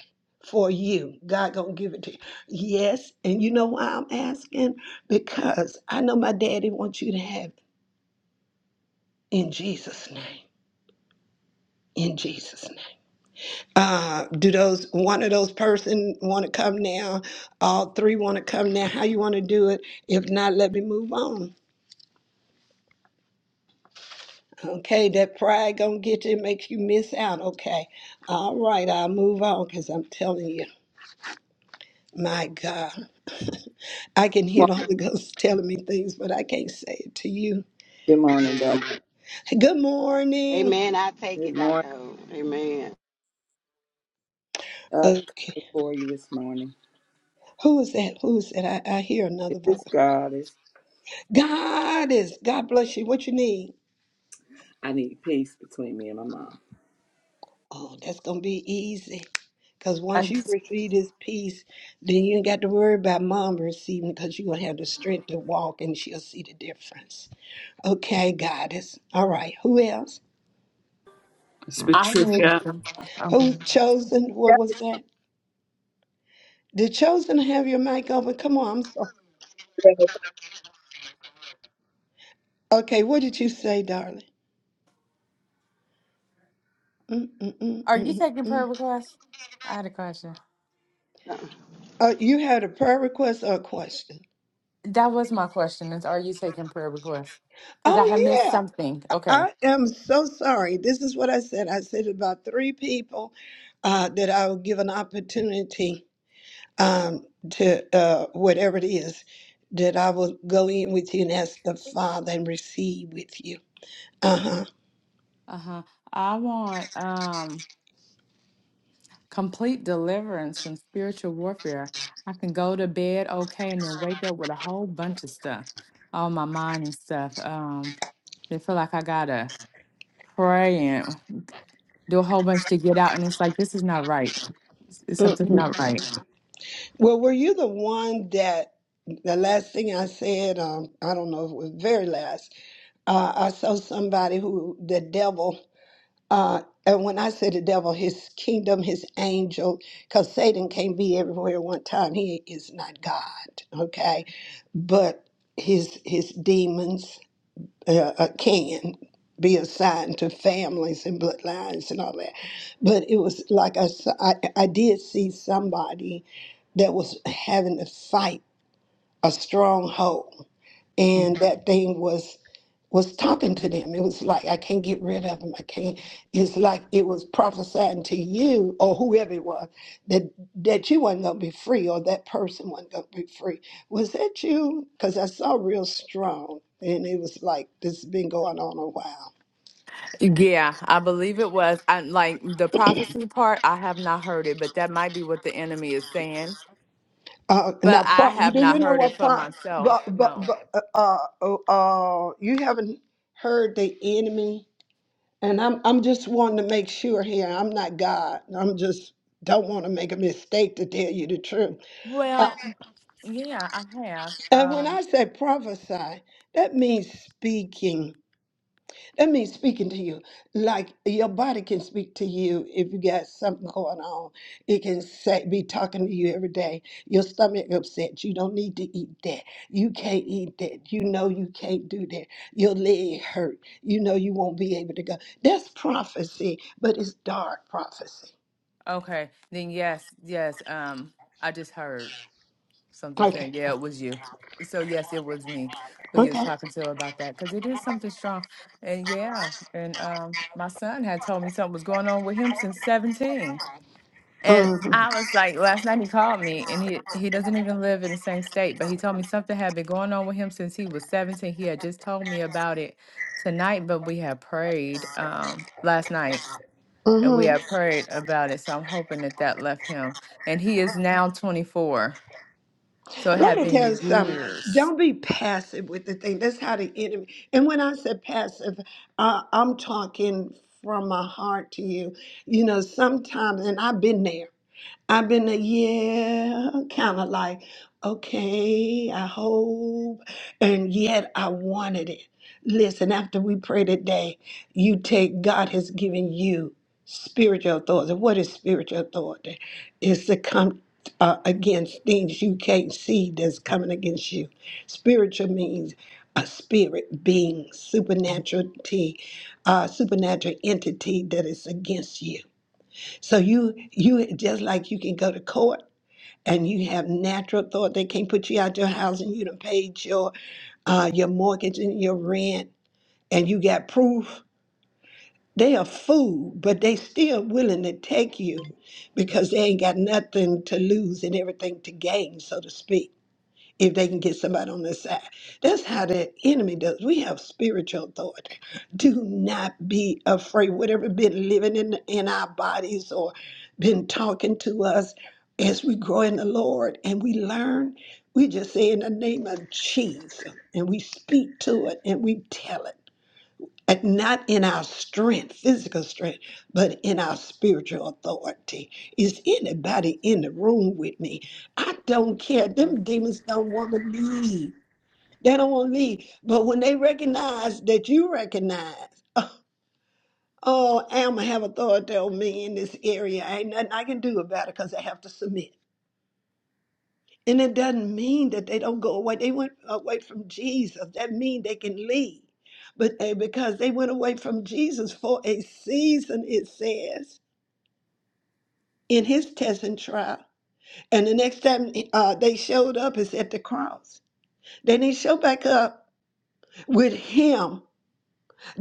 Speaker 1: for you. God gonna give it to you. Yes, and you know why I'm asking? Because I know my daddy wants you to have it in Jesus' name. in Jesus' name. Uh, do those one of those person want to come now? All three want to come now. How you want to do it? If not, let me move on. Okay, that pride gonna get you, makes you miss out. Okay, all right, I'll move on because I'm telling you, my God, I can hear
Speaker 8: Morning.
Speaker 1: the Holy Ghost telling me things, but I can't say it to you.
Speaker 8: Good morning, doctor.
Speaker 1: Good morning.
Speaker 11: Amen. I take
Speaker 8: Good
Speaker 11: it,
Speaker 8: morning,
Speaker 11: Dr. Ho. Amen.
Speaker 8: I Come
Speaker 1: Okay,
Speaker 8: before you this morning.
Speaker 1: who is that? Who is that? I, I hear
Speaker 8: If
Speaker 1: another voice.
Speaker 8: it's God, it's,
Speaker 1: God is. God bless you. What you need?
Speaker 8: I need peace between me and my mom.
Speaker 1: Oh, that's gonna be easy. Cause
Speaker 5: I,
Speaker 1: once you receive this peace, then you ain't got to worry about mom receiving because you're gonna have the strength to walk and she'll see the difference. Okay, goddess. All right, who else?
Speaker 9: It's
Speaker 5: I need.
Speaker 9: Patricia.
Speaker 5: Okay.
Speaker 1: Who chosen? What was that? Did chosen have your mic open? Come on, I'm so
Speaker 2: Thank you.
Speaker 1: okay. What did you say, darling?
Speaker 5: Are you taking prayer
Speaker 1: Mm-mm-mm-mm-mm.
Speaker 5: requests? I had a question.
Speaker 1: Uh, you had a prayer request or a question?
Speaker 5: That was my question is are you taking prayer requests? Because I had
Speaker 1: Oh
Speaker 5: missed
Speaker 1: yeah.
Speaker 5: something. Okay.
Speaker 1: I am so sorry. This is what I said. I said about three people uh, that I will give an opportunity um, to uh, whatever it is that I will go in with you and ask the Father and receive with you. Uh
Speaker 5: Uh-huh. I want um complete deliverance from spiritual warfare. I can go to bed okay and then wake up with a whole bunch of stuff on my mind and stuff. Um, I feel like I gotta pray do a whole bunch to get out, and it's like this is not right. It's, it's
Speaker 1: huh.
Speaker 5: something's not right.
Speaker 1: Well, were you the one that the last thing I said? Um, I don't know if it was very last. Uh, I saw somebody who the devil. Uh, and when I say the devil, his kingdom, his angel, because Satan can't be everywhere at one time. He is not God, okay? But his his demons uh, uh, can be assigned to families and bloodlines and all that. But it was like I, s- I, I did see somebody that was having to fight a stronghold and that thing was was talking to them. It was like I can't get rid of them. I can't. It's like it was prophesying to you or whoever it was that that you wasn't gonna be free or that person wasn't gonna be free. Was that you? Because I saw real strong, and it was like this has been going on a while.
Speaker 5: Yeah, I believe it was. I like the prophecy part. I have not heard it, but that might be what the enemy is saying.
Speaker 1: Uh,
Speaker 5: But
Speaker 1: now,
Speaker 5: I
Speaker 1: pro-
Speaker 5: have
Speaker 1: do
Speaker 5: not
Speaker 1: you know
Speaker 5: heard it
Speaker 1: what?
Speaker 5: for
Speaker 1: Pro-
Speaker 5: myself.
Speaker 1: but, but,
Speaker 5: No.
Speaker 1: but, uh, uh, uh, you haven't heard the enemy. And I'm I'm just wanting to make sure here. I'm not God. I'm just don't want to make a mistake to tell you the truth. Uh,
Speaker 5: Well, yeah, I have.
Speaker 1: and when
Speaker 5: Um,
Speaker 1: I say prophesy, that means speaking. That means speaking to you. Like your body can speak to you if you got something going on. It can say, be talking to you every day. Your stomach upset. You don't need to eat that. You can't eat that. You know you can't do that. Your leg hurt. You know you won't be able to go. That's prophecy, but it's dark prophecy.
Speaker 5: Okay. Then yes, yes. Um, I just heard something
Speaker 1: Okay.
Speaker 5: saying, yeah, it was you. So yes, it was me who you was
Speaker 1: Okay.
Speaker 5: talking to about that because it is something strong. And yeah, and um, my son had told me something was going on with him since seventeen. And
Speaker 1: Uh
Speaker 5: I was like, last night he called me, and he he doesn't even live in the same state, but he told me something had been going on with him since he was seventeen. He had just told me about it tonight, but we had prayed um last night and
Speaker 1: hmm
Speaker 5: we have prayed about it. So I'm hoping that that left him. And he is now 24. So it
Speaker 1: Let
Speaker 5: had
Speaker 1: me tell you
Speaker 5: been
Speaker 1: something.
Speaker 5: years.
Speaker 1: Don't be passive with the thing. That's how the enemy. And when I said passive, uh, I'm talking from my heart to you. You know, sometimes, and I've been there. I've been a yeah, kind of like, okay, I hope, and yet I wanted it. Listen, after we pray today, you take God has given you spiritual authority. What is spiritual authority? It's to come uh, against things you can't see that's coming against you. Spiritual means a spirit being, supernatural, t- uh, supernatural entity that is against you. So you, you just like you can go to court and you have natural thought they can't put you out your house and you done paid your uh, your mortgage and your rent and you got proof they are food, but they still willing to take you because they ain't got nothing to lose and everything to gain, so to speak, if they can get somebody on their side. That's how the enemy does. We have spiritual authority. Do not be afraid. Whatever been living in in our bodies or been talking to us as we grow in the Lord and we learn, we just say in the name of Jesus and we speak to it and we tell it like not in our strength, physical strength, but in our spiritual authority. Is anybody in the room with me? I don't care. Them demons don't want to leave. They don't want to leave. But when they recognize that you recognize, oh, I'ma have authority over me in this area. Ain't nothing I can do about it because I have to submit. And it doesn't mean that they don't go away. They went away from Jesus. That means they can leave. But they, because they went away from Jesus for a season, it says, in his test and trial. And the next time uh, they showed up is at the cross. They didn't show back up with him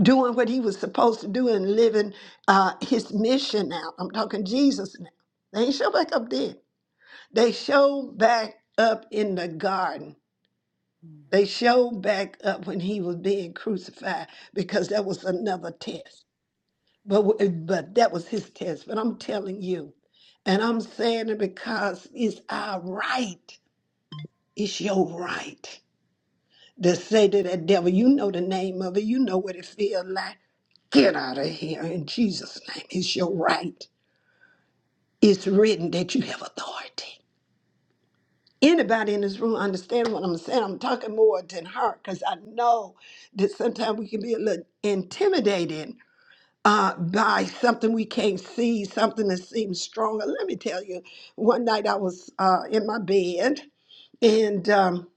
Speaker 1: doing what he was supposed to do and living uh, his mission now. I'm talking Jesus now. They didn't show back up then. They showed back up in the garden They showed back up when he was being crucified because that was another test. But w- eh, but that was his test. But I'm telling you, and I'm saying it because it's our right. It's your right to say to that devil, you know the name of it, you know what it feels like. Get out of here in Jesus' name. It's your right. It's written that you have authority. anybody in this room understand what I'm saying. I'm talking more than her because I know that sometimes we can be a little intimidated uh, by something we can't see, something that seems stronger. Let me tell you, one night I was uh, in my bed and um,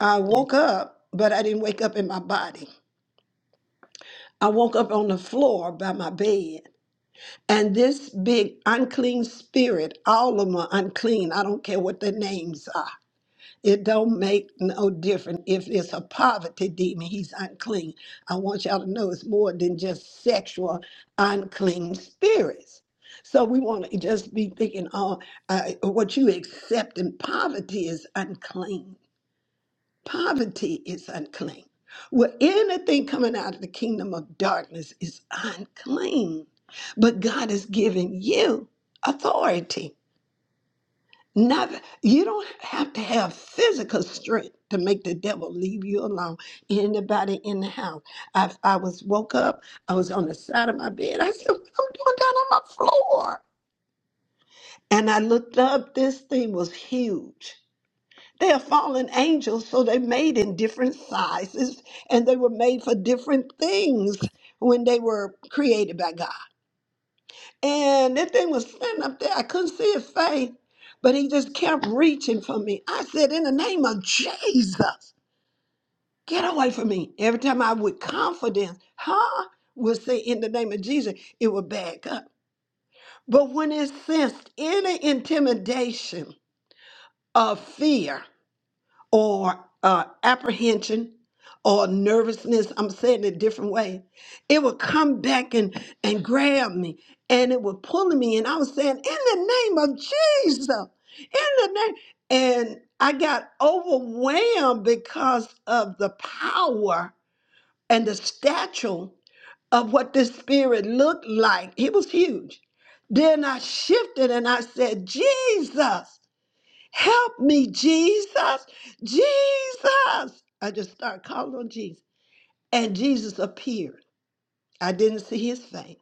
Speaker 1: I woke up, but I didn't wake up in my body. I woke up on the floor by my bed. And this big unclean spirit, all of them are unclean. I don't care what their names are It don't make no difference if it's a poverty demon, he's unclean. I want y'all to know it's more than just sexual unclean spirits. So we want to just be thinking, oh, uh, what you accept in poverty is unclean. Poverty is unclean. Well, anything coming out of the kingdom of darkness is unclean. But God has given you authority. Not you don't have to have physical strength to make the devil leave you alone. Anybody in the house? I I was woke up. I was on the side of my bed. I said, "What I'm doing down on my floor?" And I looked up. This thing was huge. They are fallen angels, so they made in different sizes, and they were made for different things when they were created by God. And that thing was standing up there. I couldn't see his face, but he just kept reaching for me. I said, In the name of Jesus, get away from me. Every time I would confidence, huh, would say, In the name of Jesus, it would back up. But when it sensed any intimidation of fear, or uh, apprehension or nervousness. I'm saying it a different way. It would come back and, and grab me and it would pull me. And I was saying, in the name of Jesus, in the name. And I got overwhelmed because of the power and the stature of what this spirit looked like. It was huge. Then I shifted and I said, Jesus. Help me, Jesus. Jesus. I just started calling on Jesus. And Jesus appeared. I didn't see his face.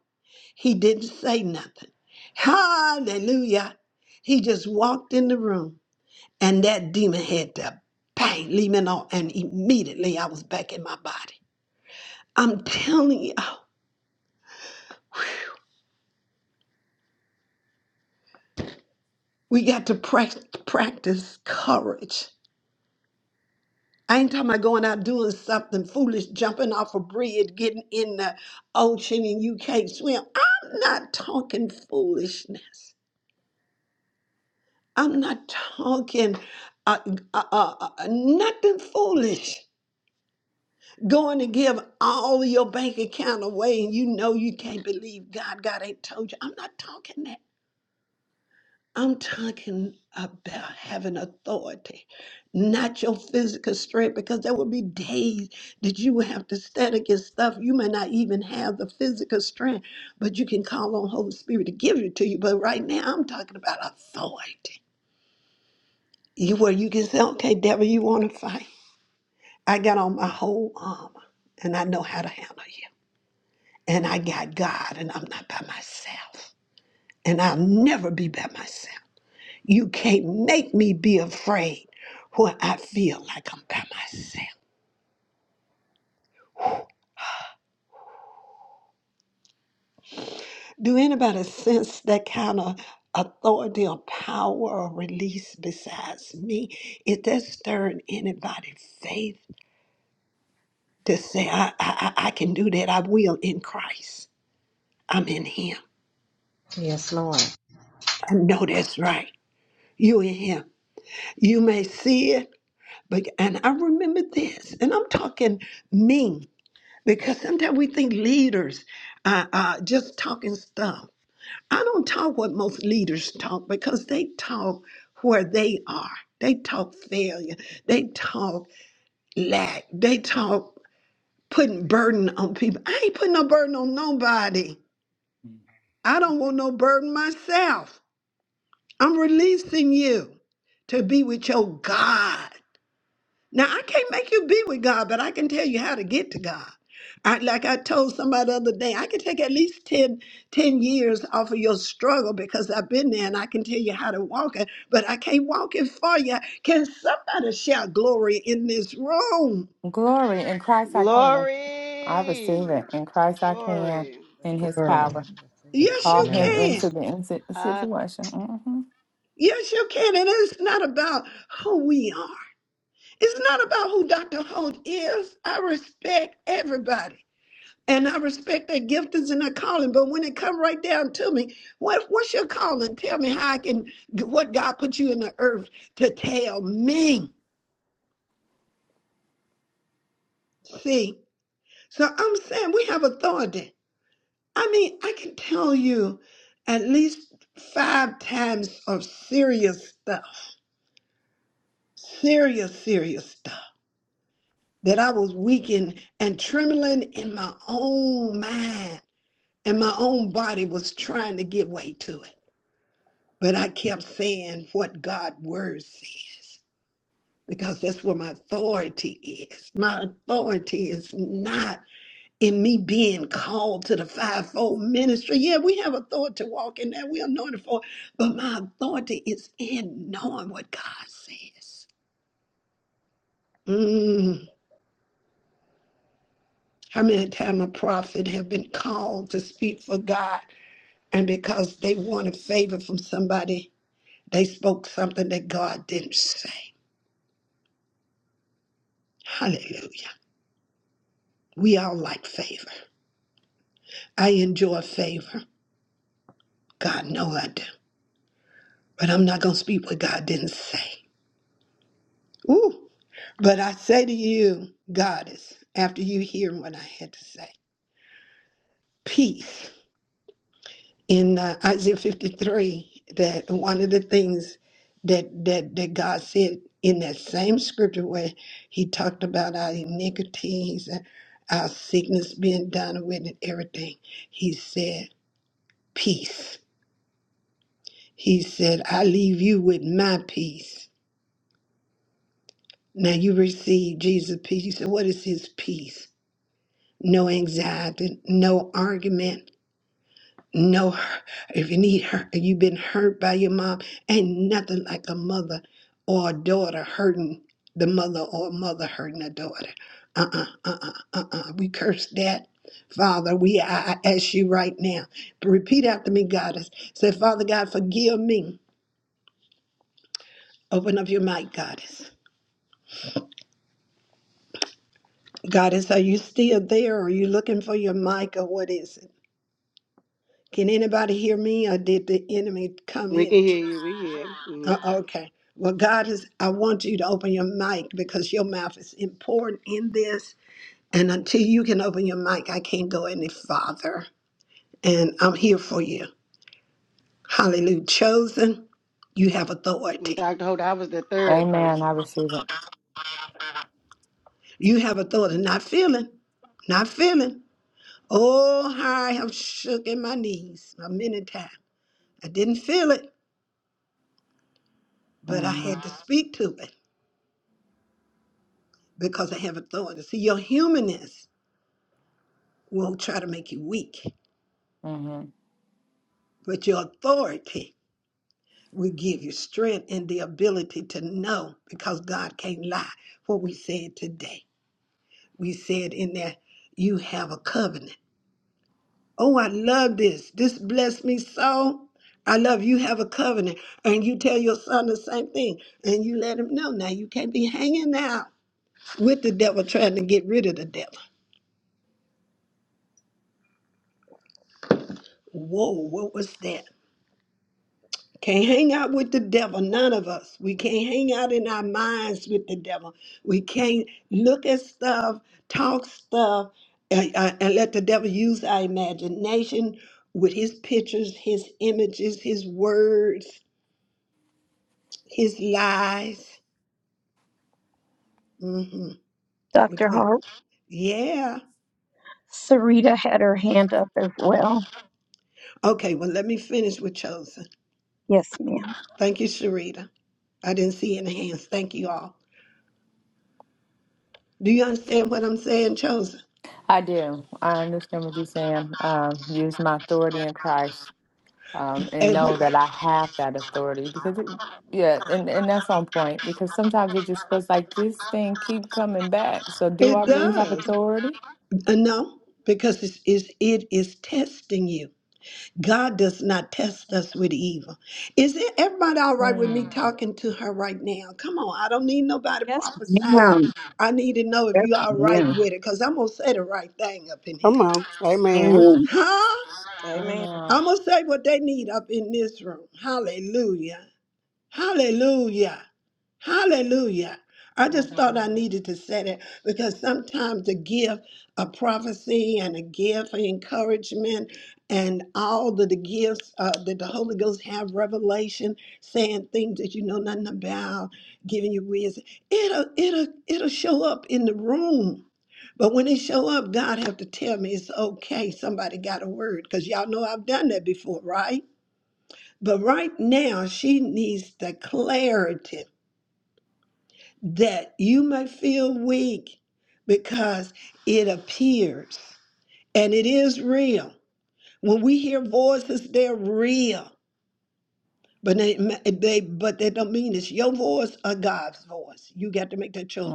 Speaker 1: He didn't say nothing. Hallelujah. He just walked in the room. And that demon had to bang, leave me alone. And immediately I was back in my body. I'm telling you, we got to prac- practice courage. I ain't talking about going out doing something foolish, jumping off a bridge, getting in the ocean, and you can't swim. I'm not talking foolishness. I'm not talking uh, uh, uh, uh, nothing foolish. Going to give all your bank account away, and you know you can't believe God. God ain't told you. I'm not talking that. I'm talking about having authority, not your physical strength, because there will be days that you will have to stand against stuff. You may not even have the physical strength, but you can call on Holy Spirit to give it to you. But right now, I'm talking about authority. You where you can say, "Okay, devil, you want to fight? I got on my whole armor, and I know how to handle you. And I got God, and I'm not by myself, and I'll never be by myself." You can't make me be afraid when I feel like I'm by myself. Do anybody sense that kind of authority or power or release besides me? Is that stirring anybody's faith to say, I, I, I I can do that? I will in Christ. I'm in Him.
Speaker 7: Yes, Lord.
Speaker 1: I know that's right. You in Him. You may see it, but and I remember this, and I'm talking me because sometimes we think leaders are, are just talking stuff. I don't talk what most leaders talk because they talk where they are. They talk failure. They talk lack. They talk putting burden on people. I ain't putting no burden on nobody. I don't want no burden myself. I'm releasing you to be with your God. Now, I can't make you be with God, but I can tell you how to get to God. I, like I told somebody the other day, I can take at least 10 10 years off of your struggle because I've been there and I can tell you how to walk it, but I can't walk it for you. Can somebody shout glory in this room?
Speaker 5: Glory in Christ I can. I receive
Speaker 11: Glory.
Speaker 5: it. In Christ I can.
Speaker 11: Glory.
Speaker 5: In his
Speaker 7: Glory. I
Speaker 5: power.
Speaker 7: receive.
Speaker 1: Yes,
Speaker 5: Call
Speaker 1: you
Speaker 5: him
Speaker 7: Amen.
Speaker 1: can.
Speaker 5: into the in- si,
Speaker 11: Ah,
Speaker 5: situation. hmm
Speaker 1: Yes, you can. And it's not about who we are, it's not about who Dr. Holt is. I respect everybody. And I respect their giftings and their calling, but when it come right down to me, what what's your calling? Tell me how I can what God put you in the earth to tell me. See, so I'm saying we have authority. I mean, I can tell you at least five times of serious stuff, serious, serious stuff that I was weakened and trembling in my own mind, and my own body was trying to give way to it. But I kept saying what God's word says because that's where my authority is. My authority is not in me being called to the fivefold ministry. Yeah, we have authority to walk in that. We're anointed for it. But my authority is in knowing what God says. Mm. How many times a prophet have been called to speak for God, and because they wanted favor from somebody, they spoke something that God didn't say. Hallelujah. We all like favor. I enjoy favor. God knows I do. But I'm not going to speak what God didn't say. Ooh. But I say to you, Goddess, after you hear what I had to say, peace. In uh, Isaiah 53, that one of the things that, that, that God said in that same scripture where he talked about our iniquities, and our sickness being done with and everything, he said, peace He said, I leave you with my peace. Now you receive Jesus' peace. You said, What is his peace? No anxiety, no argument, no hurt. If you need hurt, if you've been hurt by your mom, ain't nothing like a mother or a daughter hurting the mother or a mother hurting a daughter. Uh uh-uh, uh, uh uh, uh. We curse that. Father, we I, I ask you right now. Repeat after me, goddess. Say, Father God, forgive me. Open up your mic, goddess. Goddess, are you still there? Are you looking for your mic or what is it? Can anybody hear me or did the enemy come
Speaker 11: we
Speaker 1: in?
Speaker 11: can hear you. We hear.
Speaker 1: Uh,
Speaker 11: Mhm.
Speaker 1: okay. Well, God is, I want you to open your mic because your mouth is important in this. And until you can open your mic, I can't go any farther. And I'm here for you. Hallelujah. Chosen, you have
Speaker 11: And
Speaker 1: authority.
Speaker 11: Dr. Ho, I was the third
Speaker 5: Amen. I
Speaker 11: person.
Speaker 5: receive it.
Speaker 1: You have authority, not feeling, not feeling. Oh, how I have shook in my knees a many times. I didn't feel it. but I
Speaker 5: hmm
Speaker 1: had to speak to it because I have authority. See, your humanness won't try to make you weak,
Speaker 5: hmm
Speaker 1: but your authority will give you strength and the ability to know because God can't lie. What we said today, we said in there, you have a covenant. Oh, I love this. This blessed me so. I love you have a covenant. And you tell your son the same thing. And you let him know. Now you can't be hanging out with the devil trying to get rid of the devil. Whoa, what was that? Can't hang out with the devil, none of us. We can't hang out in our minds with the devil. We can't look at stuff, talk stuff, and, uh, and let the devil use our imagination with his pictures, his images, his words, his lies. hmm
Speaker 2: Dr.
Speaker 1: Okay.
Speaker 2: Hart.
Speaker 1: Yeah.
Speaker 2: Sarita had her hand up as well.
Speaker 1: Okay, well, let me finish with Chosen.
Speaker 2: Yes, ma'am.
Speaker 1: Thank you, Sharita. I didn't see any hands. Thank you all. Do you understand what I'm saying, Chosen?
Speaker 5: I do. I understand what you're saying. Um, use my authority in Christ. um, and
Speaker 1: And we-
Speaker 5: know that I have that authority because it, yeah, and, and that's on point because sometimes it just feels like this thing keep coming back. So do
Speaker 1: it
Speaker 5: I really have
Speaker 1: does.
Speaker 5: authority?
Speaker 1: Uh, No, because it's, it's, it is testing you. God does not test us with evil. Is it everybody all right with me
Speaker 5: Mm,
Speaker 1: talking to her right now? Come on, I don't need nobody
Speaker 2: Yes,
Speaker 1: prophesying.
Speaker 2: ma'am.
Speaker 1: I need to know if
Speaker 2: Yes,
Speaker 1: you all right
Speaker 2: ma'am.
Speaker 1: with it, because I'm gonna say the right thing up in here.
Speaker 11: Come on. Amen.
Speaker 2: Amen.
Speaker 1: Huh?
Speaker 5: I don't
Speaker 7: Amen.
Speaker 5: know.
Speaker 1: I'm gonna say what they need up in this room. Hallelujah. Hallelujah. Hallelujah. I just thought I
Speaker 5: Mm-hmm.
Speaker 1: needed to say that because sometimes the gift of prophecy and a gift of encouragement and all the, the gifts uh, that the Holy Ghost have revelation, saying things that you know nothing about, giving you wisdom, it'll it'll it'll show up in the room. But when it show up, God have to tell me it's okay. Somebody got a word because y'all know I've done that before, right? But right now, she needs the clarity that you may feel weak because it appears and it is real. When we hear voices, they're real. But they, they but that don't mean it's your voice or God's voice. You got to make that choice.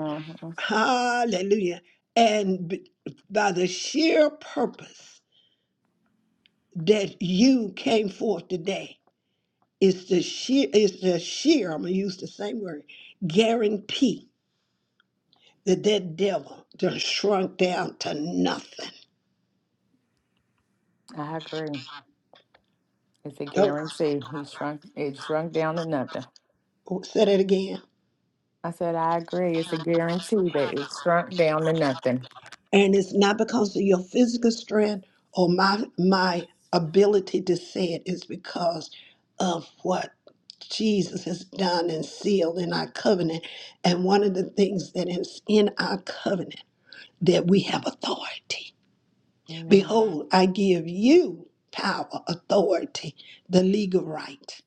Speaker 1: Hallelujah. And b- by the sheer purpose that you came forth today, It's the sheer, it's the sheer, I'm gonna use the same word, guarantee that that devil just shrunk down to nothing.
Speaker 5: I agree. It's a
Speaker 1: Don't
Speaker 5: guarantee. He shrunk. It shrunk down to nothing.
Speaker 1: oh, say that again.
Speaker 5: I said I agree. It's a guarantee that it shrunk down to nothing.
Speaker 1: And it's not because of your physical strength or my my ability to say it, it's because of what Jesus has done and sealed in our covenant. And one of the things that is in our covenant that we have authority.
Speaker 5: Mm-hmm.
Speaker 1: Behold, I give you power, authority, the legal right.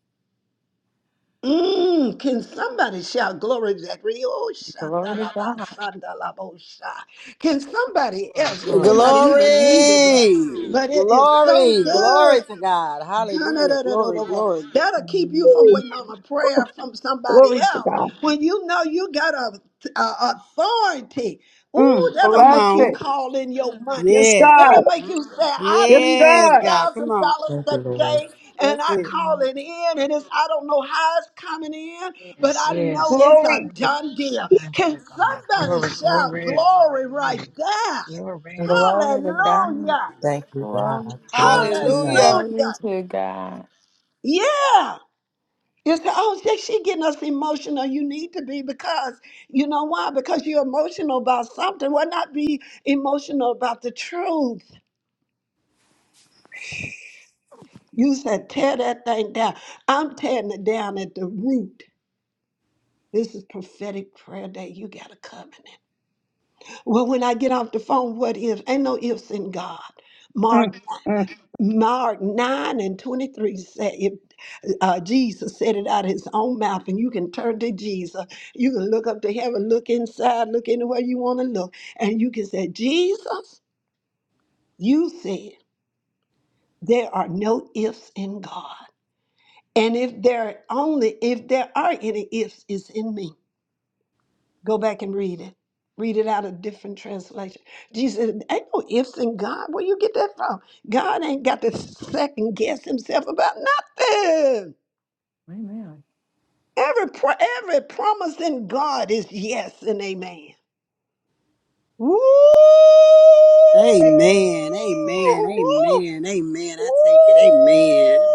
Speaker 1: Mm, can somebody shout glory to that? Rio
Speaker 5: Glory to God.
Speaker 1: Shandalaba Sandalabosha. Can somebody
Speaker 7: Glory,
Speaker 1: else? You may
Speaker 7: glory.
Speaker 1: not even need it that,
Speaker 11: Glory.
Speaker 1: but it is so
Speaker 11: Glory. Glory
Speaker 1: good.
Speaker 11: to God. Hallelujah. Glory,
Speaker 1: That'll
Speaker 11: glory.
Speaker 1: keep you
Speaker 5: Mm.
Speaker 1: from
Speaker 2: Glory,
Speaker 1: waiting on a prayer from somebody
Speaker 2: glory to
Speaker 1: else.
Speaker 2: God.
Speaker 1: When you know you got a, a authority,
Speaker 2: Mm,
Speaker 1: ooh, that'll
Speaker 11: Come
Speaker 2: bless
Speaker 1: make you
Speaker 11: on.
Speaker 2: it.
Speaker 1: call in your money.
Speaker 2: Yes,
Speaker 11: Yes.
Speaker 2: God.
Speaker 1: That'll make you say, I
Speaker 2: Yes,
Speaker 1: need
Speaker 11: Yes,
Speaker 1: fifty
Speaker 2: God.
Speaker 11: God. Come
Speaker 1: thousand
Speaker 11: on.
Speaker 1: dollars
Speaker 12: Thank you, Lord.
Speaker 1: today, and
Speaker 11: That's
Speaker 1: I
Speaker 11: it.
Speaker 1: call
Speaker 5: Mm.
Speaker 1: it in, and it's I don't know how it's coming in, but
Speaker 7: Yes,
Speaker 1: I know
Speaker 7: yes.
Speaker 1: it's a
Speaker 2: Glory.
Speaker 7: Hallelujah.
Speaker 1: done deal.
Speaker 7: Thank
Speaker 1: Can
Speaker 7: you, God.
Speaker 1: somebody
Speaker 7: Glory,
Speaker 1: shout
Speaker 7: glory.
Speaker 1: glory right
Speaker 7: Hallelujah.
Speaker 1: there?
Speaker 7: Glory.
Speaker 5: Glory to
Speaker 7: Yes, my
Speaker 5: God.
Speaker 1: Hallelujah!
Speaker 7: God.
Speaker 12: Thank you,
Speaker 5: Glory,
Speaker 12: God. Glory to
Speaker 5: glory,
Speaker 12: your
Speaker 11: Hallelujah.
Speaker 12: name.
Speaker 5: glory
Speaker 1: Hallelujah!
Speaker 5: to God.
Speaker 1: Yeah! You say, oh, she, she getting us emotional. You need to be because you know why? Because you're emotional about something. Why not be emotional about the truth? You said, tear that thing down. I'm tearing it down at the root. This is prophetic prayer day. You got to come in. Well, when I get off the phone, what ifs? Ain't no ifs in God.
Speaker 2: Mm,
Speaker 1: Mark,
Speaker 2: mm.
Speaker 1: Mark 9 and 23 said, if Uh, Jesus said it out of his own mouth, and you can turn to Jesus. You can look up to heaven, look inside, look anywhere you want to look, and you can say, Jesus, you said there are no ifs in God. And if there only if there are any ifs, it's in me. Go back and read it. Read it out of different translation. Jesus, said, ain't no ifs in God. Where you get that from? God ain't got to second guess himself about nothing.
Speaker 5: Amen.
Speaker 1: Every pro- every promise in God is yes and amen. Woo!
Speaker 11: Amen. Amen.
Speaker 1: Woo!
Speaker 11: Amen. Amen. I
Speaker 1: Woo!
Speaker 11: take it. Amen.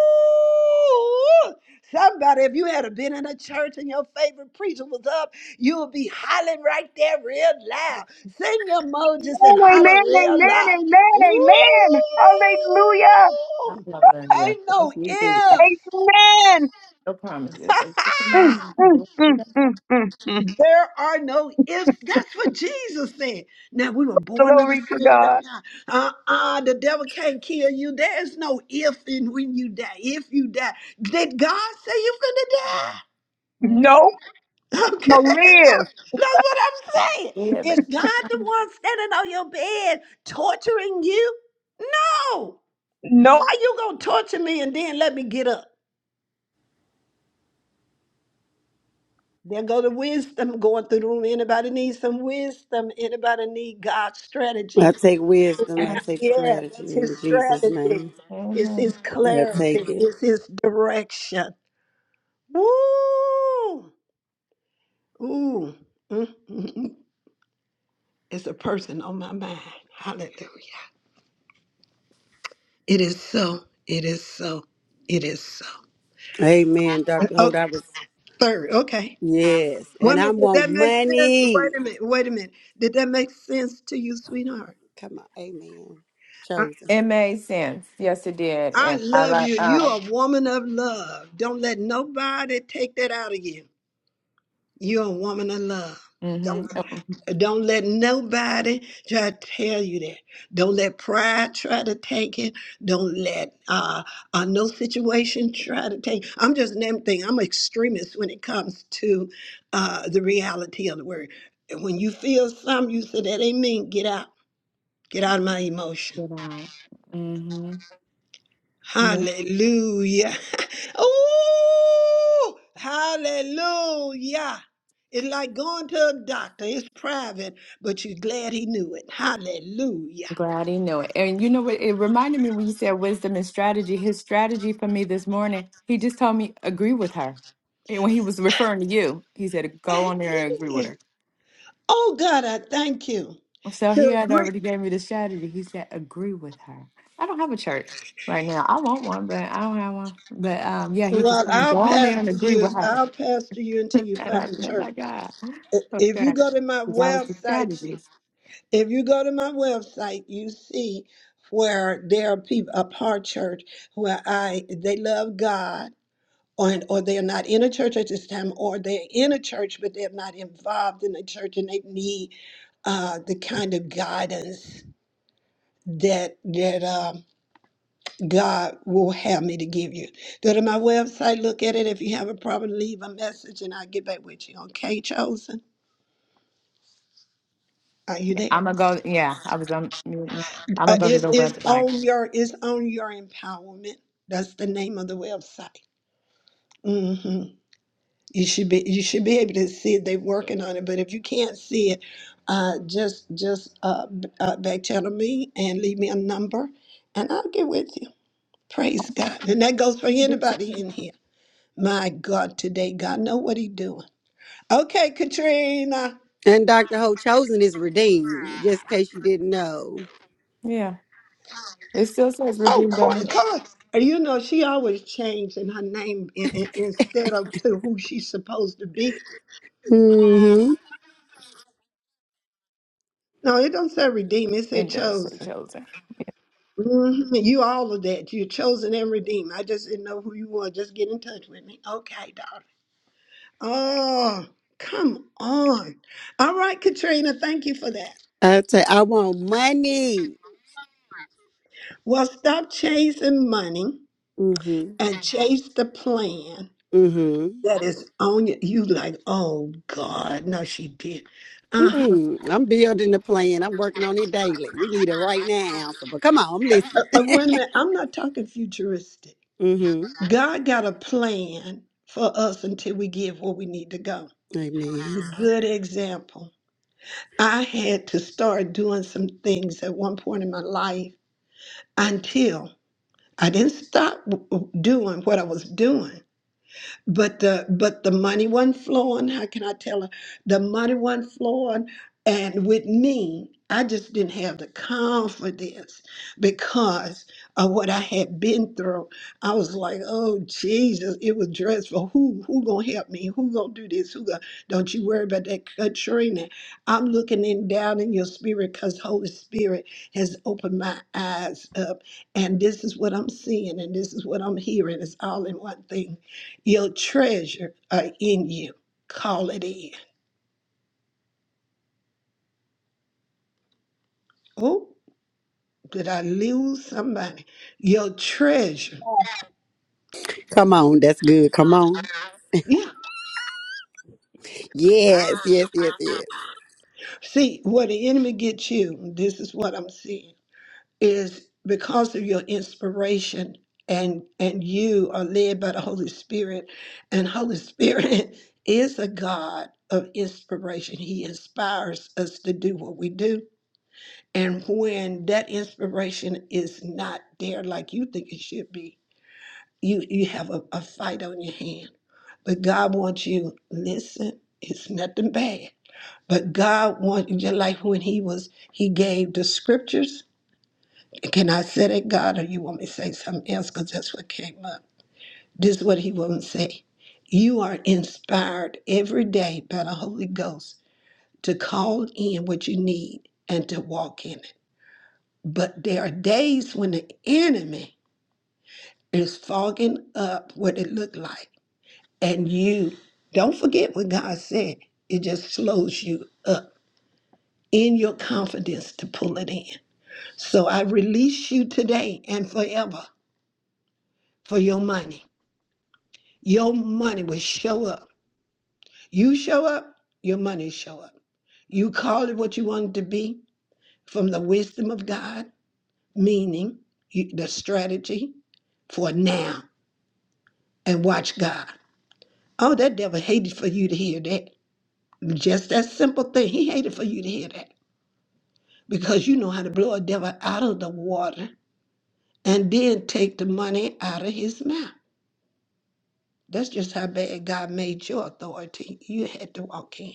Speaker 1: Somebody, if you had been in a church and your favorite preacher was up, you would be hollering right there real loud. Send your emojis and
Speaker 2: Oh,
Speaker 1: holler
Speaker 2: amen,
Speaker 1: real loud.
Speaker 2: amen,
Speaker 1: Woo!
Speaker 2: amen, amen. Hallelujah.
Speaker 5: Hallelujah.
Speaker 1: Ain't no
Speaker 5: Thank you, Jesus.
Speaker 1: ifs.
Speaker 2: Amen.
Speaker 5: No promises. Thank you for
Speaker 2: Mm,
Speaker 5: name.
Speaker 2: mm,
Speaker 5: Glory to
Speaker 2: mm, mm,
Speaker 5: God.
Speaker 2: mm, mm.
Speaker 1: There are no ifs. That's what Jesus said. Now we were born of the
Speaker 2: Glory to
Speaker 1: Spirit of
Speaker 2: God.
Speaker 1: God. Uh-uh, the devil can't kill you. There's no if in when you die. If you die, did God say you're gonna die?
Speaker 5: Mm.
Speaker 2: No,
Speaker 1: Okay,
Speaker 2: I'm going to live.
Speaker 1: that's what I'm saying.
Speaker 5: We have it.
Speaker 1: Is God the one standing on your bed torturing you? No.
Speaker 2: No.
Speaker 1: Why you gonna torture me and then let me get up? There go the wisdom going through the room. Anybody need some wisdom? Anybody need God's
Speaker 11: I
Speaker 1: strategy?
Speaker 11: take wisdom. I take
Speaker 1: Yeah, that's
Speaker 11: strategy
Speaker 1: his
Speaker 11: in Jesus'
Speaker 1: strategy.
Speaker 11: name.
Speaker 1: It's his
Speaker 5: Mhm.
Speaker 11: I
Speaker 1: clarity.
Speaker 11: take it.
Speaker 1: It's his direction. Woo! Ooh. Mm, mm, mm. It's a person on my mind. Hallelujah. It is so. It is so. It is so.
Speaker 11: Amen. Dr.
Speaker 1: Oh,
Speaker 11: Holt, I was,
Speaker 1: third. Okay.
Speaker 11: yes.
Speaker 1: Wait a
Speaker 11: And I
Speaker 1: minute. Did
Speaker 11: want
Speaker 1: that make sense? Wait
Speaker 11: money.
Speaker 1: a minute. Wait a minute. Did that make sense to you, sweetheart?
Speaker 11: Come on. Amen.
Speaker 1: I,
Speaker 11: Chosen.
Speaker 5: It made sense. Yes, it did.
Speaker 1: I
Speaker 5: And I
Speaker 1: love
Speaker 5: like,
Speaker 1: you.
Speaker 5: uh,
Speaker 1: You're a woman of love. Don't let nobody take that out of you. You're a woman of love. Don't
Speaker 5: Mm-hmm. Oh,
Speaker 1: Don't let nobody try to tell you that. Don't let pride try to take it. Don't let uh, uh, no situation try to take. I'm just an thing. I'm an extremist when it comes to uh, the reality of the word. When you feel something, you say that ain't mean. Get out. Get out of my emotion
Speaker 5: get out. Mm-hmm. Yep.
Speaker 1: Hallelujah. oh, hallelujah. It's like going to a doctor. It's private, but you're glad he knew it. Hallelujah.
Speaker 5: Glad he knew it. And you know what? It reminded me when you said wisdom and strategy. His strategy for me this morning, he just told me agree with her. And when he was referring to you, he said go on there and agree with
Speaker 1: Amen.
Speaker 5: her.
Speaker 1: Oh, God, I thank you.
Speaker 5: So
Speaker 1: To
Speaker 5: he had
Speaker 1: agree.
Speaker 5: already gave me the strategy. He said agree with her. I don't have a church right now. I want one, but I don't have one. But um, yeah, he just
Speaker 1: Well,
Speaker 5: told me
Speaker 1: I'll
Speaker 5: go on there and
Speaker 1: pastor
Speaker 5: agree
Speaker 1: you.
Speaker 5: with her.
Speaker 1: I'll pastor you until you
Speaker 5: and
Speaker 1: find
Speaker 5: I
Speaker 1: a
Speaker 5: said, my
Speaker 1: church.
Speaker 5: God,
Speaker 1: I- If you
Speaker 5: okay,
Speaker 1: go to my
Speaker 5: 'Cause that was the
Speaker 1: website,
Speaker 5: strategy.
Speaker 1: if you go to my website, you see where there are people, a part church where I they love God or, or they're not in a church at this time, or they're in a church but they're not involved in the church, and they need uh, the kind of guidance that that um God will have me to give you. Go to my website, look at it. If you have a problem, leave a message, and I'll get back with you. Okay, chosen. Are you there?
Speaker 5: I'm gonna go. Yeah, I was on. muting. I'm
Speaker 1: Uh,
Speaker 5: gonna go to
Speaker 1: it's,
Speaker 5: the
Speaker 1: it's
Speaker 5: website.
Speaker 1: on your it's on your empowerment. That's the name of the website. Mm-hmm. You should be you should be able to see it. They're working on it, but if you can't see it, uh, just just uh, b- uh, back channel me and leave me a number, and I'll get with you. Praise God, and that goes for anybody in here. My God, today God know what He doing. Okay, Katrina.
Speaker 11: And Dr. Holt, chosen is redeemed, just in case you didn't know.
Speaker 5: Yeah, it still says
Speaker 1: Oh,
Speaker 5: redeemed.
Speaker 1: Cor-
Speaker 5: on
Speaker 1: Cor- you know she always changing her name in, in, instead of to who she's supposed to be.
Speaker 11: Mm-hmm.
Speaker 1: No, it don't say redeemed. It
Speaker 5: it. It
Speaker 1: said
Speaker 5: does say
Speaker 1: chosen.
Speaker 5: chosen.
Speaker 1: hmm You all of that. You're chosen and redeemed. I just didn't know who you were. Just get in touch with me. Okay, daughter. Oh, come on. All right, Katrina, thank you for that.
Speaker 11: I take, I want money.
Speaker 1: Well, stop chasing money
Speaker 11: Mm-hmm.
Speaker 1: and Mhm. chase the plan
Speaker 11: mm-hmm.
Speaker 1: that is on you. You like, oh God, no, she did. Uh-huh.
Speaker 11: Mm-mm. I'm building the plan. I'm working on it daily. We need it right now. So, but come on, I'm
Speaker 1: Uh,
Speaker 11: listening.
Speaker 1: uh, wait a minute. I'm not talking futuristic.
Speaker 11: Mm-hmm.
Speaker 1: God got a plan for us until we get where we need to go.
Speaker 11: Amen.
Speaker 1: a good example. I had to start doing some things at one point in my life until I didn't stop w- w- doing what I was doing. But the but the money wasn't flowing. How can I tell her? The money wasn't flowing. And with me, I just didn't have the confidence because of what I had been through. I was like, oh Jesus, it was dreadful. Who who gonna help me? Who gonna do this? Who gonna don't you worry about that Katrina. I'm looking in down in your spirit because Holy Spirit has opened my eyes up. And this is what I'm seeing and this is what I'm hearing. It's all in one thing. Your treasure are in you. Call it in. Oh, did I lose somebody? Your treasure.
Speaker 11: Come on, that's good. Come on.
Speaker 1: Yeah.
Speaker 11: Yes, yes, yes, yes.
Speaker 1: See, where the enemy gets you, this is what I'm seeing, is because of your inspiration and and you are led by the Holy Spirit. And Holy Spirit is a God of inspiration. He inspires us to do what we do. And when that inspiration is not there like you think it should be, You you have a, a fight on your hand. But God wants you, listen, it's nothing bad. But God wants you just like when he was he gave the scriptures. Can I say that God or you want me to say something else? Because that's what came up. This is what he wants to say. You are inspired every day by the Holy Ghost to call in what you need and to walk in it. But there are days when the enemy is fogging up what it looked like. and you don't forget what God said. It just slows you up in your confidence to pull it in. So I release you today and forever for your money. Your money will show up. You show up, your money show up. You call it what you want it to be from the wisdom of God, meaning you, the strategy for now and watch God. Oh, that devil hated for you to hear that. Just that simple thing. He hated for you to hear that. because you know how to blow a devil out of the water and then take the money out of his mouth. That's just how bad God made your authority. You had to walk in.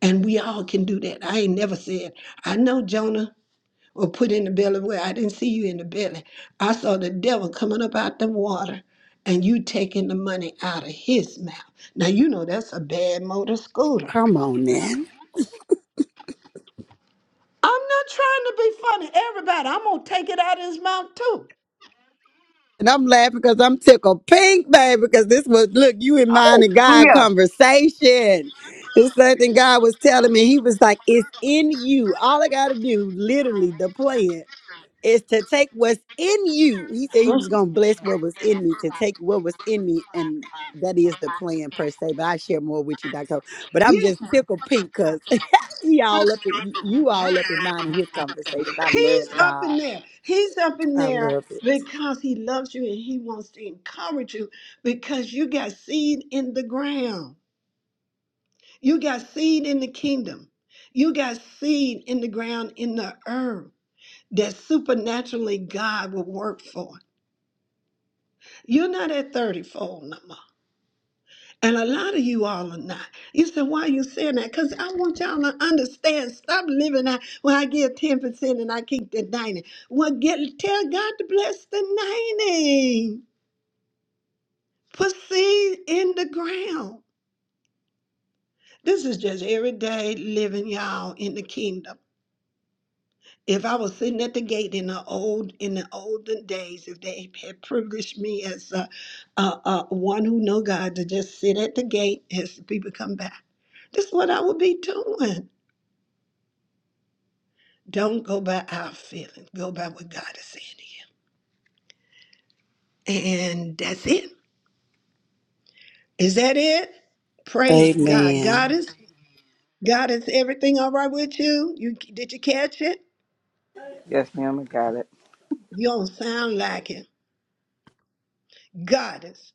Speaker 1: And we all can do that. I ain't never said, I know Jonah was put in the belly where I didn't see you in the belly. I saw the devil coming up out the water and you taking the money out of his mouth. Now, you know that's a bad motor scooter.
Speaker 11: Come on now.
Speaker 1: I'm not trying to be funny. Everybody, I'm going to take it out of his mouth too.
Speaker 11: And I'm laughing because I'm tickled pink, baby, because this was, look, you and mine and God
Speaker 2: Hallelujah.
Speaker 11: conversation. It's something God was telling me. He was like, it's in you. All I got to do, literally, the plan is to take what's in you. He said he was going to bless what was in me, to take what was in me. And that is the plan per se, but I share more with you, Dr. But I'm
Speaker 1: Yeah,
Speaker 11: just tickled pink because he all up, in, you all up in mine in his conversation. I love
Speaker 1: he's up in
Speaker 11: God.
Speaker 1: there. He's up in
Speaker 11: I
Speaker 1: there
Speaker 11: love it.
Speaker 1: because he loves you and he wants to encourage you because you got seed in the ground. You got seed in the kingdom. You got seed in the ground in the earth that supernaturally God will work for. You're not at 30 fold no more. And a lot of you all are not. You said, why are you saying that? Because I want y'all to understand. Stop living out well, I give 10% and I keep the 90. Well, get tell God to bless the 90. Put seed in the ground. This is just everyday living, y'all, in the kingdom. If I was sitting at the gate in the old in the olden days, if they had privileged me as a, a, a one who know God to just sit at the gate as the people come back, this is what I would be doing. Don't go by our feelings. Go by what God is saying to you. And that's it. Is that it? Praise God. God
Speaker 11: Amen.
Speaker 1: is God is everything all right with you? You did you catch it?
Speaker 8: Yes, ma'am, I got it.
Speaker 1: You don't sound like it. Goddess,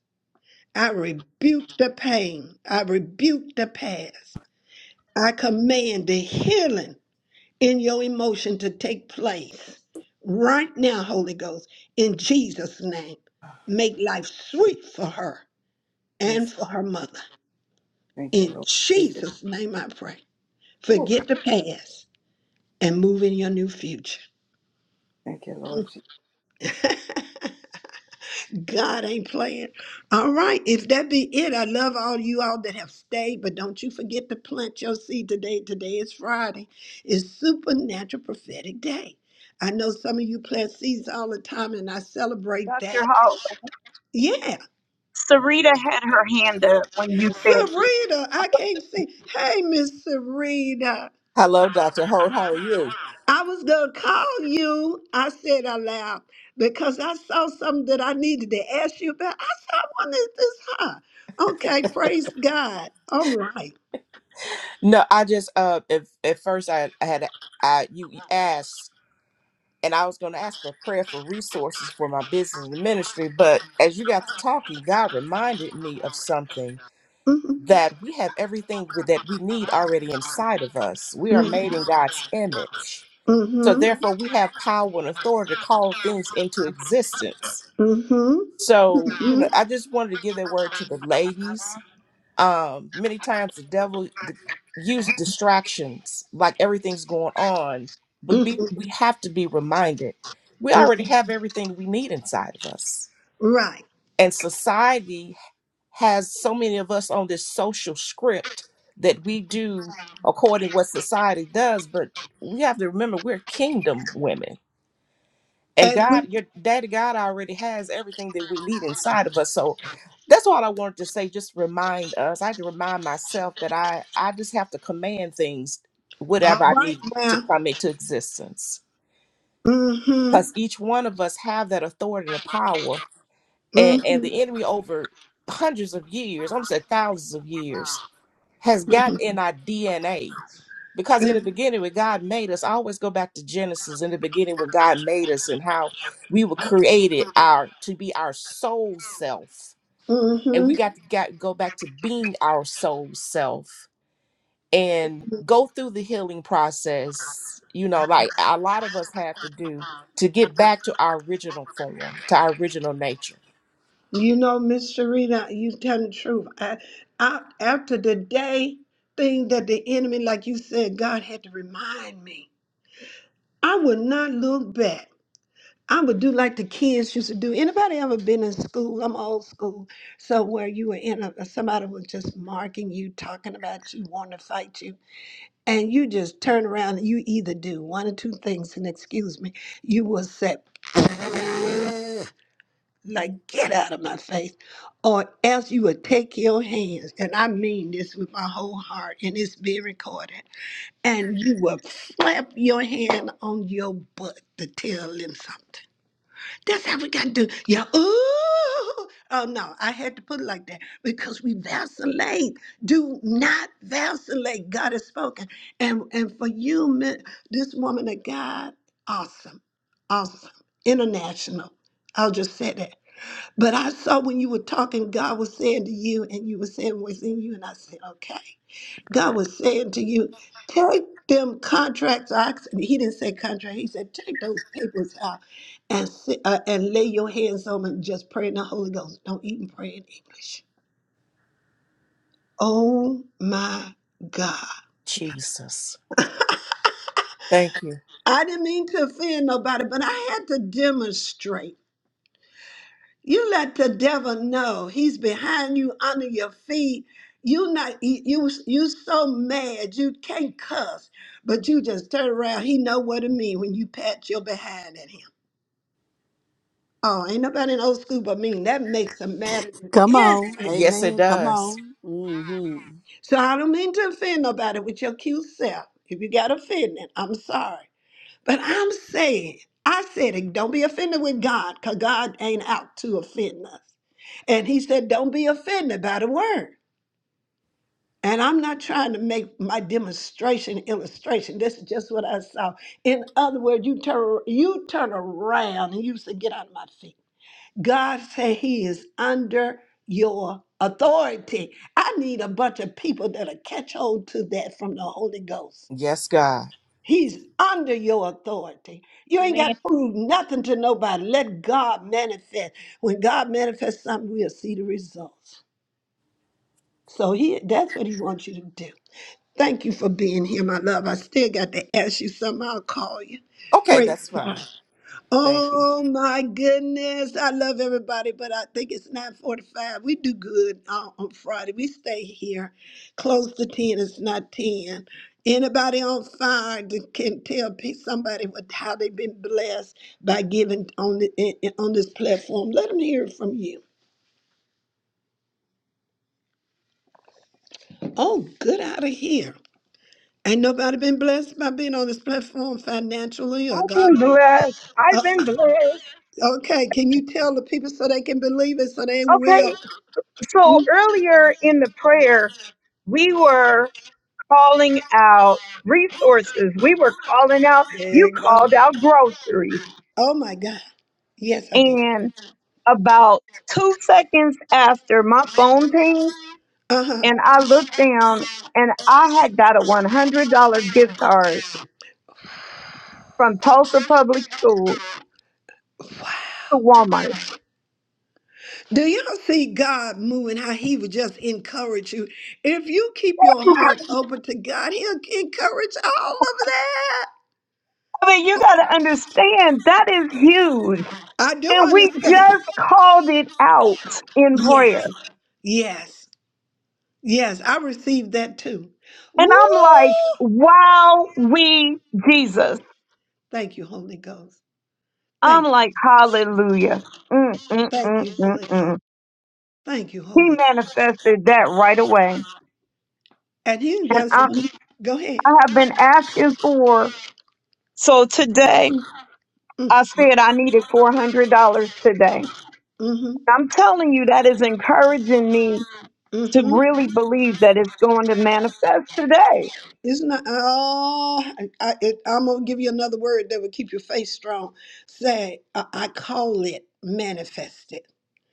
Speaker 1: I rebuke the pain. I rebuke the past. I command the healing in your emotion to take place right now, Holy Ghost, in Jesus' name. Make life sweet for her and
Speaker 8: Yes,
Speaker 1: for her
Speaker 8: yes,
Speaker 1: mother.
Speaker 8: thank you,
Speaker 1: In
Speaker 8: Lord. Jesus.
Speaker 1: Jesus' name I pray.
Speaker 8: Oh, God,
Speaker 1: Forget the past and move in your new future.
Speaker 8: thank you, Lord
Speaker 1: God ain't playing. All right, if that be it, I love all you all that have stayed, but don't you forget to plant your seed today. Today is Friday. It's supernatural prophetic day. I know some of you plant seeds all the time, and I celebrate
Speaker 2: Dr.
Speaker 1: that.
Speaker 2: Howe,
Speaker 1: Yeah,
Speaker 2: Sarita had her hand up when you said, this.
Speaker 1: Serena, I can't see. Hey, Miss Serena.
Speaker 12: Hello, Dr. Holt. How are you?
Speaker 1: I was going to call you, I said aloud, because I saw something that I needed to ask you about. I said, I wonder if this high. Okay, praise God. All Mm right.
Speaker 12: No, I just uh if at first I, I had I you asked and I was gonna ask for prayer for resources for my business and ministry, but as you got to talking, God reminded me of something
Speaker 1: Mm
Speaker 12: that we have everything with- that we need already inside of us. We are made in God's image. So
Speaker 1: mhm,
Speaker 12: therefore we have power and authority to call things into existence.
Speaker 1: Mm mhm,
Speaker 12: So, you know, I just wanted to give that word to the ladies. Um, many times the devil d- use distractions, like everything's going on,
Speaker 1: Mm
Speaker 12: but
Speaker 1: mhm,
Speaker 12: be, we have to be reminded we
Speaker 1: mhm.
Speaker 12: already have everything we need inside of us.
Speaker 1: Right.
Speaker 12: And society has so many of us on this social script that we do according to what society does, but we have to remember we're kingdom women and
Speaker 1: And
Speaker 12: God,
Speaker 1: we,
Speaker 12: your daddy God already has everything that we need inside of us. So that's all I wanted to say. Just remind us. I had to remind myself that I I just have to command things,
Speaker 1: all
Speaker 12: whatever I
Speaker 1: right
Speaker 12: need to
Speaker 1: now.
Speaker 12: come into existence.
Speaker 1: Mm-hmm.
Speaker 12: Because each one of us have that authority and the power. And and
Speaker 1: Mm-hmm.
Speaker 12: the enemy over hundreds of years, almost said thousands of years, has gotten in our DNA. Because in the beginning, when God made us, I always go back to Genesis. In the beginning, when God made us and how we were created our to be our soul self, and we
Speaker 1: Mm-hmm.
Speaker 12: got to got, go back to being our soul self and go through the healing process. You know, like a lot of us have to do to get back to our original form, to our original nature.
Speaker 1: You know, Miss Sharita, you tell the truth. I, I, after the day thing that the enemy, like you said, God had to remind me. I would not look back. I would do like the kids used to do. Anybody ever been in school? I'm old school. So where you were in a somebody was just marking you, talking about you, wanting to fight you, and you just turn around and you either do one or two things, and excuse me, you will set like get out of my face or else you would take your hands and i mean this with my whole heart and it's being recorded and you will slap your hand on your butt to tell them something that's how we got to do yeah ooh oh no i had to put it like that because we vacillate do not vacillate god has spoken and and for you men- this woman of god awesome awesome international i'll just say that but I saw when you were talking, God was saying to you, and you were saying what's in you, and I said, okay. God was saying to you, take them contracts. I, ex- he didn't say contract. He said, take those papers out and sit, uh, and lay your hands on them and just pray in the Holy Ghost. Don't even pray in English. Oh my God.
Speaker 12: Jesus, thank you.
Speaker 1: I didn't mean to offend nobody, but I had to demonstrate. You let the devil know he's behind you, under your feet. You not you you you so mad you can't cuss, but you just turn around. He know what it mean when you pat your behind at him. Oh, ain't nobody in old school but me. That makes them mad than
Speaker 11: Come on.
Speaker 1: anything.
Speaker 12: Yes, it
Speaker 11: Amen. Come
Speaker 12: does.
Speaker 11: on. mm hmm
Speaker 1: So I don't mean to offend nobody with your cute self. If you got offended, I'm sorry. But I'm saying, I said it, don't be offended with God, because God ain't out to offend us. And he said, Don't be offended by the word. And I'm not trying to make my demonstration illustration. This is just what I saw. In other words, you turn you turn around and you say, "Get out of my feet." God said He is under your authority. I need a bunch of people that'll catch hold to that from the Holy Ghost.
Speaker 12: Yes, God.
Speaker 1: He's under your authority. You ain't got
Speaker 2: man,
Speaker 1: to prove nothing to nobody. Let God manifest. When God manifests something, we'll see the results. So he that's what he wants you to do. Thank you for being here, my love. I still got to ask you something. I'll call you.
Speaker 12: Okay,
Speaker 1: Praise
Speaker 12: that's
Speaker 1: God.
Speaker 12: fine. Thank
Speaker 1: Oh my goodness. I love everybody, but I think it's 945. We do good uh, on Friday. We stay here close to 10. It's not 10. Anybody on fire that can tell pe- somebody what, how they've been blessed by giving on, the, in- in- on this platform, let them hear it from you. Oh, good out of here. Ain't nobody been blessed by being on this platform financially or
Speaker 2: I've
Speaker 1: God.
Speaker 2: been
Speaker 1: Uh,
Speaker 2: blessed. I've been blessed.
Speaker 1: uh, okay, can you tell the people so they can believe it so they will?
Speaker 2: Okay. So
Speaker 1: Mm.
Speaker 2: earlier in the prayer, we were calling out resources. We were calling out,
Speaker 1: There
Speaker 2: you
Speaker 1: you go.
Speaker 2: called out groceries.
Speaker 1: Oh my God. Yes, I did.
Speaker 2: And about two seconds after my phone pinged
Speaker 1: Uh huh.
Speaker 2: and I looked down and I had got a $100 gift card from Tulsa Public School to Walmart.
Speaker 1: Do y'all see God moving how He would just encourage you? If you keep your heart open to God, He'll encourage all of that.
Speaker 2: I mean, you got to understand that is huge.
Speaker 1: I do
Speaker 2: And we
Speaker 1: understand.
Speaker 2: just called it out in prayer.
Speaker 1: Yes, yes. Yes, I received that too.
Speaker 2: And
Speaker 1: Woo!
Speaker 2: I'm like, wow, we, Jesus.
Speaker 1: Thank you, Holy Ghost.
Speaker 2: I'm
Speaker 1: Thank you.
Speaker 2: like, hallelujah. Mm, mm,
Speaker 1: Thank
Speaker 2: mm,
Speaker 1: you,
Speaker 2: mm,
Speaker 1: Holy Ghost.
Speaker 2: mm.
Speaker 1: Thank you,
Speaker 2: He
Speaker 1: Holy Ghost.
Speaker 2: manifested that right away.
Speaker 1: And he
Speaker 2: And
Speaker 1: does. some
Speaker 2: I'm,
Speaker 1: go ahead.
Speaker 2: I have been asking for, so today
Speaker 1: Mm,
Speaker 2: I said I needed $400 today.
Speaker 1: mm-hmm.
Speaker 2: I'm telling you, that is encouraging me to
Speaker 1: Mm-hmm.
Speaker 2: really believe that it's going to manifest today.
Speaker 1: Isn't that oh I, I it, I'm gonna give you another word that will keep your faith strong. Say I, I call it manifested.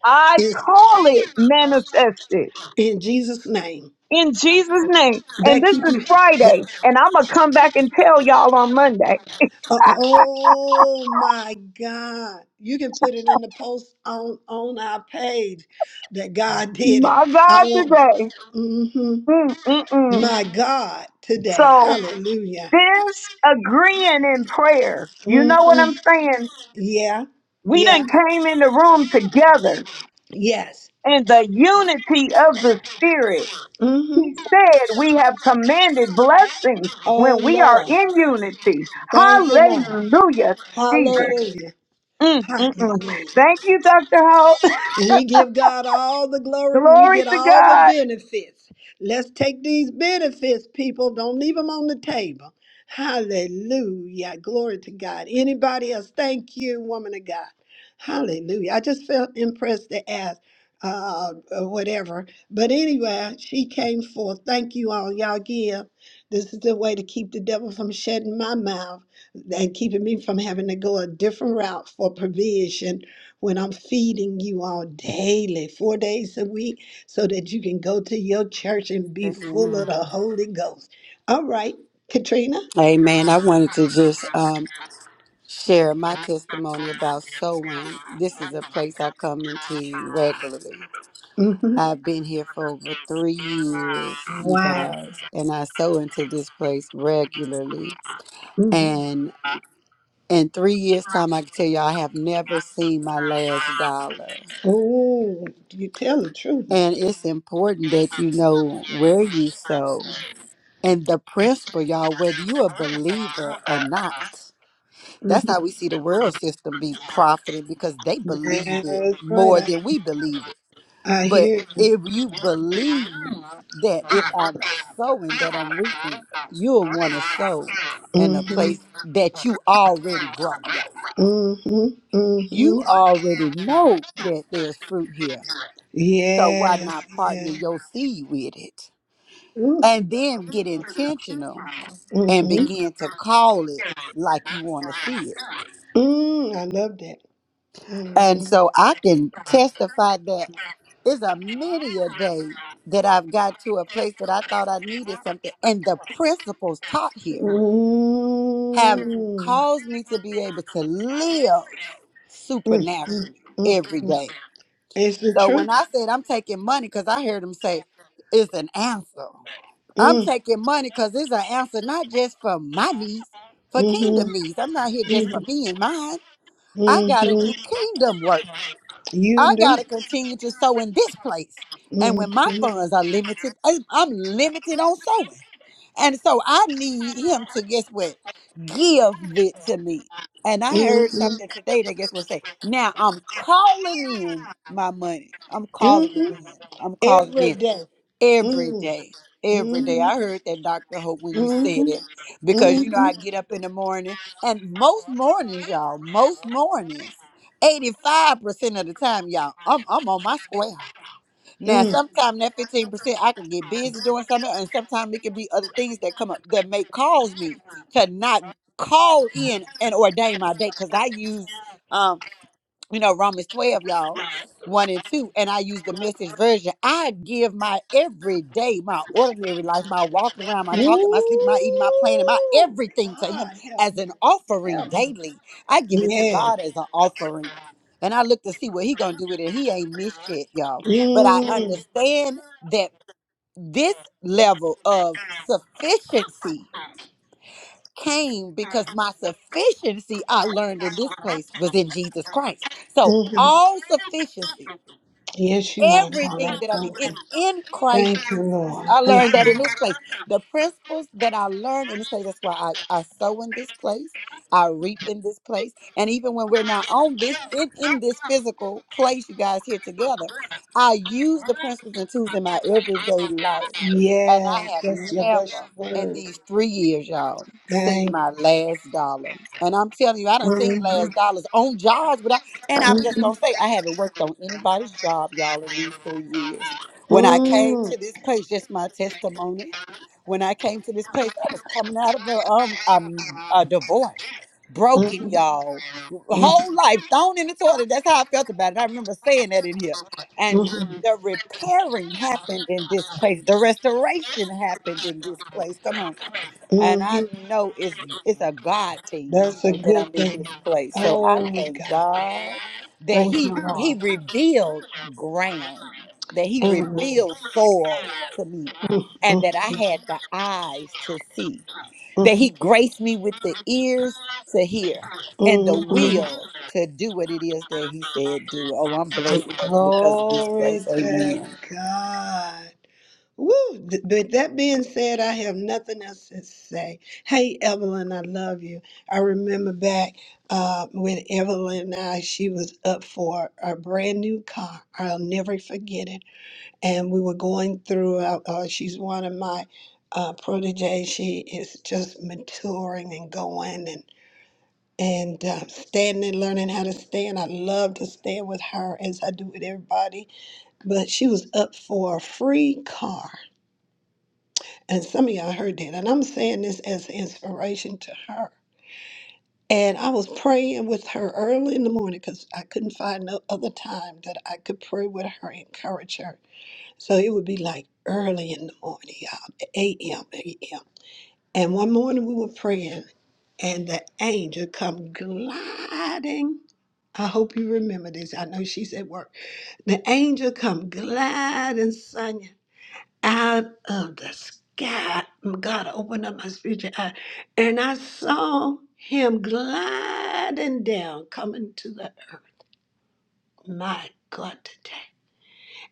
Speaker 2: I
Speaker 1: It's
Speaker 2: call it manifested
Speaker 1: in Jesus' name.
Speaker 2: in Jesus' name. And
Speaker 1: That
Speaker 2: this
Speaker 1: keep
Speaker 2: is
Speaker 1: you. That,
Speaker 2: Friday, and I'm gonna come back and tell y'all on Monday.
Speaker 1: uh, oh my God! You can put it in the post on on our page that God did it.
Speaker 2: My
Speaker 1: I
Speaker 2: God,
Speaker 1: want.
Speaker 2: today.
Speaker 1: hmm
Speaker 2: Mm, mm, mm.
Speaker 1: My God, today,
Speaker 2: So
Speaker 1: Hallelujah.
Speaker 2: this agreeing in prayer, you
Speaker 1: hmm
Speaker 2: know what I'm saying?
Speaker 1: Yeah,
Speaker 2: We done
Speaker 1: yeah,
Speaker 2: came in the room together
Speaker 1: yes.
Speaker 2: in the unity of the spirit
Speaker 1: hmm
Speaker 2: He said, We have commanded blessings
Speaker 1: Oh
Speaker 2: when we are
Speaker 1: Lord.
Speaker 2: in unity.
Speaker 1: Thank you, Lord.
Speaker 2: Hallelujah, Jesus.
Speaker 1: Hallelujah.
Speaker 2: Mm, mm, mm.
Speaker 1: Hallelujah.
Speaker 2: Thank you, Dr. Holt.
Speaker 1: We give God all the glory. We
Speaker 2: Glory
Speaker 1: get
Speaker 2: to
Speaker 1: all the
Speaker 2: God.
Speaker 1: benefits. Let's take these benefits, people. Don't leave them on the table. Hallelujah. Glory to God. Anybody else? Thank you, woman of God. Hallelujah. I just felt impressed to ask uh, uh, whatever. But anyway, she came forth. Thank you all. Y'all give. This is the way to keep the devil from shutting my mouth and keeping me from having to go a different route for provision when I'm feeding you all daily, four days a week, so that you can go to your church and be full of
Speaker 11: Amen.
Speaker 1: the Holy Ghost. All right, Katrina.
Speaker 11: Amen. I wanted to just um, share my testimony about sewing. This is a place I come into regularly.
Speaker 1: Mm-hmm.
Speaker 11: I've been here for over three years, you
Speaker 1: Wow.
Speaker 11: guys, and I sew into this place regularly.
Speaker 1: Mm.
Speaker 11: And in three years' time, I can tell you, I have never seen my last dollar.
Speaker 1: Oh, you tell the truth
Speaker 11: And
Speaker 1: now.
Speaker 11: it's important that you know where you sew And the principle, y'all, whether you a believer or not, that's how we see the world system be profiting because they
Speaker 1: Mhm.
Speaker 11: believe it
Speaker 1: That's right.
Speaker 11: more than we
Speaker 1: I-
Speaker 11: believe it.
Speaker 1: I
Speaker 11: But
Speaker 1: hear you.
Speaker 11: if you believe that if I'm sowing, that I'm reaping, you'll want to sow in a Mhm.
Speaker 1: Mm-hmm.
Speaker 11: place that you already grow, y'all.
Speaker 1: Mm-hmm. Mm-hmm.
Speaker 11: You already know that there's fruit here. So why
Speaker 1: Yes.
Speaker 11: not partner
Speaker 1: Yes.
Speaker 11: your seed with it?
Speaker 1: Ooh.
Speaker 11: And then get intentional and
Speaker 1: Mm-hmm.
Speaker 11: begin to call it like you want to see it.
Speaker 1: Mm, I love that. Mm-hmm.
Speaker 11: And so I can testify that there's a many a day that I've got to a place that I thought I needed something. And the principles taught here have
Speaker 1: Mm.
Speaker 11: caused me to be able to live
Speaker 1: Mm, mm,
Speaker 11: supernaturally
Speaker 1: mm, mm.
Speaker 11: every day.
Speaker 1: Is the
Speaker 11: So
Speaker 1: truth?
Speaker 11: when I said I'm taking money, because I heard them say it's an answer. I'm
Speaker 1: Mm,
Speaker 11: taking money because it's an answer not just for my needs, for
Speaker 1: mm-hmm,
Speaker 11: kingdom needs. I'm not here just for
Speaker 1: mm-hmm,
Speaker 11: me and mine. I
Speaker 1: mm-hmm.
Speaker 11: gotta do kingdom work. I
Speaker 1: You do.
Speaker 11: gotta continue to sow in this place. And when my
Speaker 1: Mm-hmm,
Speaker 11: funds are limited, I'm, I'm limited on sowing. And so I need him to guess what? Give it to me. And I heard
Speaker 1: mm-hmm,
Speaker 11: something today that guess what say, now I'm calling in my money. I'm calling it
Speaker 1: mm-hmm.
Speaker 11: in. I'm calling
Speaker 1: Every
Speaker 11: in.
Speaker 1: day.
Speaker 11: Every
Speaker 1: Mm,
Speaker 11: day. Every day.
Speaker 1: mm-hmm,
Speaker 11: I heard that Dr. Hope when you said
Speaker 1: mm-hmm,
Speaker 11: it. Because you know, I
Speaker 1: mm-hmm.
Speaker 11: get up in the morning and most mornings, y'all, most mornings, 85% of the time, y'all, I'm I'm on my square. Now
Speaker 1: Mm.
Speaker 11: sometimes that 15% I can get busy doing something, and sometimes it can be other things that come up that may cause me to not call in and ordain my day. Cause I use um you know, Romans 12, y'all, 1 and 2, and I use the message version. I give my everyday, my ordinary life, my walking around, my talking, my sleeping, my eating, my planning, my
Speaker 1: Ooh,
Speaker 11: everything to Him
Speaker 1: God help
Speaker 11: as
Speaker 1: me.
Speaker 11: an offering
Speaker 1: Help me.
Speaker 11: daily. I give it to
Speaker 1: Yeah.
Speaker 11: God as an offering. And I look to see what He gonna do with it. He ain't missed shit, y'all. But I
Speaker 1: Mm.
Speaker 11: understand that this level of sufficiency came because my sufficiency I learned in this place was in Jesus Christ. So
Speaker 1: Mhm.
Speaker 11: all sufficiency
Speaker 1: Yes, you are, God.
Speaker 11: everything
Speaker 1: I
Speaker 11: that I need.
Speaker 1: thank
Speaker 11: is
Speaker 1: you.
Speaker 11: in Christ
Speaker 1: Thank you,
Speaker 11: Jesus.
Speaker 1: Lord.
Speaker 11: I
Speaker 1: Thank
Speaker 11: learned that
Speaker 1: you.
Speaker 11: in this place. The principles that I learned in this place, that's why I, I sow in this place, I reap in this place. And even when we're not on this, in, in this physical place, you guys here together, I use the principles and tools in my everyday life. And I
Speaker 1: Yes,
Speaker 11: have
Speaker 1: that's your best
Speaker 11: never in
Speaker 1: word.
Speaker 11: these three years, y'all, seen
Speaker 1: Thank
Speaker 11: my last dollar. And I'm telling you, I
Speaker 1: you.
Speaker 11: done seen
Speaker 1: Mhm.
Speaker 11: last dollars on jobs, and I'm just
Speaker 1: Mhm.
Speaker 11: gonna say, I haven't worked on anybody's job, y'all, in these three years. When I came
Speaker 1: Mhm.
Speaker 11: to this place, just my testimony. When I came to this place, I was coming out of a um, um a divorce, broken,
Speaker 1: Mhm.
Speaker 11: y'all,
Speaker 1: Mhm.
Speaker 11: whole life thrown in the toilet. That's how I felt about it. I remember saying that in here, and
Speaker 1: Mhm.
Speaker 11: the repairing happened in this place. The restoration happened in this place. Come on and I
Speaker 1: Mhm.
Speaker 11: know it's it's a God thing, you
Speaker 1: That's a
Speaker 11: know, that I'm
Speaker 1: good
Speaker 11: in
Speaker 1: thing.
Speaker 11: this place. So I
Speaker 1: Oh,
Speaker 11: thank
Speaker 1: God.
Speaker 11: God that
Speaker 1: Thank you,
Speaker 11: he he
Speaker 1: Lord.
Speaker 11: revealed ground that he
Speaker 1: Amen.
Speaker 11: revealed soil to me and that i
Speaker 1: Mm.
Speaker 11: had the eyes to see that he graced me with the ears to hear and the will to do what it is that he said do oh i'm blessed because of this
Speaker 1: Glory
Speaker 11: place
Speaker 1: to
Speaker 11: amen
Speaker 1: God. Woo. Th- With that being said, I have nothing else to say. Hey, Evelyn, I love you. I remember back uh, when Evelyn and I, she was up for a brand new car. I'll never forget it. And we were going through, uh, uh, she's one of my uh, proteges. She is just maturing and going. and. and uh, standing, learning how to stand. I love to stand with her as I do with everybody. But she was up for a free car, and some of y'all heard that. And I'm saying this as inspiration to her. And I was praying with her early in the morning because I couldn't find no other time that I could pray with her, encourage her. So it would be like early in the morning, y'all, 8 a.m., a.m. And one morning we were praying, and the angel come gliding. I hope you remember this. I know she's at work. The angel come gliding, Sonia, out of the sky. God opened up my spiritual eye, and I saw him gliding down, coming to the earth. My God, today.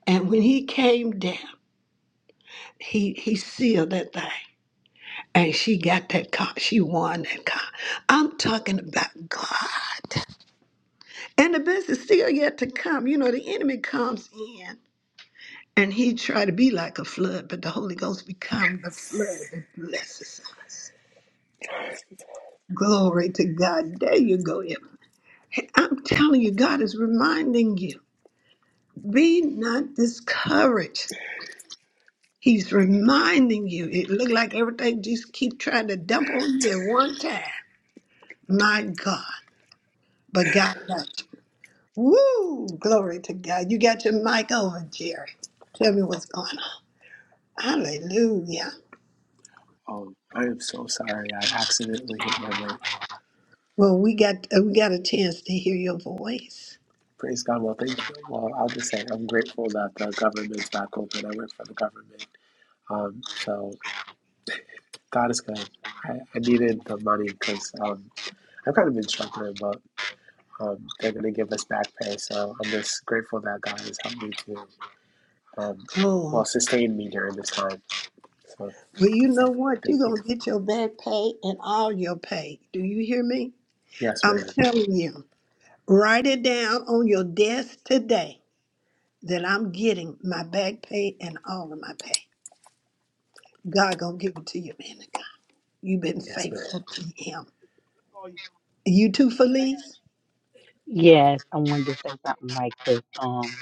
Speaker 1: And when he came down, he he sealed that thing. And she got that car. She won that car. I'm talking about God. And the best is still yet to come. You know, the enemy comes in and he try to be like a flood, but the Holy Ghost become the flood that blesses us. Glory to God. There you go, Emma. Hey, I'm telling you, God is reminding you, be not discouraged. He's reminding you. It looked like everything just keep trying to dump on you at one time. My God. But God knows. Woo! Glory to God. You got your mic over, Jerry. Tell me what's going on. Hallelujah.
Speaker 13: Um, I am so sorry. I accidentally hit my mic.
Speaker 1: Well, we got uh, we got a chance to hear your voice.
Speaker 13: Praise God. Well, thank you. Well, I'll just say I'm grateful that the government's back open. I work for the government. Um, so God is good. I, I needed the money because um, I've kind of been struggling, but um, they're going to give us back pay. So I'm just grateful that God has helped me to, um, well,
Speaker 1: Oh,
Speaker 13: sustain me during this time. So,
Speaker 1: well, you know
Speaker 13: so
Speaker 1: what? You're
Speaker 13: thank you.
Speaker 1: gonna get your back pay and all your pay. Do you hear me?
Speaker 13: Yes,
Speaker 1: I'm
Speaker 13: ma'am.
Speaker 1: telling you. Write it down on your desk today that I'm getting my back pay and all of my pay. God gonna give it to you, man of God. You've been
Speaker 13: Yes, ma'am.
Speaker 1: faithful to Him. You too, Felice.
Speaker 14: Yes, I wanted to say something right quick. Um,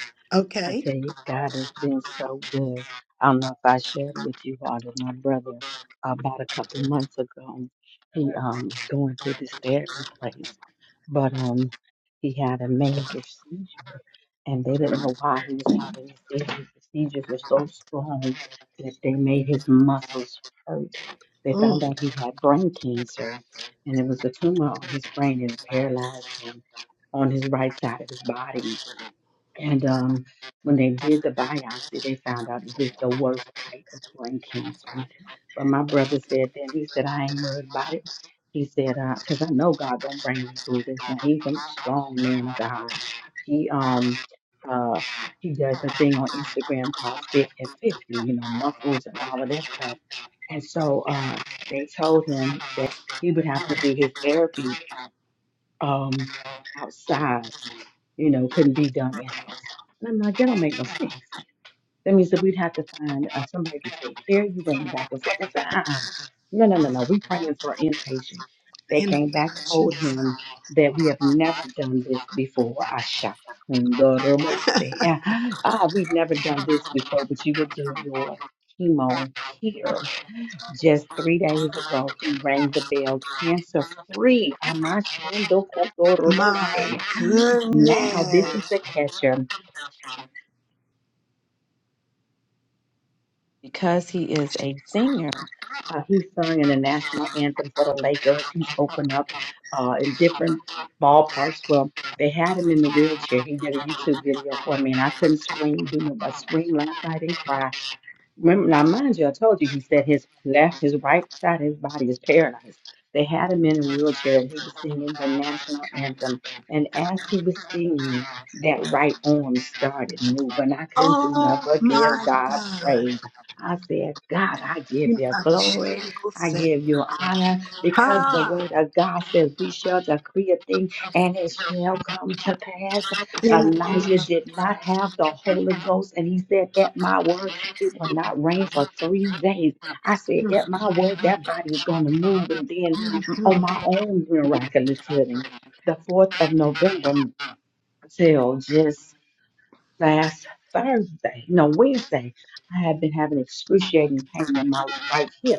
Speaker 14: I
Speaker 1: Okay.
Speaker 14: tell you, God has been so good. I don't know if I shared with you all that my brother, about a couple of months ago, he um, was going through this therapy place, but um, he had a major seizure, and they didn't know why he was having a seizure. The seizures were so strong that they made his muscles hurt. They
Speaker 1: Mm.
Speaker 14: found out he had brain cancer, and it was a tumor on his brain, and it paralyzed him on his right side of his body and um, when they did the biopsy, they found out it was the worst type of brain cancer. But my brother said then he said I ain't worried about it. He said because I know God gonna bring me through this. Now he's a strong man of God. He um uh he does a thing on Instagram called Fit at 50, you know, muscles and all of that stuff. And so uh they told him that he would have to do his therapy um outside you know, couldn't be done in house. And I'm like, that don't make no sense. That means that we'd have to find uh, somebody to take care of you, bring you back and forth. I said, uh uh No, no, no, no. we praying for an inpatient. They
Speaker 1: in the
Speaker 14: came
Speaker 1: name
Speaker 14: back,
Speaker 1: of
Speaker 14: told
Speaker 1: Jesus.
Speaker 14: him that we have never done this before. I shot Ah, we've never done this before, but you will do your chemo here just three days ago, he rang the bell cancer free.
Speaker 1: My
Speaker 14: Amashandokotorobosi. Now, this is the
Speaker 1: goodness.
Speaker 14: catcher because he is a singer. Uh, he's sung in the national anthem for the Lakers. He's opened up uh, in different ballparks. Well, they had him in the wheelchair. He did a YouTube video for me, and I couldn't scream, do no but scream last night and cry Remember, now, mind you, I told you he said his left, his right side of his body is paralyzed. They had him in a wheelchair and he was singing the national anthem. And as he was singing, that right arm started moving. I couldn't do nothing
Speaker 1: Oh
Speaker 14: but give
Speaker 1: my
Speaker 14: God
Speaker 1: God.
Speaker 14: praise. I said, God, I give
Speaker 1: You know,
Speaker 14: you
Speaker 1: I
Speaker 14: glory.
Speaker 1: change your
Speaker 14: I
Speaker 1: set.
Speaker 14: give you honor because the
Speaker 1: Ha!
Speaker 14: word of God says we shall decree a thing and it shall come to pass.
Speaker 1: In the name of
Speaker 14: Elijah did not have the Holy Ghost and he said, at my word, it will not rain for three days. I said,
Speaker 1: Jesus.
Speaker 14: at my word, that body is going to move. And then mm, on
Speaker 1: Mhm.
Speaker 14: my own miraculous healing, the 4th of November mm, till just last Thursday, no, Wednesday, I had been having excruciating pain in my right hip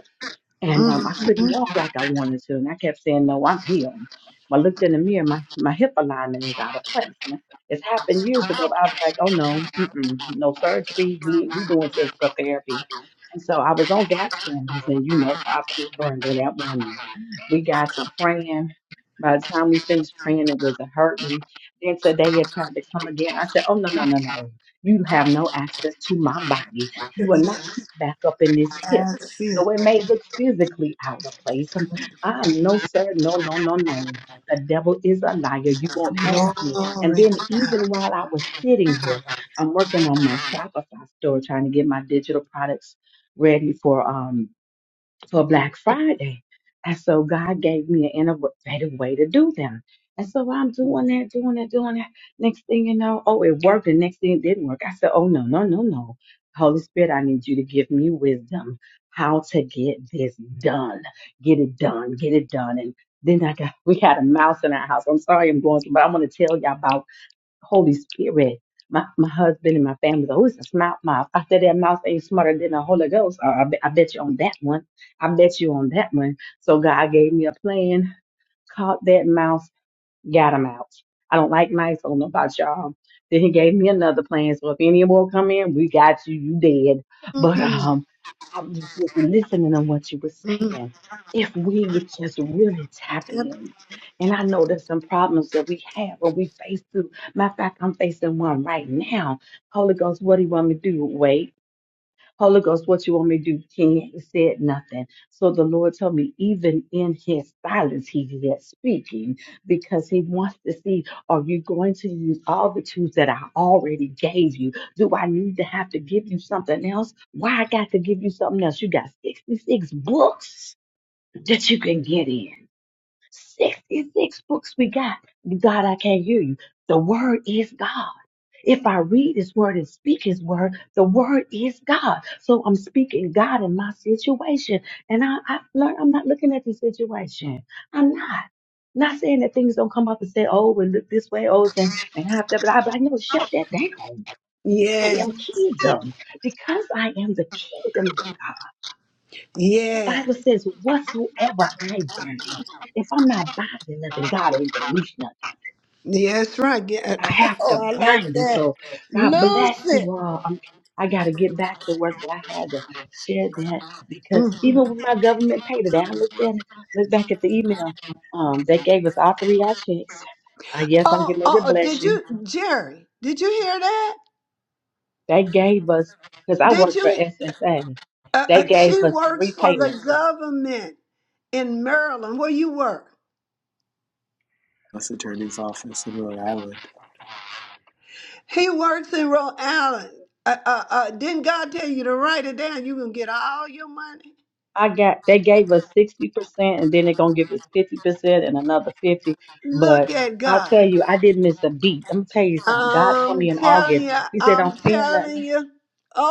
Speaker 14: and um, I couldn't
Speaker 1: Mhm.
Speaker 14: walk like I wanted to. And I kept saying, "No, I'm healed." But I looked in the mirror, my my hip alignment is out of place, and it's happened years ago. But I was like, "Oh no, mm-mm, no surgery. We we doing physical therapy." And so I was on gap standards, and you know, Prophet Brenda, that woman, we got some praying. By the time we finished praying, it was a hurting. Then today it tried to come again. I said, Oh, no, no, no, no. You have no access to my body. You
Speaker 1: It
Speaker 14: will not
Speaker 1: is
Speaker 14: creep back up in this hip
Speaker 1: That's
Speaker 14: though it
Speaker 1: it.
Speaker 14: may look physically out of place. Um, Ah, no, sir, no, no, no, no. The devil is a liar. You won't have me. And
Speaker 1: Glory
Speaker 14: then
Speaker 1: to
Speaker 14: even while I was sitting here,
Speaker 1: God.
Speaker 14: I'm working on my Shopify store trying to get my digital products ready for um for Black Friday. And so God gave me an innovative way to do them. And so I'm doing that, doing that, doing that. Next thing you know, oh, it worked. And next thing it didn't work. I said, oh, no, no, no, no. Holy Spirit, I need you to give me wisdom how to get this done. Get it done. Get it done. And then I got, we had a mouse in our house. I'm sorry I'm going, through, but I'm going to tell y'all about Holy Spirit. My, my husband and my family, oh, it's a smart mouth. I said that mouth ain't smarter than the Holy Ghost. I, I, bet, I bet you on that one. I bet you on that one. So God gave me a plan, called that mouth got him out. I don't like mice. I don't know about y'all. Then he gave me another plan. So if any more come in, we got you. You dead. But
Speaker 1: Mm.
Speaker 14: um, I was just listening to what you were
Speaker 1: Mm.
Speaker 14: saying. If we would just really tap
Speaker 1: Yep.
Speaker 14: in, and I know there's some problems that we have or we face through. Matter of fact, I'm facing one right now. Holy Ghost, what do you want me to do? Wait. Holy Ghost, what you want me to do? King said nothing. So the Lord told me, even in his silence, he yet speaking because he wants to see, are you going to use all the tools that I already gave you? Do I need to have to give you something else? Why I got to give you something else? You got 66 books that you can get in. 66 books we got. God, I can't hear you. The word is God. If I read his word and speak his word, the word is God. So I'm speaking God in my situation. And I, I've learned I'm not looking at the situation. I'm not. Not saying that things don't come up and say, oh, we look this way, oh, and, and have that. But I'm like, no, shut that down. I
Speaker 1: Yeah.
Speaker 14: am kingdom because I am the kingdom of God. The
Speaker 1: Yeah.
Speaker 14: Bible says, whatsoever I bind, if I'm not binding nothing, God ain't going to lose nothing.
Speaker 1: yeah, That's right. Yeah.
Speaker 14: I have to
Speaker 1: Oh, I like
Speaker 14: bind it.
Speaker 1: that.
Speaker 14: So God
Speaker 1: Lose
Speaker 14: bless you all. I'm, I got to get back to work, but I had to share that because
Speaker 1: it.
Speaker 14: even with my government pay today, I looked at it, looked back at the email. Um, they gave us all three of our checks. I guess I'm
Speaker 1: Oh,
Speaker 14: getting ready to
Speaker 1: oh,
Speaker 14: bless
Speaker 1: did
Speaker 14: you.
Speaker 1: you, Jerry? Did you hear that?
Speaker 14: They gave us, because I
Speaker 1: Did
Speaker 14: work for
Speaker 1: you?
Speaker 14: SSA,
Speaker 1: Uh,
Speaker 14: they
Speaker 1: uh,
Speaker 14: gave
Speaker 1: she
Speaker 14: us
Speaker 1: works
Speaker 14: three
Speaker 1: for the
Speaker 14: payments
Speaker 1: government in Maryland, where you work.
Speaker 13: That's attorney's office in Rhode Island.
Speaker 1: He works in Rhode Island. Uh, uh, uh, didn't God tell you to write it down? You can get all your money.
Speaker 14: I got they gave us sixty percent, and then they're gonna give us fifty percent and another fifty. But
Speaker 1: Look at
Speaker 14: I
Speaker 1: God.
Speaker 14: tell you, I didn't miss a beat. I'm gonna tell you something. God told
Speaker 1: I'm
Speaker 14: me in
Speaker 1: telling
Speaker 14: August.
Speaker 1: you.
Speaker 14: He said, "Don't
Speaker 1: I'm
Speaker 14: spend
Speaker 1: telling
Speaker 14: nothing."
Speaker 1: you.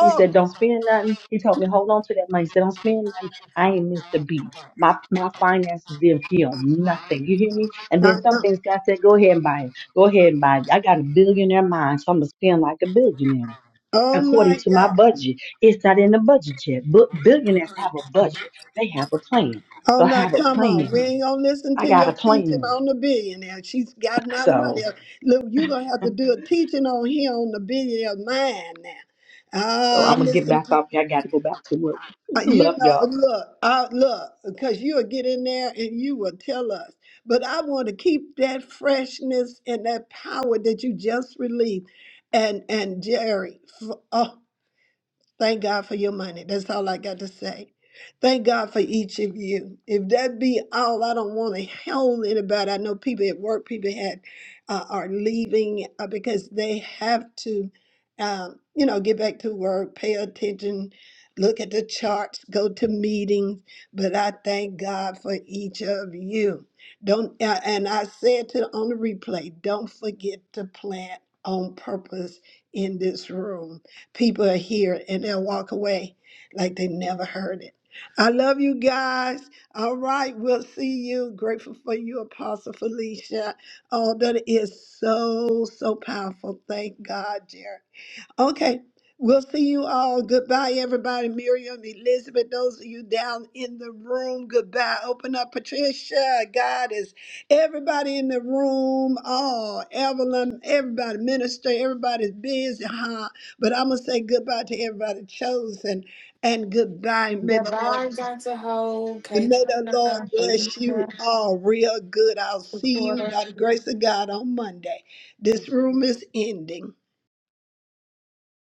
Speaker 14: He said, "Don't spend nothing." He told me, "Hold on to that money." He said, "Don't spend nothing." I ain't missed a beat. My my finances didn't feel nothing. You hear me? And
Speaker 1: uh,
Speaker 14: then some
Speaker 1: uh,
Speaker 14: things God said, "Go ahead and buy it. Go ahead and buy it." I got a billionaire mind, so I'm gonna spend like a billionaire
Speaker 1: oh
Speaker 14: according
Speaker 1: my
Speaker 14: to my
Speaker 1: God.
Speaker 14: budget. It's not in the budget yet. But billionaires have a budget. They have a plan.
Speaker 1: Oh,
Speaker 14: So I
Speaker 1: now
Speaker 14: have a
Speaker 1: come on. We
Speaker 14: plan.
Speaker 1: ain't gonna listen
Speaker 14: I
Speaker 1: to
Speaker 14: got a
Speaker 1: your teaching
Speaker 14: plan.
Speaker 1: on the billionaire. She's got our money.
Speaker 14: So
Speaker 1: Look, you're gonna have to do a teaching on here on the billionaire mind now.
Speaker 14: so
Speaker 1: Ah,
Speaker 14: I'm gonna get
Speaker 1: listen,
Speaker 14: back
Speaker 1: to,
Speaker 14: off. here. I gotta go back to work.
Speaker 1: uh, you
Speaker 14: Love
Speaker 1: know,
Speaker 14: y'all.
Speaker 1: look, uh, look, because you'll get in there and you will tell us. But I want to keep that freshness and that power that you just released. And and Jerry, f- oh, Thank God for your money. That's all I got to say. Thank God for each of you. If that be all, I don't want to hold anybody. I know people at work, people had uh, are leaving uh, because they have to, um, you know, get back to work, pay attention, look at the charts, go to meetings. But I thank God for each of you. Don't uh, and I said to on the replay, don't forget to plant on purpose in this room people are here and they'll walk away like they never heard it. I love you guys. All right, we'll see you. Grateful for you, Apostle Felicia. Oh, that is so, so powerful. Thank God, Jared. Okay. We'll see you all. Goodbye, everybody. Miriam, Elizabeth, those of you down in the room, goodbye. Open up, Patricia, Goddess, everybody in the room, oh, Evelyn, everybody, minister, everybody's busy, huh? But I'm going to say goodbye to everybody chosen and goodbye. May the Lord.
Speaker 5: Divine got to hold
Speaker 1: May the Lord
Speaker 5: Katrina,
Speaker 1: bless you
Speaker 5: Alicia,
Speaker 1: all real good. I'll see you
Speaker 5: supporter.
Speaker 1: by the grace of God on Monday. This room is ending.